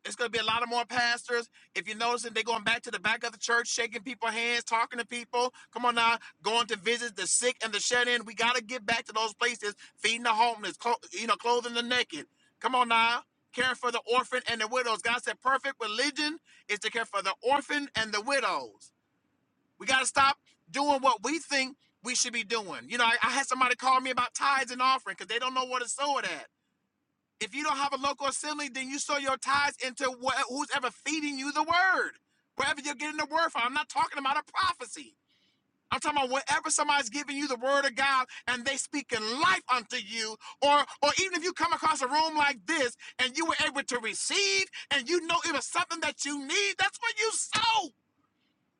S5: It's going to be a lot of more pastors. If you notice, they're going back to the back of the church, shaking people's hands, talking to people. Come on now, going to visit the sick and the shut in. We got to get back to those places, feeding the homeless, clo- you know, clothing the naked. Come on now, caring for the orphan and the widows. God said, perfect religion is to care for the orphan and the widows. We got to stop doing what we think we should be doing. You know, I, I had somebody call me about tithes and offering because they don't know where to sow it at. If you don't have a local assembly, then you sow your tithes into wh- who's ever feeding you the word, wherever you're getting the word from. I'm not talking about a prophecy. I'm talking about wherever somebody's giving you the word of God and they speaking life unto you, or or even if you come across a room like this and you were able to receive and you know it was something that you need, that's what you sow.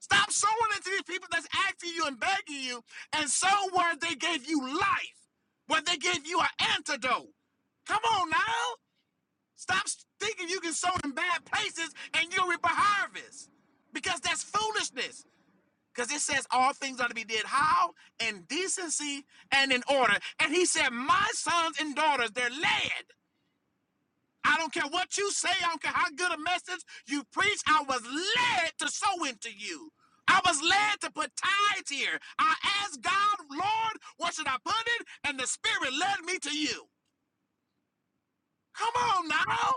S5: Stop sowing into these people that's asking you and begging you, and sow where they gave you life, where they gave you an antidote. Come on now. Stop thinking you can sow in bad places and you'll reap a harvest. Because that's foolishness. Because it says all things ought to be did how? In decency and in order. And he said, My sons and daughters, they're led. I don't care what you say, I don't care how good a message you preach, I was led to sow into you. I was led to put tithes here. I asked God, Lord, what should I put in? And the Spirit led me to you. Come on now.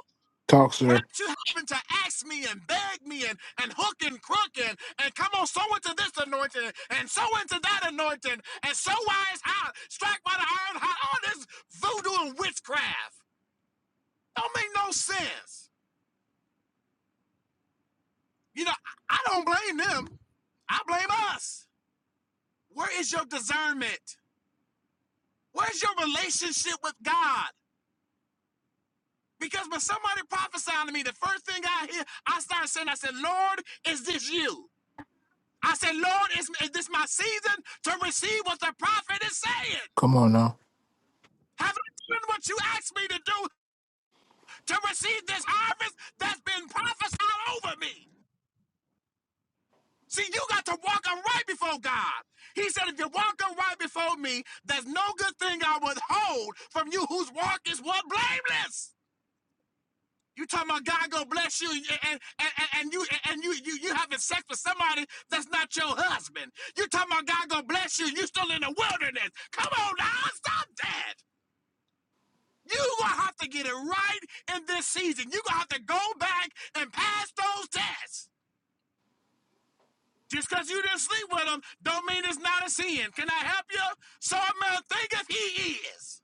S1: Talk,
S5: Without
S1: sir.
S5: you having to ask me and beg me and, and hook and crook and, and come on, so into this anointing and so into that anointing and so wise out, strike by the iron hot, all this voodoo and witchcraft. Don't make no sense. You know, I I don't blame them. I blame us. Where is your discernment? Where's your relationship with God? Because when somebody prophesied to me, the first thing I hear, I started saying, I said, Lord, is this you? I said, Lord, is, is this my season to receive what the prophet is saying?
S1: Come on now.
S5: Have I done what you asked me to do to receive this harvest that's been prophesied over me? See, you got to walk upright before God. He said, if you walk upright before me, there's no good thing I withhold from you whose walk is what blameless. You talking about God gonna bless you and and, and, and you and you, you you having sex with somebody that's not your husband. You talking about God gonna bless you and you still in the wilderness. Come on now, stop that. You gonna have to get it right in this season. You gonna have to go back and pass those tests. Just because you didn't sleep with him don't mean it's not a sin. Can I help you? So a man thinketh he is.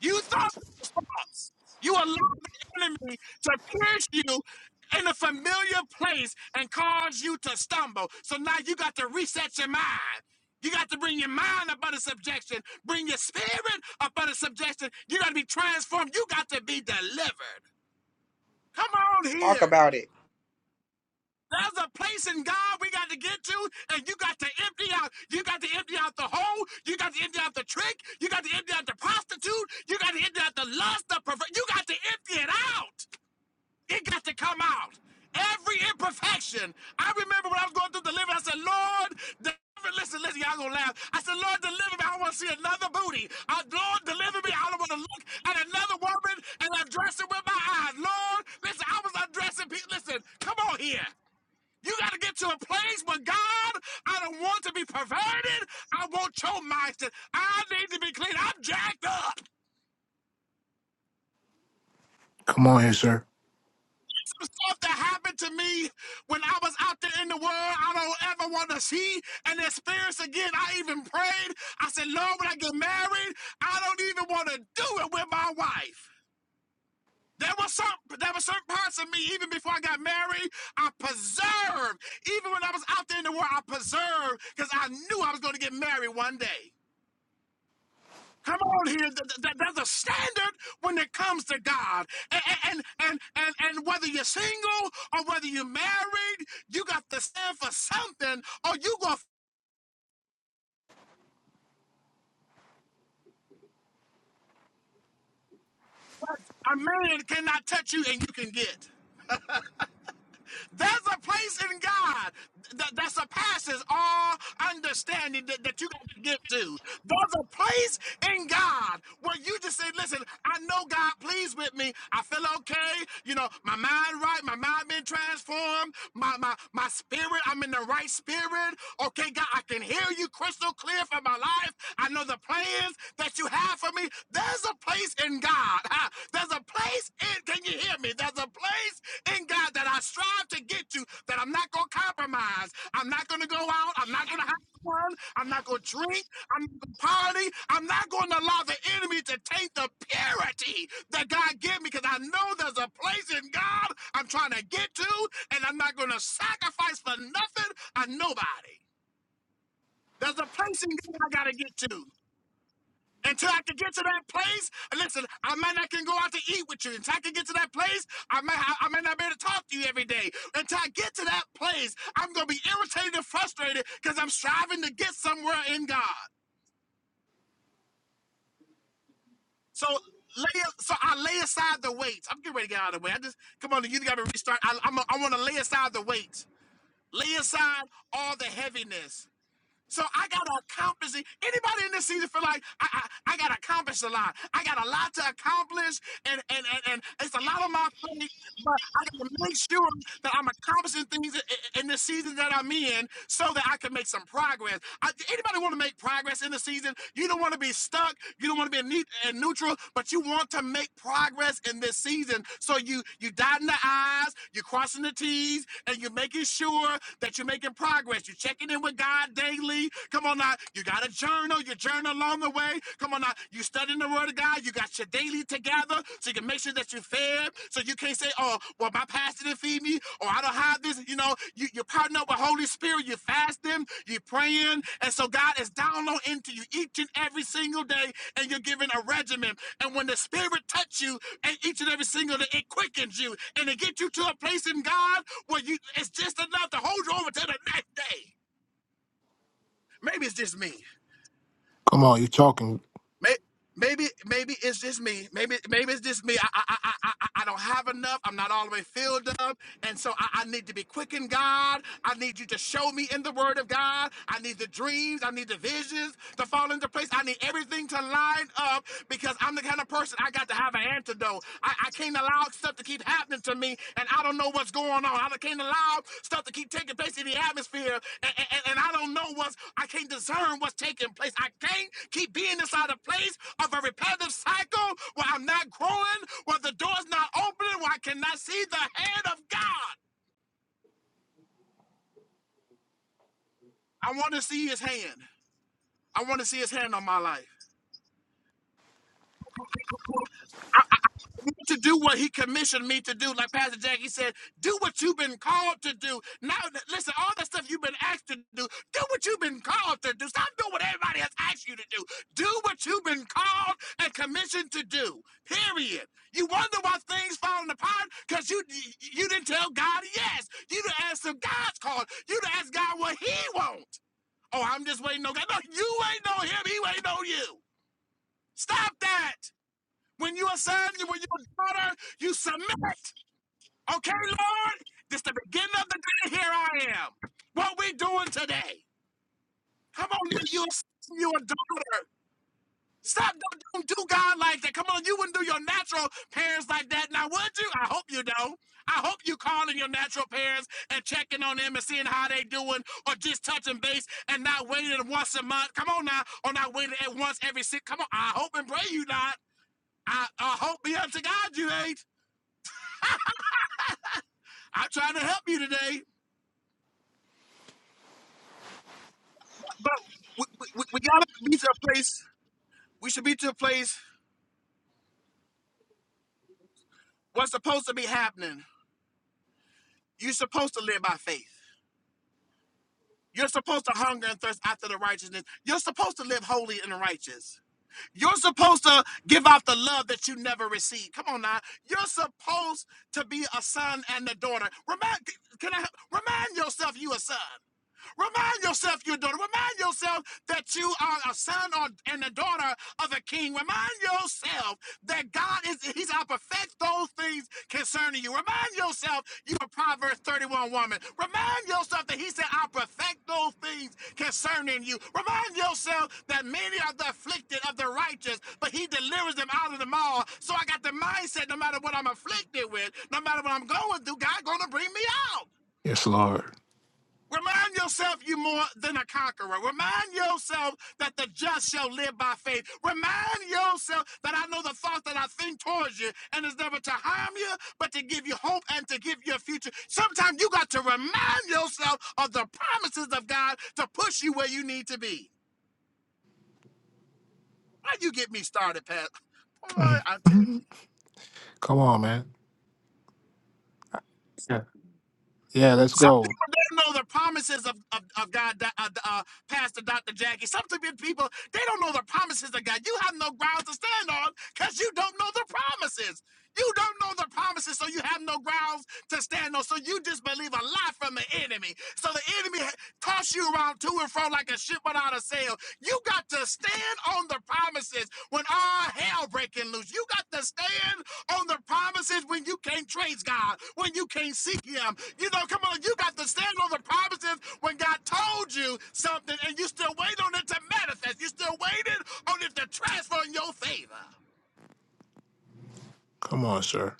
S5: Use those response. You allow the enemy to pierce you in a familiar place and cause you to stumble. So now you got to reset your mind. You got to bring your mind up under subjection, bring your spirit up under subjection. You got to be transformed. You got to be delivered. Come on
S4: Talk
S5: here.
S4: about it.
S5: There's a place in God we got to get to, and you got to empty out. You got to empty out the hole. You got to empty out the trick. You got to empty out the prostitute. You got to empty out the lust, the perver- You got to empty it out. It got to come out. Every imperfection. I remember when I was going through deliverance, I said, Lord, deliver. Listen, listen, y'all gonna laugh. I said, Lord, deliver me. I don't want to see another booty. Uh, Lord, deliver me. I don't want to look at another woman and undress it with my eyes. Lord, listen, I was undressing people. Listen, come on here. You got to get to a place where God, I don't want to be perverted. I want your master. I need to be clean. I'm jacked up.
S1: Come on here, sir.
S5: Some stuff that happened to me when I was out there in the world, I don't ever want to see and experience again. I even prayed. I said, Lord, when I get married, I don't even want to do it with my wife. There were some there were certain parts of me, even before I got married, I preserved. Even when I was out there in the world, I preserved because I knew I was going to get married one day. Come on here. Th- th- th- There's a standard when it comes to God. And, and, and, and, and whether you're single or whether you're married, you got to stand for something or you go, a man cannot touch you and you can get. There's a place in God that, that surpasses all understanding that, that you can get to. There's a place in God where you just say, listen, I know God pleased with me. I feel okay. You know, my mind right, my mind been transformed, my my my spirit, I'm in the right spirit. Okay, God, I can hear you crystal clear for my life. I know the plans that you have for me. There's a place in God. <laughs> huh? There's a place in, can you hear me? There's a place in God that I strive to get to that I'm not going to compromise. I'm not going to go out. I'm not going to have fun. I'm not going to drink. I'm not going to party. I'm not going to allow the enemy to take the purity that God gave me because I know there's a place in God I'm trying to get to and I'm not going to sacrifice for nothing or nobody. There's a place in God I got to get to. Until I can get to that place, listen, I might not can go out to eat with you. Until I can get to that place, I might I, I might not be able to talk to you every day. Until I get to that place, I'm gonna be irritated and frustrated because I'm striving to get somewhere in God. So lay so I lay aside the weights. I'm getting ready to get out of the way. I just come on, you gotta restart. I I'm a, i I want to lay aside the weights. Lay aside all the heaviness So I gotta accomplish it. Anybody in this season feel like I, I I gotta accomplish a lot. I got a lot to accomplish, and and and, and it's a lot on my plate. But I gotta make sure that I'm accomplishing things i- i- in the season that I'm in, so that I can make some progress. I, anybody want to make progress in the season? You don't want to be stuck. You don't want to be neat and neutral, but you want to make progress in this season. So you you dotting the i's, you crossing the t's, and you're making sure that you're making progress. You're checking in with God. God daily. Come on now. You got a journal. You journal along the way. Come on now. You studying the word of God. You got your daily together so you can make sure that you're fed. So you can't say, oh, well, my pastor didn't feed me or I don't have this. You know, you, you partner up with Holy Spirit. You fast them. You praying. And so God is downloading into you each and every single day and you're given a regimen. And when the Spirit touch you and each and every single day, it quickens you and it gets you to a place in God where you it's just enough to hold you over to the next day maybe it's just me.
S1: Come on. You're talking.
S5: May- Maybe, maybe it's just me. Maybe, maybe it's just me. I, I, I, I, I I don't have enough. I'm not all the way filled up, and so I, I need to be quickened, God. I need you to show me in the Word of God. I need the dreams. I need the visions to fall into place. I need everything to line up because I'm the kind of person I got to have an antidote. I I can't allow stuff to keep happening to me, and I don't know what's going on. I can't allow stuff to keep taking place in the atmosphere, and, and, and I don't know what's, I can't discern what's taking place. I can't keep being inside a place of a repetitive cycle where I'm not growing, where the door's not opening, where I cannot see the hand of God. I want to see his hand. I want to see his hand on my life. to do what he commissioned me to do. Like Pastor Jackie said, do what you've been called to do. Now, listen, all the stuff you've been asked to do, do what you've been called to do. Stop doing what everybody has asked you to do. Do what you've been called and commissioned to do. Period. You wonder why things falling apart because you you didn't tell God yes. You didn't ask him God's call. You didn't ask God what He wants. Oh, I'm just waiting on God. No, you ain't on Him. He ain't on you. Stop that. When you are son, when you're a daughter, you submit. Okay, Lord? This is the beginning of the day. Here I am. What we doing today? Come on, when you're
S1: Yes.
S5: a son, you're a daughter. Stop. Don't, don't do God like that. Come on, you wouldn't do your natural parents like that. Now, would you? I hope you don't. I hope you calling your natural parents and checking on them and seeing how they doing or just touching base and not waiting once a month. Come on now. Or not waiting at once every six. Come on. I hope and pray you not. I, I hope be unto God you ain't. <laughs> I'm trying to help you today, but we, we, we gotta be to a place. We should be to a place what's supposed to be happening. You're supposed to live by faith. You're supposed to hunger and thirst after the righteousness. You're supposed to live holy and righteous. You're supposed to give out the love that you never received. Come on now. You're supposed to be a son and a daughter. Remind, can I remind yourself you a son? Remind yourself you're a daughter. Remind yourself that you are a son or, and a daughter of a king. Remind yourself that God is, He's out perfect those things concerning you. Remind yourself you're a Proverbs 31 woman. Remind yourself that He said, I'll perfect those things concerning you. Remind yourself that many are the afflicted of the righteous, but He delivers them out of them all. So I got the mindset no matter what I'm afflicted with, no matter what I'm going through, God's going to bring me out.
S1: Yes, Lord. <laughs>
S5: Remind yourself you're more than a conqueror. Remind yourself that the just shall live by faith. Remind yourself that I know the thoughts that I think towards you and it's never to harm you, but to give you hope and to give you a future. Sometimes you got to remind yourself of the promises of God to push you where you need to be. Why you get me started, Pat? Boy, I
S1: Mm.
S5: tell
S1: Mhm. Come on, man. Yeah. Yeah, let's
S5: Some
S1: go.
S5: people don't know the promises of, of, of God, uh, uh, Pastor Dr. Jackie. Some t- people, they don't know the promises of God. You have no grounds to stand on because you don't know the promises. You don't know the promises, so you have no grounds to stand on. So you just believe a lie from the enemy. So the enemy toss you around to and fro like a ship without a sail. You got to stand stand on the promises when all hell breaking loose. You got to stand on the promises when you can't trace God, when you can't seek Him. You know, come on, you got to stand on the promises when God told you something and you still wait on it to manifest. You still waiting on it to transfer in your favor.
S1: Come on, sir.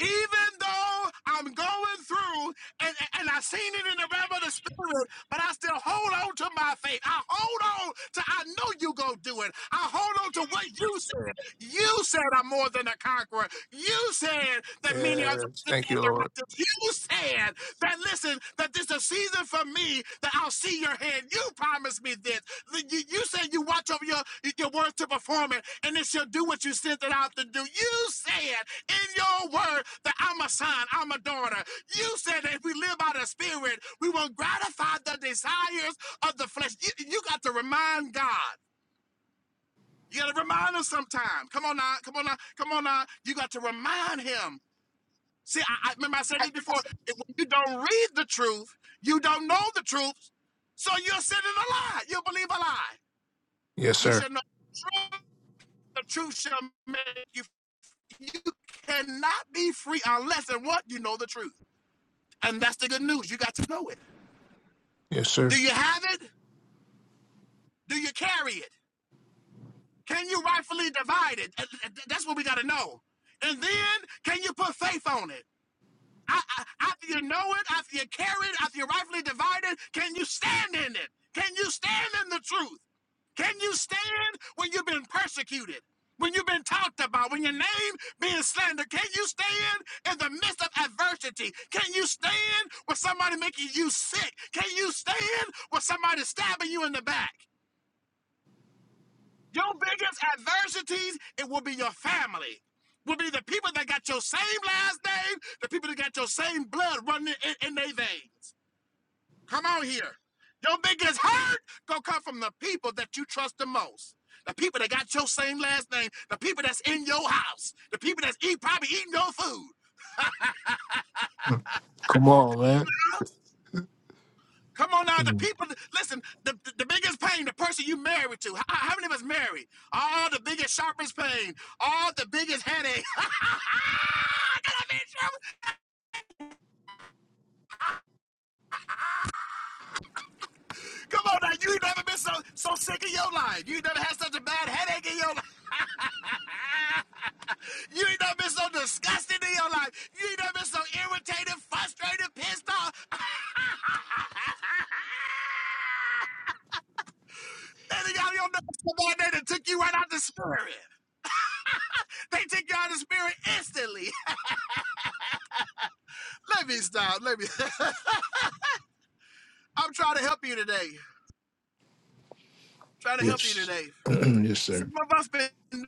S5: even though I'm going through and, and I seen it in the realm of the spirit, but I still hold on to my faith. I hold on to I know you go do it. I hold on to what you said. You said I'm more than a conqueror. You said that many are the
S1: Yes. Thank you,
S5: the
S1: Lord.
S5: righteous. You said that listen, that this is a season for me that I'll see your hand. You promised me this. The- You, you said you watch over your, your words to perform it, and it shall do what you sent it out to do. You said in your word that I'm a son, I'm a daughter. You said that if we live by the spirit, we won't gratify the desires of the flesh. You, you got to remind God. You got to remind him sometime. Come on now, come on now, come on now. You got to remind him. See, I, I remember I said this before. If you don't read the truth, you don't know the truth, so you're sitting a lie. You believe a lie.
S1: Yes,
S5: You
S1: sir.
S5: should know the truth. The truth shall make you. You cannot be free unless and what you know the truth. And that's the good news. You got to know it.
S1: Yes,
S5: Do
S1: sir.
S5: you have it? Do you carry it? Can you rightfully divide it? Uh, uh, That's what we got to know. And then, can you put faith on it? I, I, after you know it, after you carry it, after you rightfully divide it, can you stand in it? Can you stand in the truth? Can you stand when you've been persecuted? When you've been talked about, when your name being slandered, can you stand in the midst of adversity? Can you stand when somebody making you sick? Can you stand when somebody stabbing you in the back? Your biggest adversities, it will be your family. Will be the people that got your same last name, the people that got your same blood running in, in their veins. Come on here. Your biggest hurt gonna come from the people that you trust the most. The people that got your same last name, the people that's in your house, the people that's eat, probably eating your food.
S1: Mm. Come on, man.
S5: Come on now, the people, listen, the, the, the biggest pain, the person you married to. How, how many of us married? All the biggest, sharpest pain, all the biggest headache. <laughs> Can I be true? Come on now, you ain't never been so so sick in your life. You ain't never had such a bad headache in your life. <laughs> you ain't never been so disgusted in your life. You ain't never been so irritated, frustrated, pissed off. <laughs> Then done got your nuts come on there that took you right out the spirit. They took you out of the spirit instantly. <laughs> Let me stop. Let me. <laughs> I'm trying to help you today. Trying to help you
S1: Yes.
S5: today.
S1: <clears throat> yes, sir.
S5: Some of us been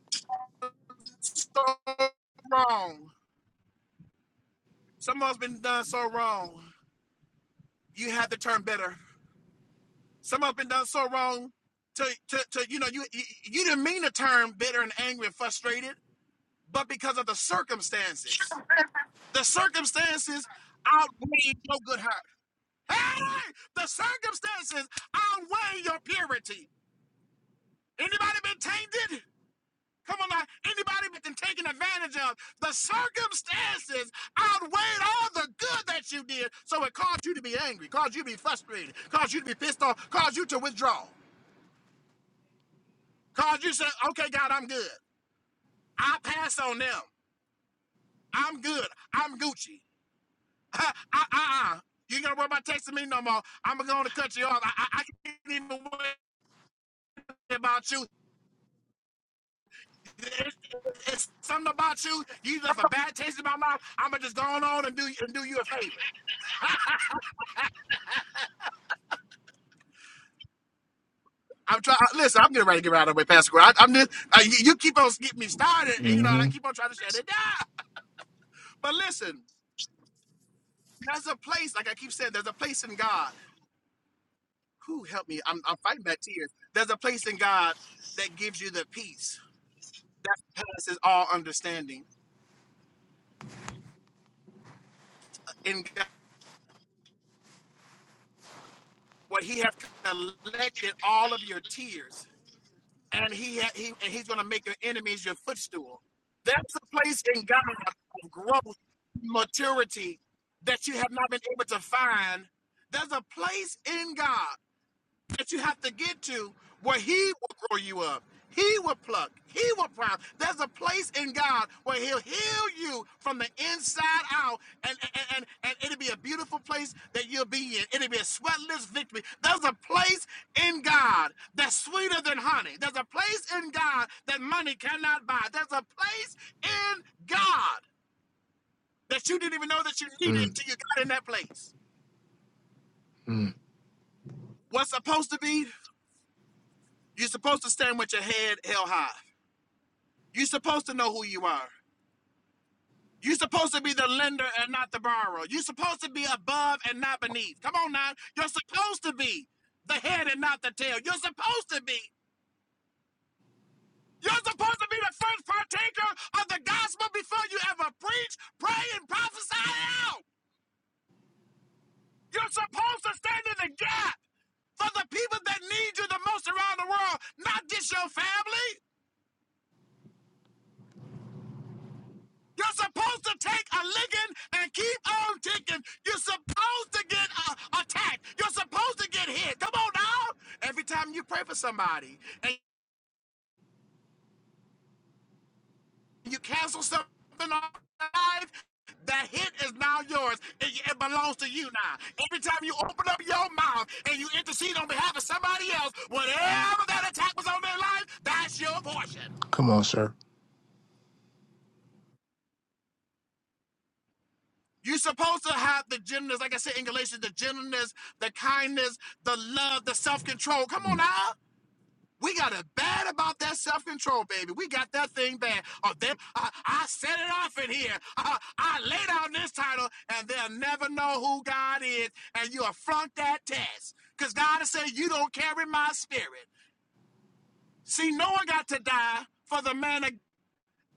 S5: so wrong. Some of us been done so wrong. You have to turn better. Some of us been done so wrong to to, to you know you, you you didn't mean to turn bitter and angry and frustrated, but because of the circumstances, the circumstances outweigh your good heart. Hey, the circumstances outweigh your purity. Anybody been tainted? Come on now. Anybody that's been taken advantage of, the circumstances outweighed all the good that you did. So it caused you to be angry, caused you to be frustrated, caused you to be pissed off, caused you to withdraw, caused you to say, okay, God, I'm good. I pass on them. I'm good. I'm Gucci. <laughs> Uh, uh, uh. You ain't gonna worry about texting me no more. I'm gonna cut you off. I, I, I can't even worry about you. It's, it's something about you. You left a bad taste in my mouth. I'm gonna just go on and do, and do you a favor. <laughs> I'm trying. Listen, I'm getting ready to get out of the way, Pastor. Gordon. I, I'm just uh, you, you keep on getting me started, and you know, and I
S1: Mm-hmm.
S5: keep on trying to shut it down. But listen, there's a place, like I keep saying, there's a place in God. Who help me? I'm, I'm fighting back tears. There's a place in God that gives you the peace that passes all understanding. In God, what He has collected all of your tears. and he he and he's going to make your enemies your footstool. That's a place in God of growth, maturity that you have not been able to find. There's a place in God that you have to get to where he will grow you up. He will pluck. He will prime. There's a place in God where he'll heal you from the inside out, and, and, and, and it'll be a beautiful place that you'll be in. It'll be a sweatless victory. There's a place in God that's sweeter than honey. There's a place in God that money cannot buy. There's a place in God that you didn't even know that you needed
S1: mm
S5: until you got in that place.
S1: mm.
S5: What's supposed to be, you're supposed to stand with your head held high. You're supposed to know who you are. You're supposed to be the lender and not the borrower. You're supposed to be above and not beneath. Come on now. You're supposed to be the head and not the tail. You're supposed to be. You're supposed to be the first partaker of the gospel before you ever preach, pray, and prophesy out. You're supposed to stand in the gap for the people that need you the most around the world, not just your family. You're supposed to take a licking and keep on ticking. You're supposed to get uh, attacked. You're supposed to get hit. Come on now. Every time you pray for somebody and you cancel something off their life, that hit is now yours. It, it belongs to you now. Every time you open up your mouth and you intercede on behalf of somebody else, whatever that attack was on their life, that's your portion.
S1: Come on, sir.
S5: You're supposed to have the gentleness, like I said in Galatians, the gentleness, the kindness, the love, the self control. Come on now. We got it bad about that self control, baby. We got that thing bad. Oh, them, I, I set it off in here. <laughs> I, I laid out this title, and they'll never know who God is. And you affront that test. Because God is saying, You don't carry my spirit. See, Noah got to die for the man of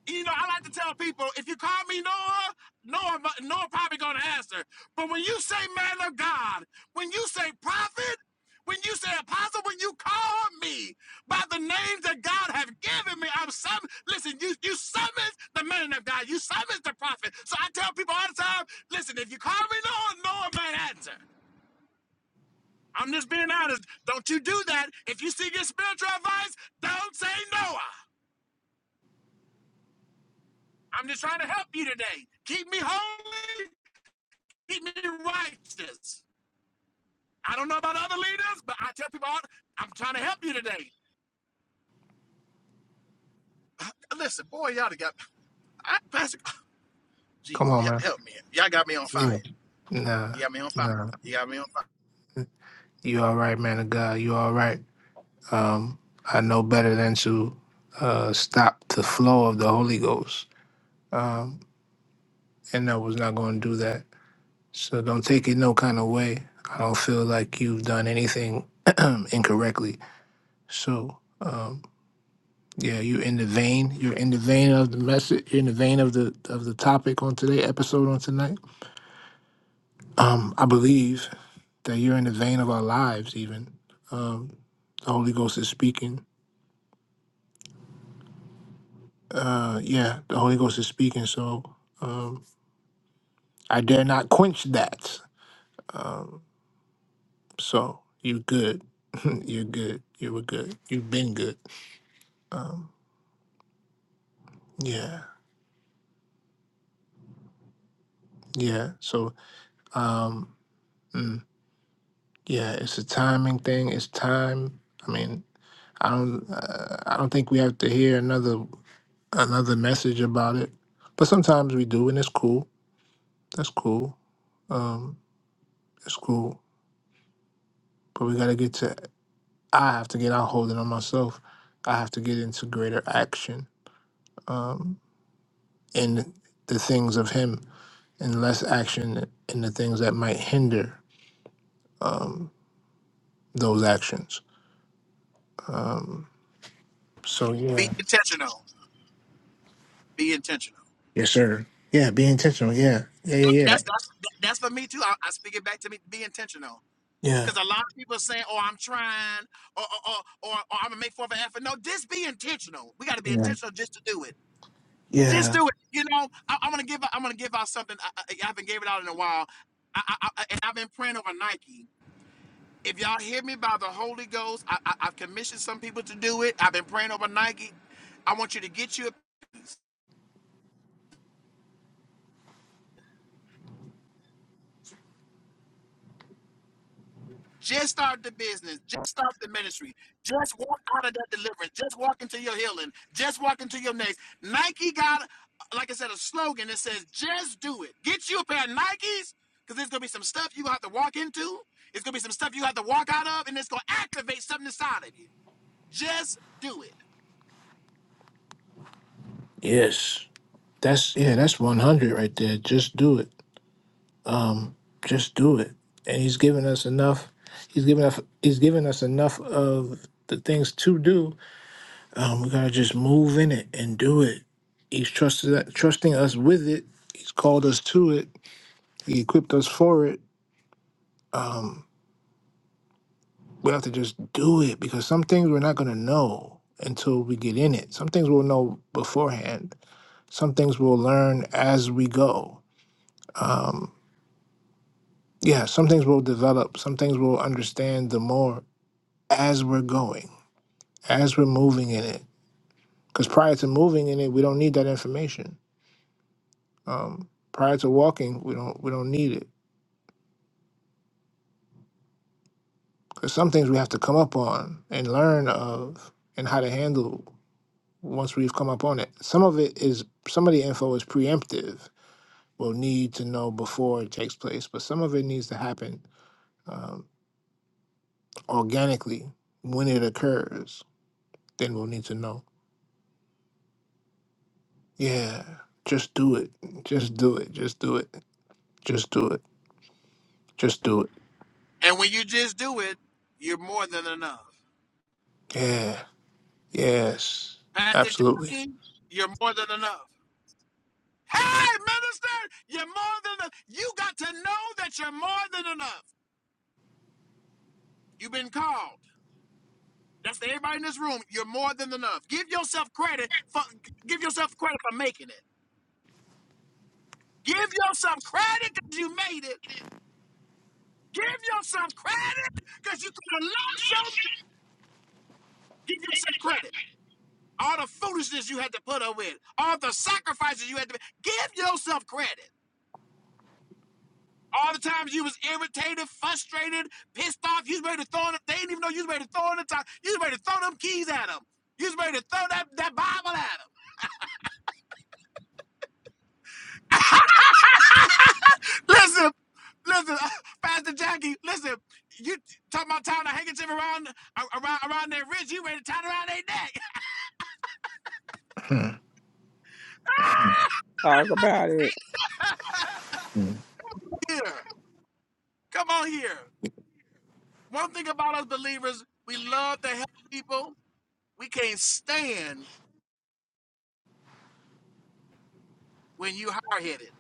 S5: you know, I like to tell people if you call me Noah, Noah, Noah probably gonna answer. But when you say man of God, when you say prophet, when you say apostle, when you call me by the names that God have given me, I'm some. Listen, you you summons the man of God, you summons the prophet. So I tell people all the time, listen, if you call me Noah, Noah might answer. I'm just being honest. Don't you do that. If you seek your spiritual advice, don't say Noah. I'm just trying to help you today. Keep me holy Keep me righteous. I don't know about other leaders, but I tell people, I'm trying to help you today. Listen, boy, y'all got I, Pastor. Oh,
S1: Come
S5: Jesus,
S1: on, man.
S5: help me. Y'all got me on
S1: Yeah.
S5: fire.
S1: Nah.
S5: You got me on fire.
S1: Nah.
S5: You got me on fire.
S1: You all right, man of God. You all right. Um, I know better than to uh, stop the flow of the Holy Ghost, um, and I was not going to do that. So don't take it no kind of way. I don't feel like you've done anything <clears throat> incorrectly. So um, yeah, you're in the vein. You're in the vein of the message. You're in the vein of the of the topic on today episode on tonight. Um, I believe that you're in the vein of our lives. Even um, the Holy Ghost is speaking. Uh, yeah, the Holy Ghost is speaking. So. Um, I dare not quench that. Um, so you're good. <laughs> you're good. You were good. You've been good. Um, yeah. Yeah. So, um, mm, yeah, it's a timing thing. It's time. I mean, I don't. Uh, I don't think we have to hear another another message about it. But sometimes we do, and it's cool. That's cool. Um, it's cool. But we gotta get to. I have to get out holding on myself. I have to get into greater action. Um, in the things of Him and less action in the things that might hinder um, those actions. Um, so,
S5: Be
S1: yeah.
S5: intentional. Be intentional.
S1: Yes, sir. Yeah, be intentional. Yeah. Yeah, yeah, yeah.
S5: That's that's that's for me too. I, I speak it back to me. Be intentional.
S1: Yeah.
S5: Because a lot of people are saying, "Oh, I'm trying," or "Or, or, or, or I'm gonna make four of an effort." No, just be intentional. We got to be
S1: Yeah.
S5: intentional just to do it. Just
S1: Yeah.
S5: do it. You know, I, I'm gonna give. I'm gonna give out something. I, I I haven't gave it out in a while, I, I, I, and I've been praying over Nike. If y'all hear me by the Holy Ghost, I, I, I've commissioned some people to do it. I've been praying over Nike. I want you to get you a piece. Just start the business. Just start the ministry. Just walk out of that deliverance. Just walk into your healing. Just walk into your next. Nike got, like I said, a slogan that says, just do it. Get you a pair of Nikes because there's going to be some stuff you have to walk into. It's going to be some stuff you have to walk out of, and it's going to activate something inside of you. Just do it.
S1: Yes. That's, yeah, that's 100 right there. Just do it. Just do it. And He's given us enough. He's given us, he's given us enough of the things to do. Um, we got to just move in it and do it. He's trusted, trusting us with it. He's called us to it He equipped us for it. We have to just do it because some things we're not going to know until we get in it. Some things we'll know beforehand. Some things we'll learn as we go. Um, yeah, some things we'll develop. Some things we'll understand the more as we're going, as we're moving in it. Because prior to moving in it, we don't need that information. Um, prior to walking, we don't we don't need it. Because some things we have to come up on and learn of and how to handle once we've come up on it. Some of it is some of the info is preemptive. We'll need to know before it takes place, but some of it needs to happen um, organically when it occurs. Then we'll need to know. Yeah, just do it. Just do it. Just do it. Just do it. Just do it.
S5: And when you just do it, you're more than enough.
S1: Yeah. Yes.
S5: Pastor
S1: Absolutely.
S5: Jackie, you're more than enough. Hey, minister, you're more than enough. You got to know that you're more than enough. You've been called. That's to everybody in this room. You're more than enough. Give yourself credit for give yourself credit for making it. Give yourself credit because you made it. Give yourself credit because you could have lost some. Give yourself credit. All the foolishness you had to put up with, all the sacrifices you had to make. give yourself credit. All the times you was irritated, frustrated, pissed off, you was ready to throw it. They didn't even know you was ready to throw in the top. You was ready to throw them keys at them. You was ready to throw that, that Bible at them. <laughs> listen, listen, Pastor Jackie, listen. You talking about tying a handkerchief around around around their wrist? You ready to tie it around their neck?
S1: Hmm.
S4: Talk about it.
S5: <laughs> here. Come on here. One thing about us believers, we love to help people. We can't stand when you hard headed.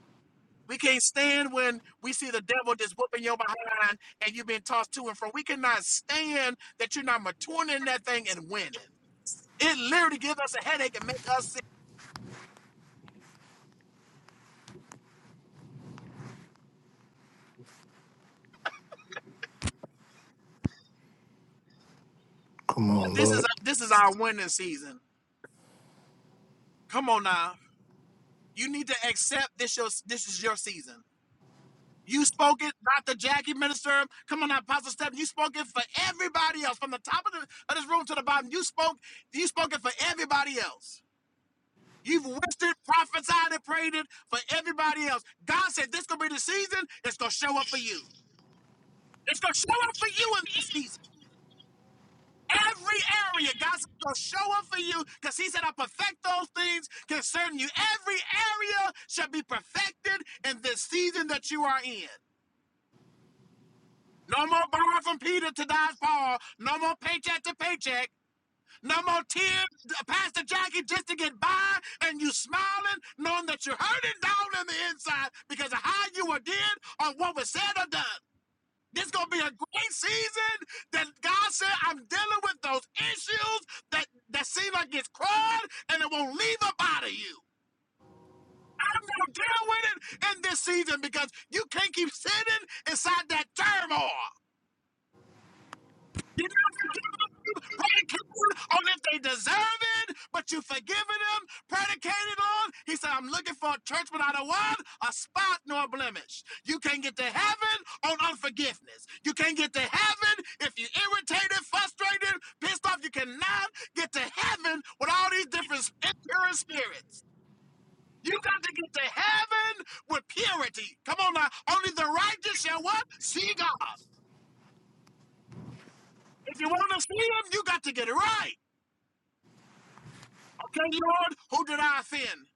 S5: We can't stand when we see the devil just whooping your behind and you've been tossed to and fro. We cannot stand that you're not maturing in that thing and winning. It literally gives us a headache and make us
S1: Come on,
S5: This is
S1: Lord.
S5: this is our winning season. Come on now. You need to accept this your this is your season. You spoke it, Dr. Jackie Minister. Come on now, Apostle Stephen. You spoke it for everybody else. From the top of, the, of this room to the bottom, you spoke, you spoke it for everybody else. You've wished it, prophesied it, prayed it for everybody else. God said this gonna be the season, it's gonna show up for you. It's gonna show up for you in this season. Every area, God's gonna show up for you because He said, I perfect those things concerning you. Every area shall be perfected in this season that you are in. No more borrowing from Peter to dodge Paul. No more paycheck to paycheck. No more tears, Pastor Jackie, just to get by and you smiling, knowing that you're hurting down on the inside because of how you were did or what was said or done. This gonna be a great season that God said I'm dealing with those issues that that seem like it's crawled and it won't leave up out of you. I'm gonna deal with it in this season because you can't keep sitting inside that turmoil. You don't forgive them, predicated on if they deserve it, but you forgiving them, predicated on. He said, I'm looking for a church without a one, a spot nor a blemish. You can't get to heaven on unforgiveness. You can't get to heaven if you're irritated, frustrated, pissed off. You cannot get to heaven with all these different impure spirits. You got to get to heaven with purity. Come on now. Only the righteous shall what? See God. If you want to see him, you got to get it right. Okay, Lord, who did I offend?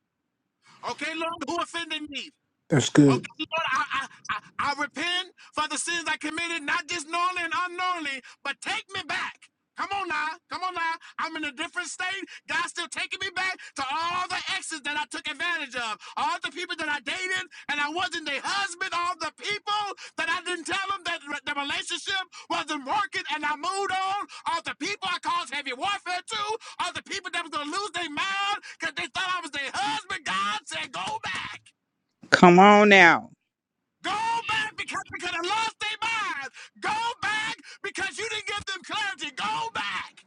S5: Okay, Lord, who offended me?
S1: That's good.
S5: Okay, Lord, I, I, I, I repent for the sins I committed, not just knowingly and unknowingly, but take me back. Come on now, come on now. I'm in a different state. God's still taking me back to all the exes that I took advantage of, all the people that I dated and I wasn't their husband, all the people that I didn't tell them that re- the relationship wasn't working and I moved on, all the people I caused heavy warfare to, all the people that was gonna lose their mind because they thought I was their husband. God said, go back.
S4: Come on now.
S5: Go back because they could have lost their minds. Go back because you didn't give them clarity. Go back.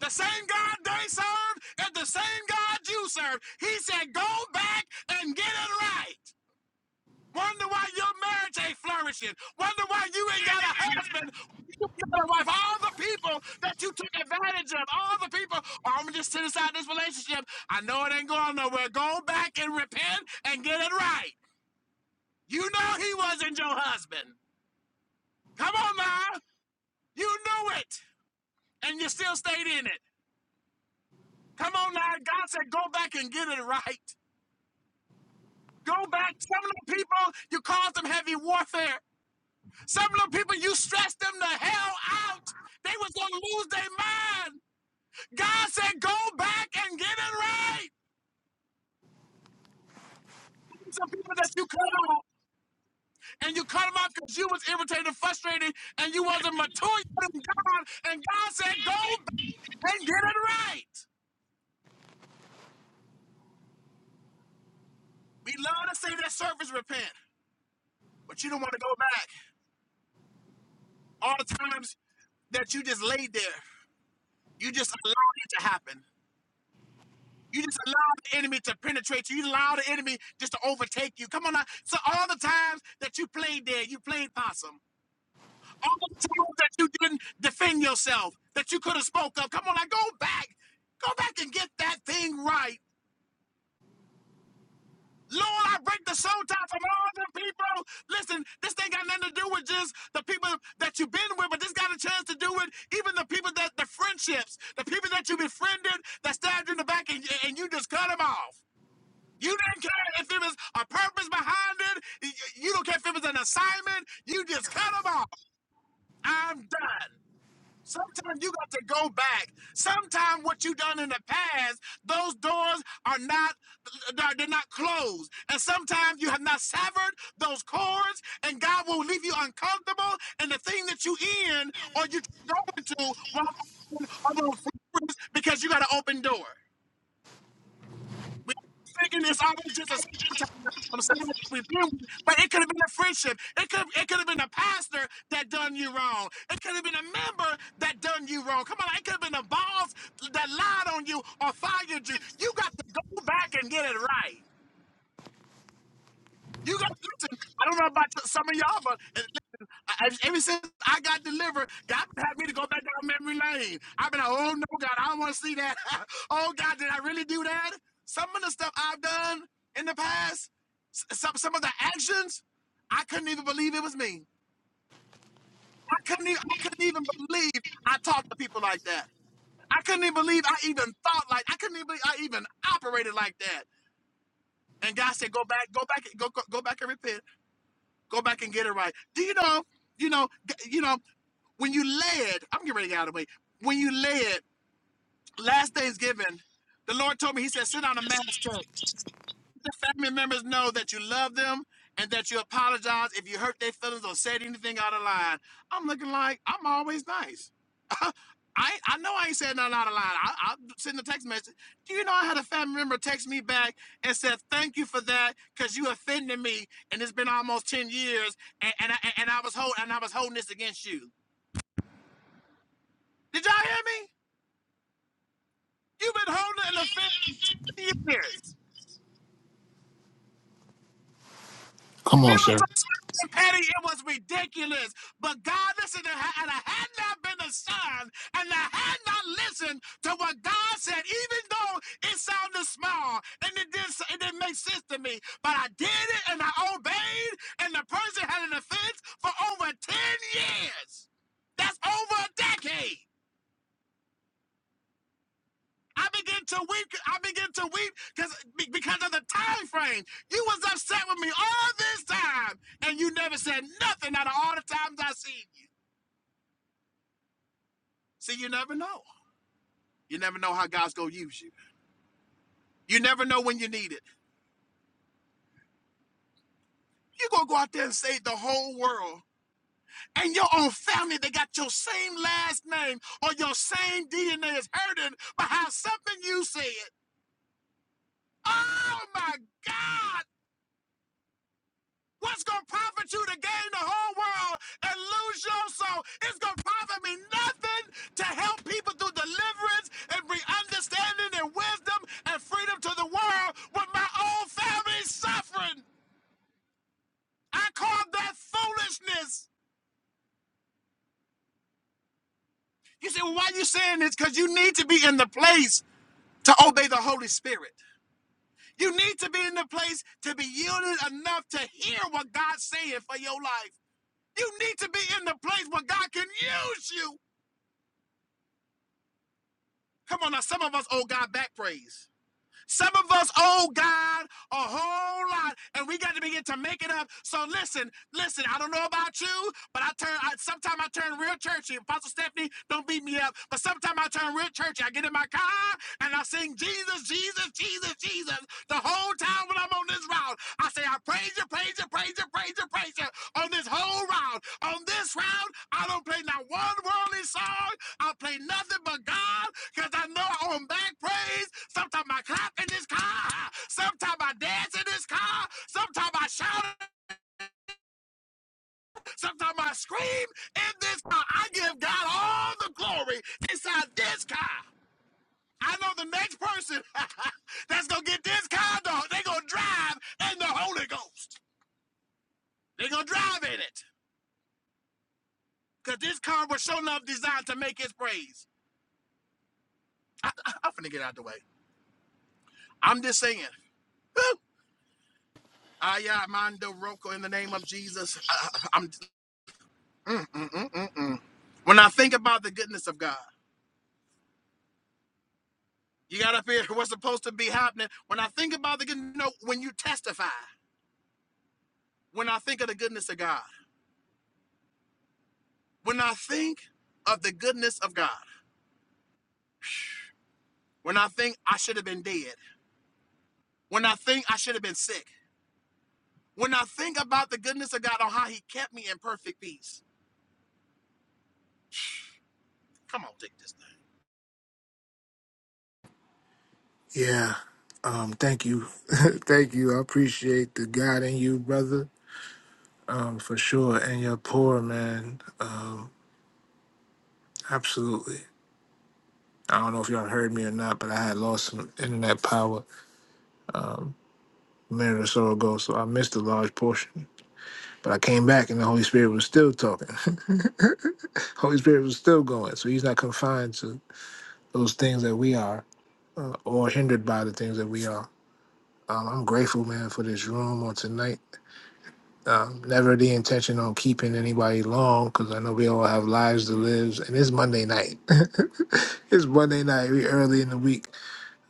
S5: The same God they served and the same God you serve. He said, go back and get it right. Wonder why your marriage ain't flourishing. Wonder why you ain't got a husband. You got a wife. All the people that you took advantage of. All the people. "Oh, I'm gonna just sit aside this relationship. I know it ain't going nowhere. Go back and repent and get it right. You know he wasn't your husband. Come on now. You knew it. And you still stayed in it. Come on now. God said, go back and get it right. Go back. Some of the people, you caused them heavy warfare. Some of the people, you stressed them the hell out. They was going to lose their mind. God said, go back and get it right. Some people that you cut off and you cut them off because you was irritated, and frustrated, and you wasn't mature in God. And God said, go back and get it right. We love to say that surface repent. but you don't want to go back. All the times that you just laid there, you just allowed it to happen. You just allowed the enemy to penetrate you. You allowed the enemy just to overtake you. Come on now. So all the times that you played there, you played possum. All the times that you didn't defend yourself, that you could have spoke up. Come on now, go back. Go back and get that thing right Lord, I break the soul tie from all the people. Listen, this thing got nothing to do with just the people that you've been with, but this got a chance to do with even the people that the friendships, the people that you befriended that stabbed you in the back and, and you just cut them off. You didn't care if it was a purpose behind it. You you don't care if it was an assignment. You just cut them off. I'm done. Sometimes you got to go back. Sometimes what you done in the past, those doors are not they're not closed. And sometimes you have not severed those cords, and God will leave you uncomfortable. And the thing that you in or you go into will because you got an open door. We thinking it's always just a sometimes from someone that we've been with, but it could have been a friendship. It could it could have been a pastor that done you wrong. It could have been a member that done you wrong. Come on, it could have been a boss that lied on you or fired you. You got to go back and get it right. You got listen. I don't know about y- some of y'all, but uh, listen, I- I- ever since I got delivered, God had me to go back down memory lane. I've been like, oh no, God, I don't want to see that. <laughs> oh God, did I really do that? Some of the stuff I've done in the past, s- some some of the actions, I couldn't even believe it was me. I couldn't even, I couldn't even believe I talked to people like that. I couldn't even believe I even thought like I couldn't even believe I even operated like that. And God said, go back, go back, go go, go back and repent. Go back and get it right. Do you know? You know? g- You know? When you led, I'm getting ready to get out of the way. When you led last Thanksgiving, the Lord told me. He said, "Send out a mass text. Let The family members know that you love them and that you apologize if you hurt their feelings or said anything out of line." I'm looking like I'm always nice. Uh, I, I know I ain't said nothing out of line. I, I sent a text message. Do you know I had a family member text me back and said, thank you for that because you offended me and it's been almost 10 years and, and, I, and I was hold, and I was holding this against you. Did y'all hear me? You've been holding an offense for ten years.
S1: Come on,
S5: It was
S1: sir.
S5: so slick and petty, it was ridiculous. But God listen and ha- and I had not been a son, and I had not listened to what God said, even though it sounded small and it didn't, it didn't make sense to me. But I did it and I obeyed, and the person had an offense for over 10 years. That's over a decade. I begin to weep. I begin to weep because because of the time frame. You was upset with me all this time, and you never said nothing out of all the times I seen you. See, you never know. You never know how God's gonna use you. You never know when you need it. you gonna go out there and save the whole world. And your own family that got your same last name or your same DNA is hurting behind something you said. Oh my God! What's going to profit you to gain the whole world and lose your soul? It's going to profit me nothing to help people through deliverance and bring understanding and wisdom and freedom to the world when my own family is suffering. I call that foolishness. You say, well, why are you saying this? Because you need to be in the place to obey the Holy Spirit. You need to be in the place to be yielded enough to hear what God's saying for your life. You need to be in the place where God can use you. Come on now, some of us owe God back praise. Some of us owe God a whole lot, and we got to begin to make it up. So listen, listen. I don't know about you, but I turn. I, sometimes I turn real churchy. Apostle Stephanie, don't beat me up. But sometimes I turn real churchy. I get in my car and I sing Jesus, Jesus, Jesus, Jesus the whole time when I'm on this round. I say I praise you, praise you, praise you, praise you, praise you on this whole round. On this round, I don't play not one worldly song. I'll play nothing but God because I know I own back praise. Sometimes I clap in this car. Sometimes I dance in this car. Sometimes I shout. Sometimes I scream in this car. I give God all the glory inside this car. I know the next person <laughs> that's going to get this car, dog, they going to drive in the Holy Ghost. they going to drive in it because this car was sure enough designed to make his praise. I, I, I'm finna get out the way. I'm just saying. Ayamando Roko in the name of Jesus. I, am mm, mm, mm, mm, mm. when I think about the goodness of God, you got up here. <laughs> What's supposed to be happening? When I think about the good, no, when you testify, when I think of the goodness of God, when I think of the goodness of God, when I think I should have been dead, when I think I should have been sick, when I think about the goodness of God on how He kept me in perfect peace. Come on, take this.
S1: Yeah. Um, thank you. <laughs> thank you. I appreciate the God in you, brother. um, for sure. And you're poor man, uh, absolutely. I don't know if y'all heard me or not, but I had lost some internet power a minute or so ago, so I missed a large portion. But I came back, and the Holy Spirit was still talking. <laughs> Holy Spirit was still going, so He's not confined to those things that we are, uh, or hindered by the things that we are. Um, I'm grateful, man, for this room on tonight. Um, never the intention on keeping anybody long because I know we all have lives to live. And it's Monday night. <laughs> it's Monday night. We early in the week.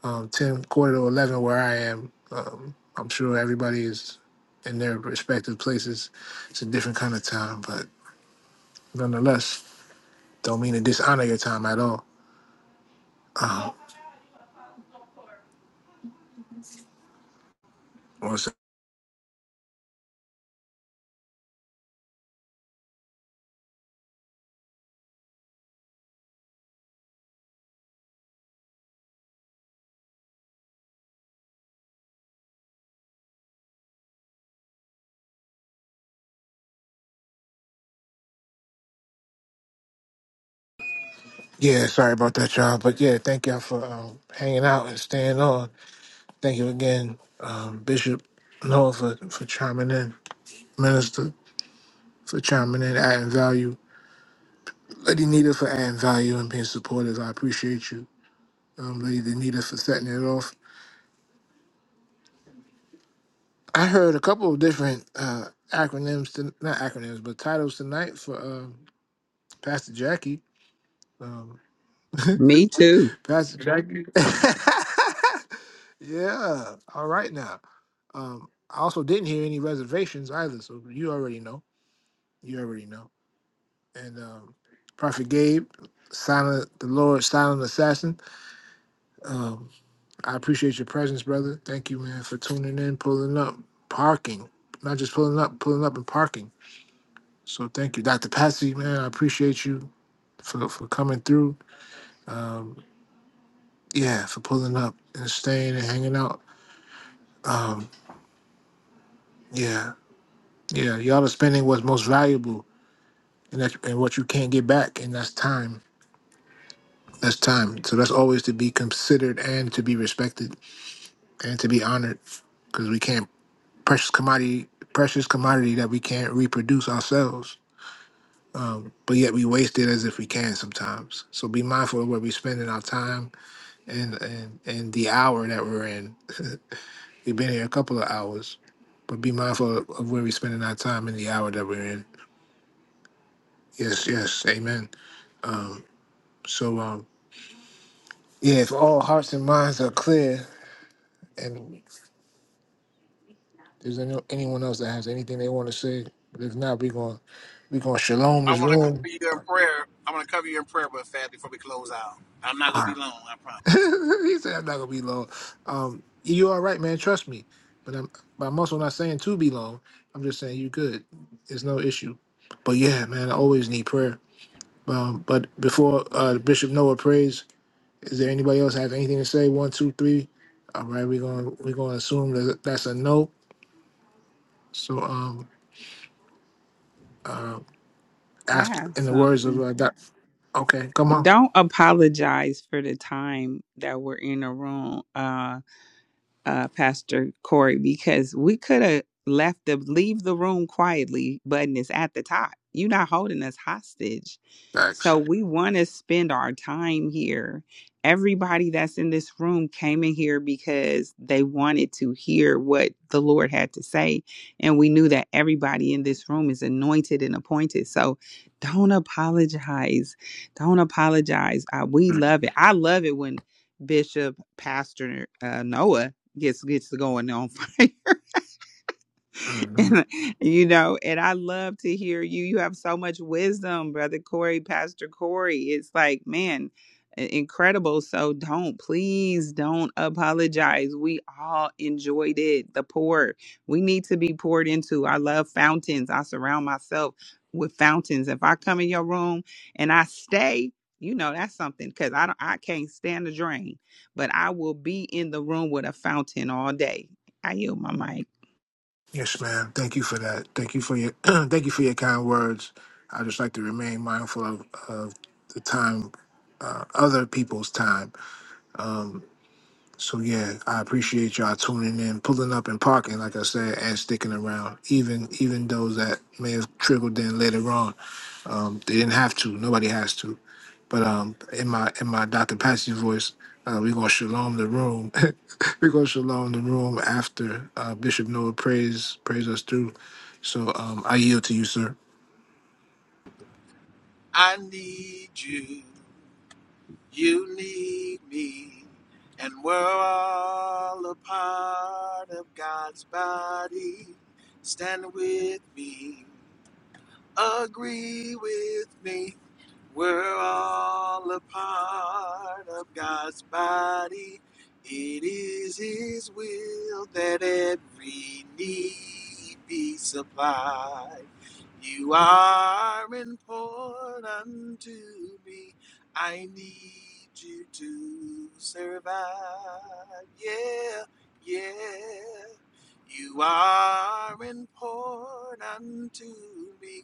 S1: Um, ten quarter to eleven where I am. Um, I'm sure everybody is in their respective places. It's a different kind of time, but nonetheless, don't mean to dishonor your time at all. One sec. Yeah, sorry about that, y'all. But yeah, thank y'all for um, hanging out and staying on. Thank you again, um, Bishop Noah, for, for chiming in, Minister. for chiming in, adding value. Lady Nita for adding value and being supportive. I appreciate you. Um, Lady Nita for setting it off. I heard a couple of different uh, acronyms, to, not acronyms, but titles tonight for uh, Pastor Jackie. Um, <laughs> Pastor Jackie. <laughs> yeah. All right now. Um, I also didn't hear any reservations either, so you already know. You already know. And um, Prophet Gabe, silent the Lord, silent assassin. Um, I appreciate your presence, brother. Thank you, man, for tuning in, pulling up, parking. Not just pulling up, pulling up and parking. So thank you, Dr. Patsy, man. I appreciate you for, for coming through. Um, yeah, for pulling up and staying and hanging out. Um, yeah, yeah. Y'all are spending what's most valuable and, that's, and what you can't get back, and that's time. That's time. So that's always to be considered and to be respected and to be honored because we can't precious commodity precious commodity that we can't reproduce ourselves Um, but yet we waste it as if we can sometimes. So be mindful of where we're spending our time and and, and the hour that we're in. <laughs> We've been here a couple of hours, but be mindful of, of where we're spending our time and the hour that we're in. Yes, yes, amen. Um, so um, yeah, if all hearts and minds are clear, and there's any, anyone else that has anything they want to say, but if not, we're going to we're going to shalom
S5: I
S1: this
S5: want to cover
S1: room.
S5: you in prayer. I want to cover you in prayer, but fast before we close out. I'm not gonna be long. I
S1: <laughs>
S5: promise.
S1: he said I'm not gonna be long. Um, you all right, man? Trust me. But I'm, but I'm also not saying to be long. I'm just saying you good. It's no issue. But yeah, man, I always need prayer. Um, but before uh, Bishop Noah prays, is there anybody else have anything to say? One, two, three. All right, we're gonna we're gonna assume that that's a no. So um, uh,
S4: I
S1: after
S4: have
S1: in the words
S4: something.
S1: of uh, that, okay, come on,
S4: don't apologize for the time that we're in a room. Uh uh, Pastor Corey, because we could have left the leave the room quietly button is at the top. You're not holding us hostage. So
S1: thanks.
S4: we want to spend our time here. Everybody that's in this room came in here because they wanted to hear what the Lord had to say. And we knew that everybody in this room is anointed and appointed. So don't apologize. Don't apologize. Uh, we love it. I love it when Bishop Pastor uh, Noah gets gets going on <laughs> fire. <laughs> And, you know, and I love to hear you. You have so much wisdom, Brother Corey, Pastor Corey. It's like, man, i- incredible. So don't, please don't apologize. We all enjoyed it. The pour. We need to be poured into. I love fountains. I surround myself with fountains. If I come in your room and I stay, you know that's something because I don't I can't stand the drain, but I will be in the room with a fountain all day. I yield my mic.
S1: Yes, ma'am. Thank you for that. Thank you for your <clears throat> thank you for your kind words. I just like to remain mindful of, of the time, uh, other people's time. Um, so yeah, I appreciate y'all tuning in, pulling up and parking, like I said, and sticking around. Even even those that may have trickled in later on, um, they didn't have to. Nobody has to. But um, in my in my Dr. Patsy voice, uh, we gonna shalom the room. <laughs> we gonna shalom the room after uh, Bishop Noah prays prays us through. So um, I yield to you, sir.
S5: I need you. You need me. And we're all a part of God's body. Stand with me. Agree with me. We're all a part of God's body. It is His will that every need be supplied. You are important to me. I need you to survive. Yeah, yeah. You are important to me.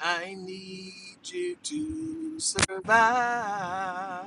S5: I need you to survive.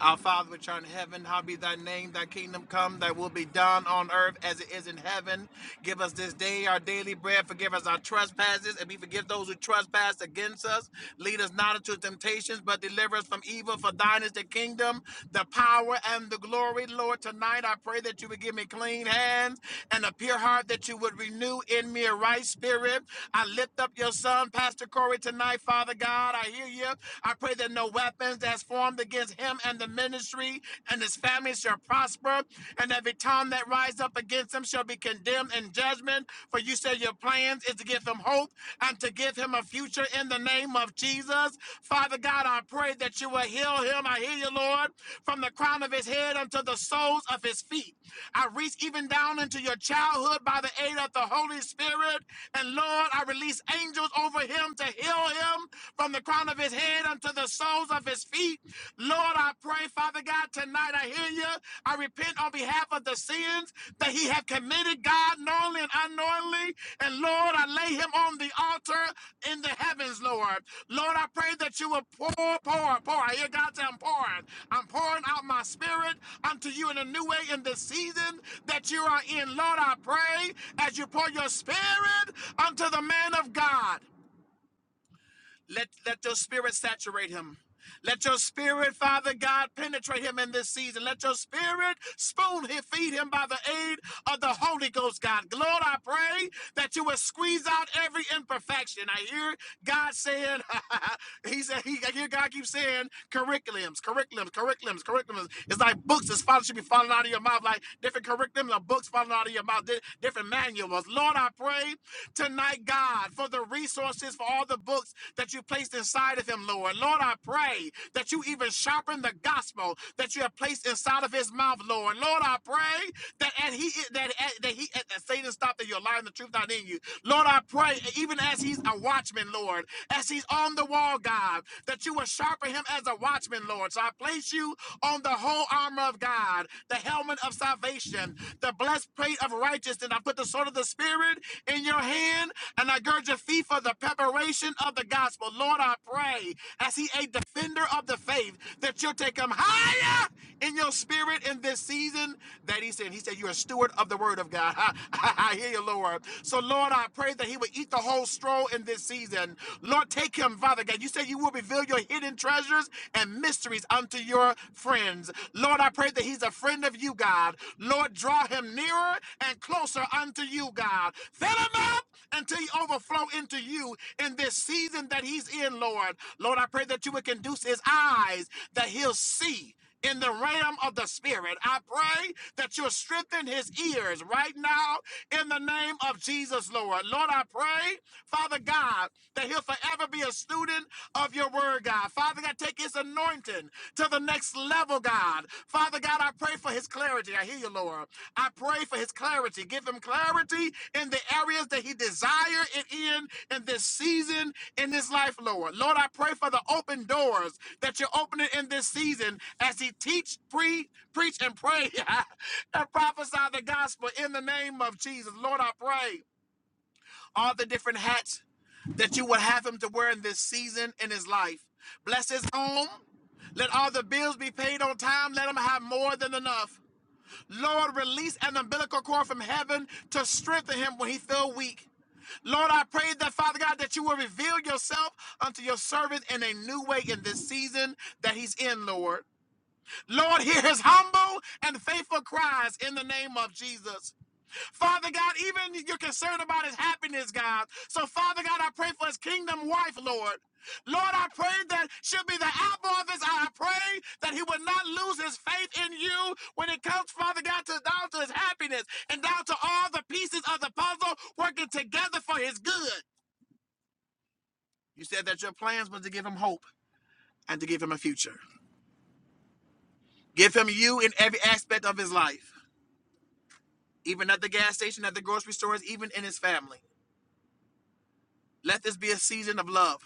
S5: Our Father, which art in heaven, hallowed be thy name, thy kingdom come, thy will be done on earth as it is in heaven. Give us this day our daily bread, forgive us our trespasses, and we forgive those who trespass against us. Lead us not into temptations, but deliver us from evil. For thine is the kingdom, the power, and the glory. Lord, tonight I pray that you would give me clean hands and a pure heart that you would renew in me a right spirit. I lift up your son, Pastor Corey, tonight, Father God. I hear you. I pray that no weapons that's formed against him and the ministry and his family shall prosper, and every tongue that rise up against him shall be condemned in judgment. For you said your plans is to give him hope and to give him a future in the name of Jesus. Jesus. Father God, I pray that you will heal him. I hear you, Lord, from the crown of his head unto the soles of his feet. I reach even down into your childhood by the aid of the Holy Spirit. And Lord, I release angels over him to heal him from the crown of his head unto the soles of his feet. Lord, I pray, Father God, tonight I hear you. I repent on behalf behalf of the sins that he had committed, God, knowingly and unknowingly. And Lord, I lay him on the altar in the heavens, Lord. Lord, I pray that you will pour, pour, pour. I hear God say, I'm pouring. I'm pouring out my spirit unto you in a new way in this season that you are in. Lord, I pray as you pour your spirit unto the man of God. Let, let your spirit saturate him. Let your spirit, Father God, penetrate him in this season. Let your spirit spoon him, feed him by the aid of the Holy Ghost, God. Lord, I pray that you will squeeze out every imperfection. I hear God saying, <laughs> He said, he, I hear God keep saying curriculums, curriculums, curriculums, curriculums. It's like books that's falling should be falling out of your mouth, like different curriculums or books falling out of your mouth, di- different manuals. Lord, I pray pray tonight, God, for the resources, for all the books that you placed inside of him, Lord. Lord, I pray that you even sharpen the gospel that you have placed inside of his mouth, Lord. Lord, I pray that and he that that he that Satan stopped that you're lying the truth not in you. Lord, I pray even as he's a watchman, Lord, as he's on the wall, God, that you will sharpen him as a watchman, Lord. So I place you on the whole armor of God, the helmet of salvation salvation, the blessed plate of righteousness. I put the sword of the Spirit in your hand, and I gird your feet for the preparation of the gospel. Lord, I pray, as He a defender of the faith, that you'll take him higher in your spirit in this season that He said. He said, You're a steward of the word of God. <laughs> I hear you, Lord. So, Lord, I pray that He would eat the whole straw in this season. Lord, take him, Father God. You said you will reveal your hidden treasures and mysteries unto your friends. Lord, I pray that he's a friend of you, God. Lord, draw him nearer and closer unto you, God. Fill him up until he overflow into you in this season that he's in, Lord. Lord, I pray that you would conduce his eyes that he'll see in the realm of the spirit. I pray that you strengthen his ears right now in the name of Jesus, Lord. Lord, I pray, Father God, that he'll forever be a student of your word, God. Father God, take his anointing to the next level, God. Father God, I pray for his clarity. I hear you, Lord. I pray for his clarity. Give him clarity in the areas that he desire it in in this season in his life, Lord. Lord, I pray for the open doors that you're opening in this season as he teach, pre, preach, and pray <laughs> and prophesy the gospel in the name of Jesus. Lord, I pray all the different hats that you would have him to wear in this season in his life. Bless his home. Let all the bills be paid on time. Let him have more than enough. Lord, release an umbilical cord from heaven to strengthen him when he feel weak. Lord, I pray that, Father God, that you will reveal yourself unto your servant in a new way in this season that he's in, Lord. Lord, hear his humble and faithful cries in the name of Jesus. Father God, even you're concerned about his happiness, God. So, Father God, I pray for his kingdom wife, Lord. Lord, I pray that she'll be the apple of his eye. I pray that he would not lose his faith in you when it comes, Father God, to down to his happiness and down to all the pieces of the puzzle working together for his good. You said that your plans was to give him hope and to give him a future. Give him you in every aspect of his life, even at the gas station, at the grocery stores, even in his family. Let this be a season of love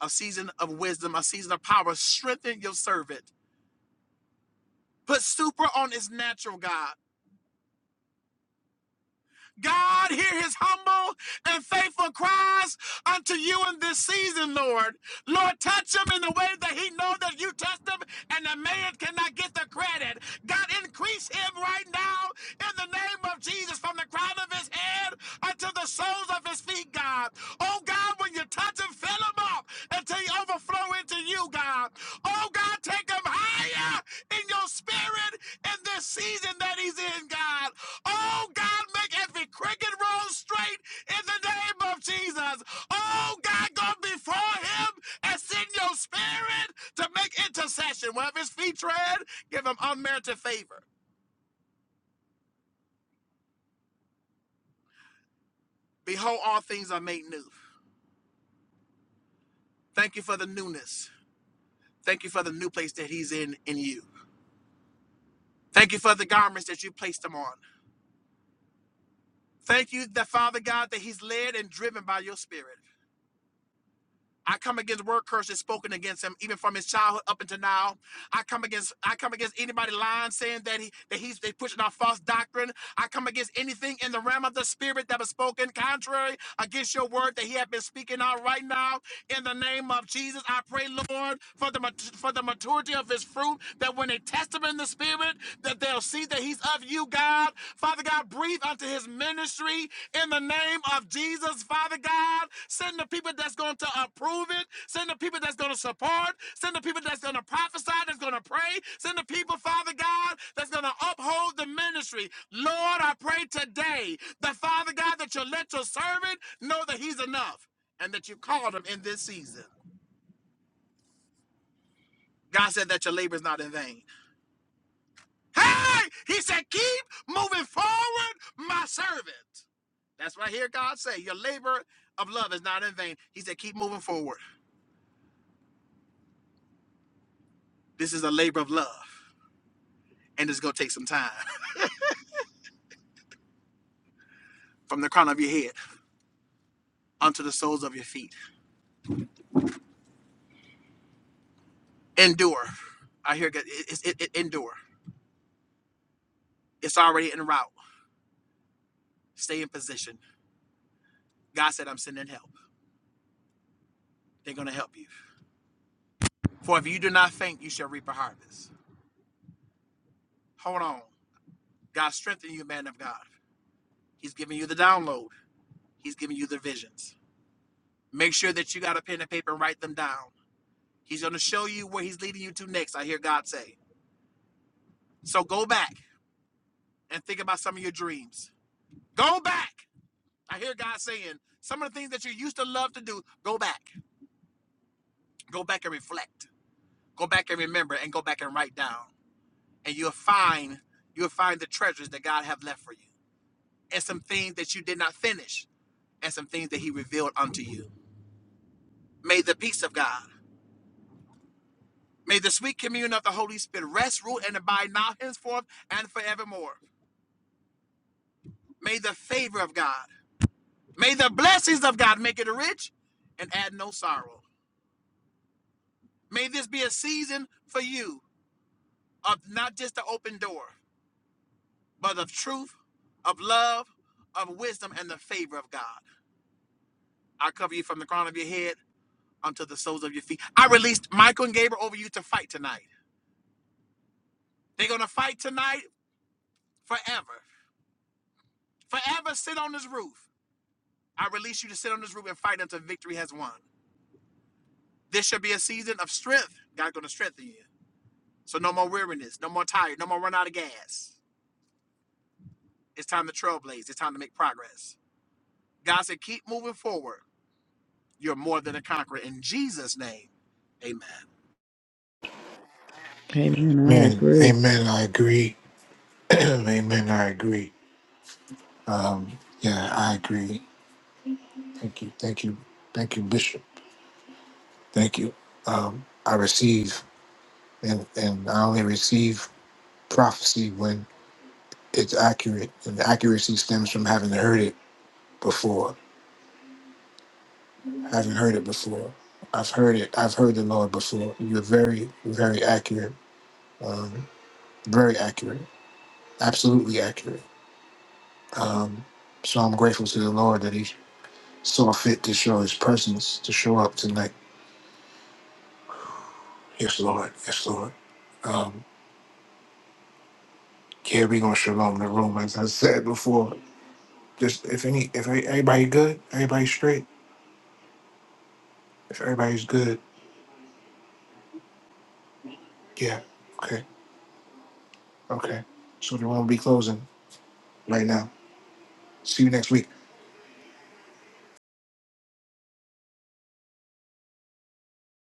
S5: a season of wisdom, a season of power. Strengthen your servant. Put super on his natural, God. God, hear his humble and faithful cries unto you in this season, Lord. Lord, touch him in the way that he knows that you touched him and the man cannot get the credit. God, increase him right now in the name of Jesus from the crown of his head unto the soles of his feet, God. Oh, God, when you touch him, fill him up until he overflow into you, God. Oh, God, take him higher in your spirit in this season that he's in, God. Oh God, make every cricket roll straight in the name of Jesus. Oh God, go before him and send your spirit to make intercession. Wherever his feet tread, give him unmerited favor. Behold, all things are made new. Thank you for the newness. Thank you for the new place that he's in in you. Thank you for the garments that you placed him on. Thank you, the Father God, that he's led and driven by your spirit. I come against word curses spoken against him, even from his childhood up until now. I come against I come against anybody lying, saying that he that he's they pushing out false doctrine. I come against anything in the realm of the spirit that was spoken contrary against your word that he had been speaking out right now. In the name of Jesus, I pray, Lord, for the mat- for the maturity of His fruit, that when they test Him in the Spirit, that they'll see that He's of You, God. Father God, breathe unto His ministry in the name of Jesus, Father God. Send the people that's going to approve it. Send the people that's going to support. Send the people that's going to prophesy. That's going to pray. Send the people, Father God, that's going to uphold the ministry. Lord, I pray today that Father God that you let your servant know that He's enough and that you called them in this season. God said that your labor is not in vain. Hey, he said, keep moving forward, my servant. That's what I hear God say. Your labor of love is not in vain. He said, keep moving forward. This is a labor of love. And it's gonna take some time <laughs> from the crown of your head unto the soles of your feet. Endure. I hear God. It, it, it, endure. It's already en route. Stay in position. God said, I'm sending help. They're gonna help you. For if you do not faint, you shall reap a harvest. Hold on. God strengthen you, man of God. He's giving you the download. He's giving you the visions. Make sure that you got a pen and paper and write them down. He's going to show you where he's leading you to next. I hear God say. So go back and think about some of your dreams. Go back. I hear God saying some of the things that you used to love to do. Go back. Go back and reflect. Go back and remember and go back and write down. And you'll find you'll find the treasures that God have left for you. And some things that you did not finish and some things that he revealed unto you. May the peace of God May the sweet communion of the Holy Spirit rest, rule, and abide now, henceforth, and forevermore. May the favor of God, may the blessings of God make it rich and add no sorrow. May this be a season for you of not just the open door, but of truth, of love, of wisdom, and the favor of God. I cover you from the crown of your head unto the soles of your feet. I released Michael and Gabriel over you to fight tonight. They're going to fight tonight forever. Forever sit on this roof. I release you to sit on this roof and fight until victory has won. This shall be a season of strength. God's going to strengthen you. So no more weariness, no more tired, no more run out of gas. It's time to trailblaze. It's time to make progress. God said, keep moving forward. You're more than a conqueror. In Jesus' name, amen.
S1: Amen. Amen. I agree. <clears throat> Amen. I agree. Yeah, I agree. Thank you. Thank you. Thank you, Bishop. Thank you. Um, I receive, and, and I only receive prophecy when it's accurate. And the accuracy stems from having heard it before. Having heard it before. I've heard it. I've heard the Lord before. You're very, very accurate. Um, very accurate. Absolutely accurate. Um, so I'm grateful to the Lord that He saw fit to show His presence, to show up tonight. Yes, Lord. Yes, Lord. Um, yeah, we gonna shalom the room, as I said before Just if any, if any- everybody good, everybody straight. If everybody's good, yeah. Okay, okay. So the room will be closing right now. See you next week.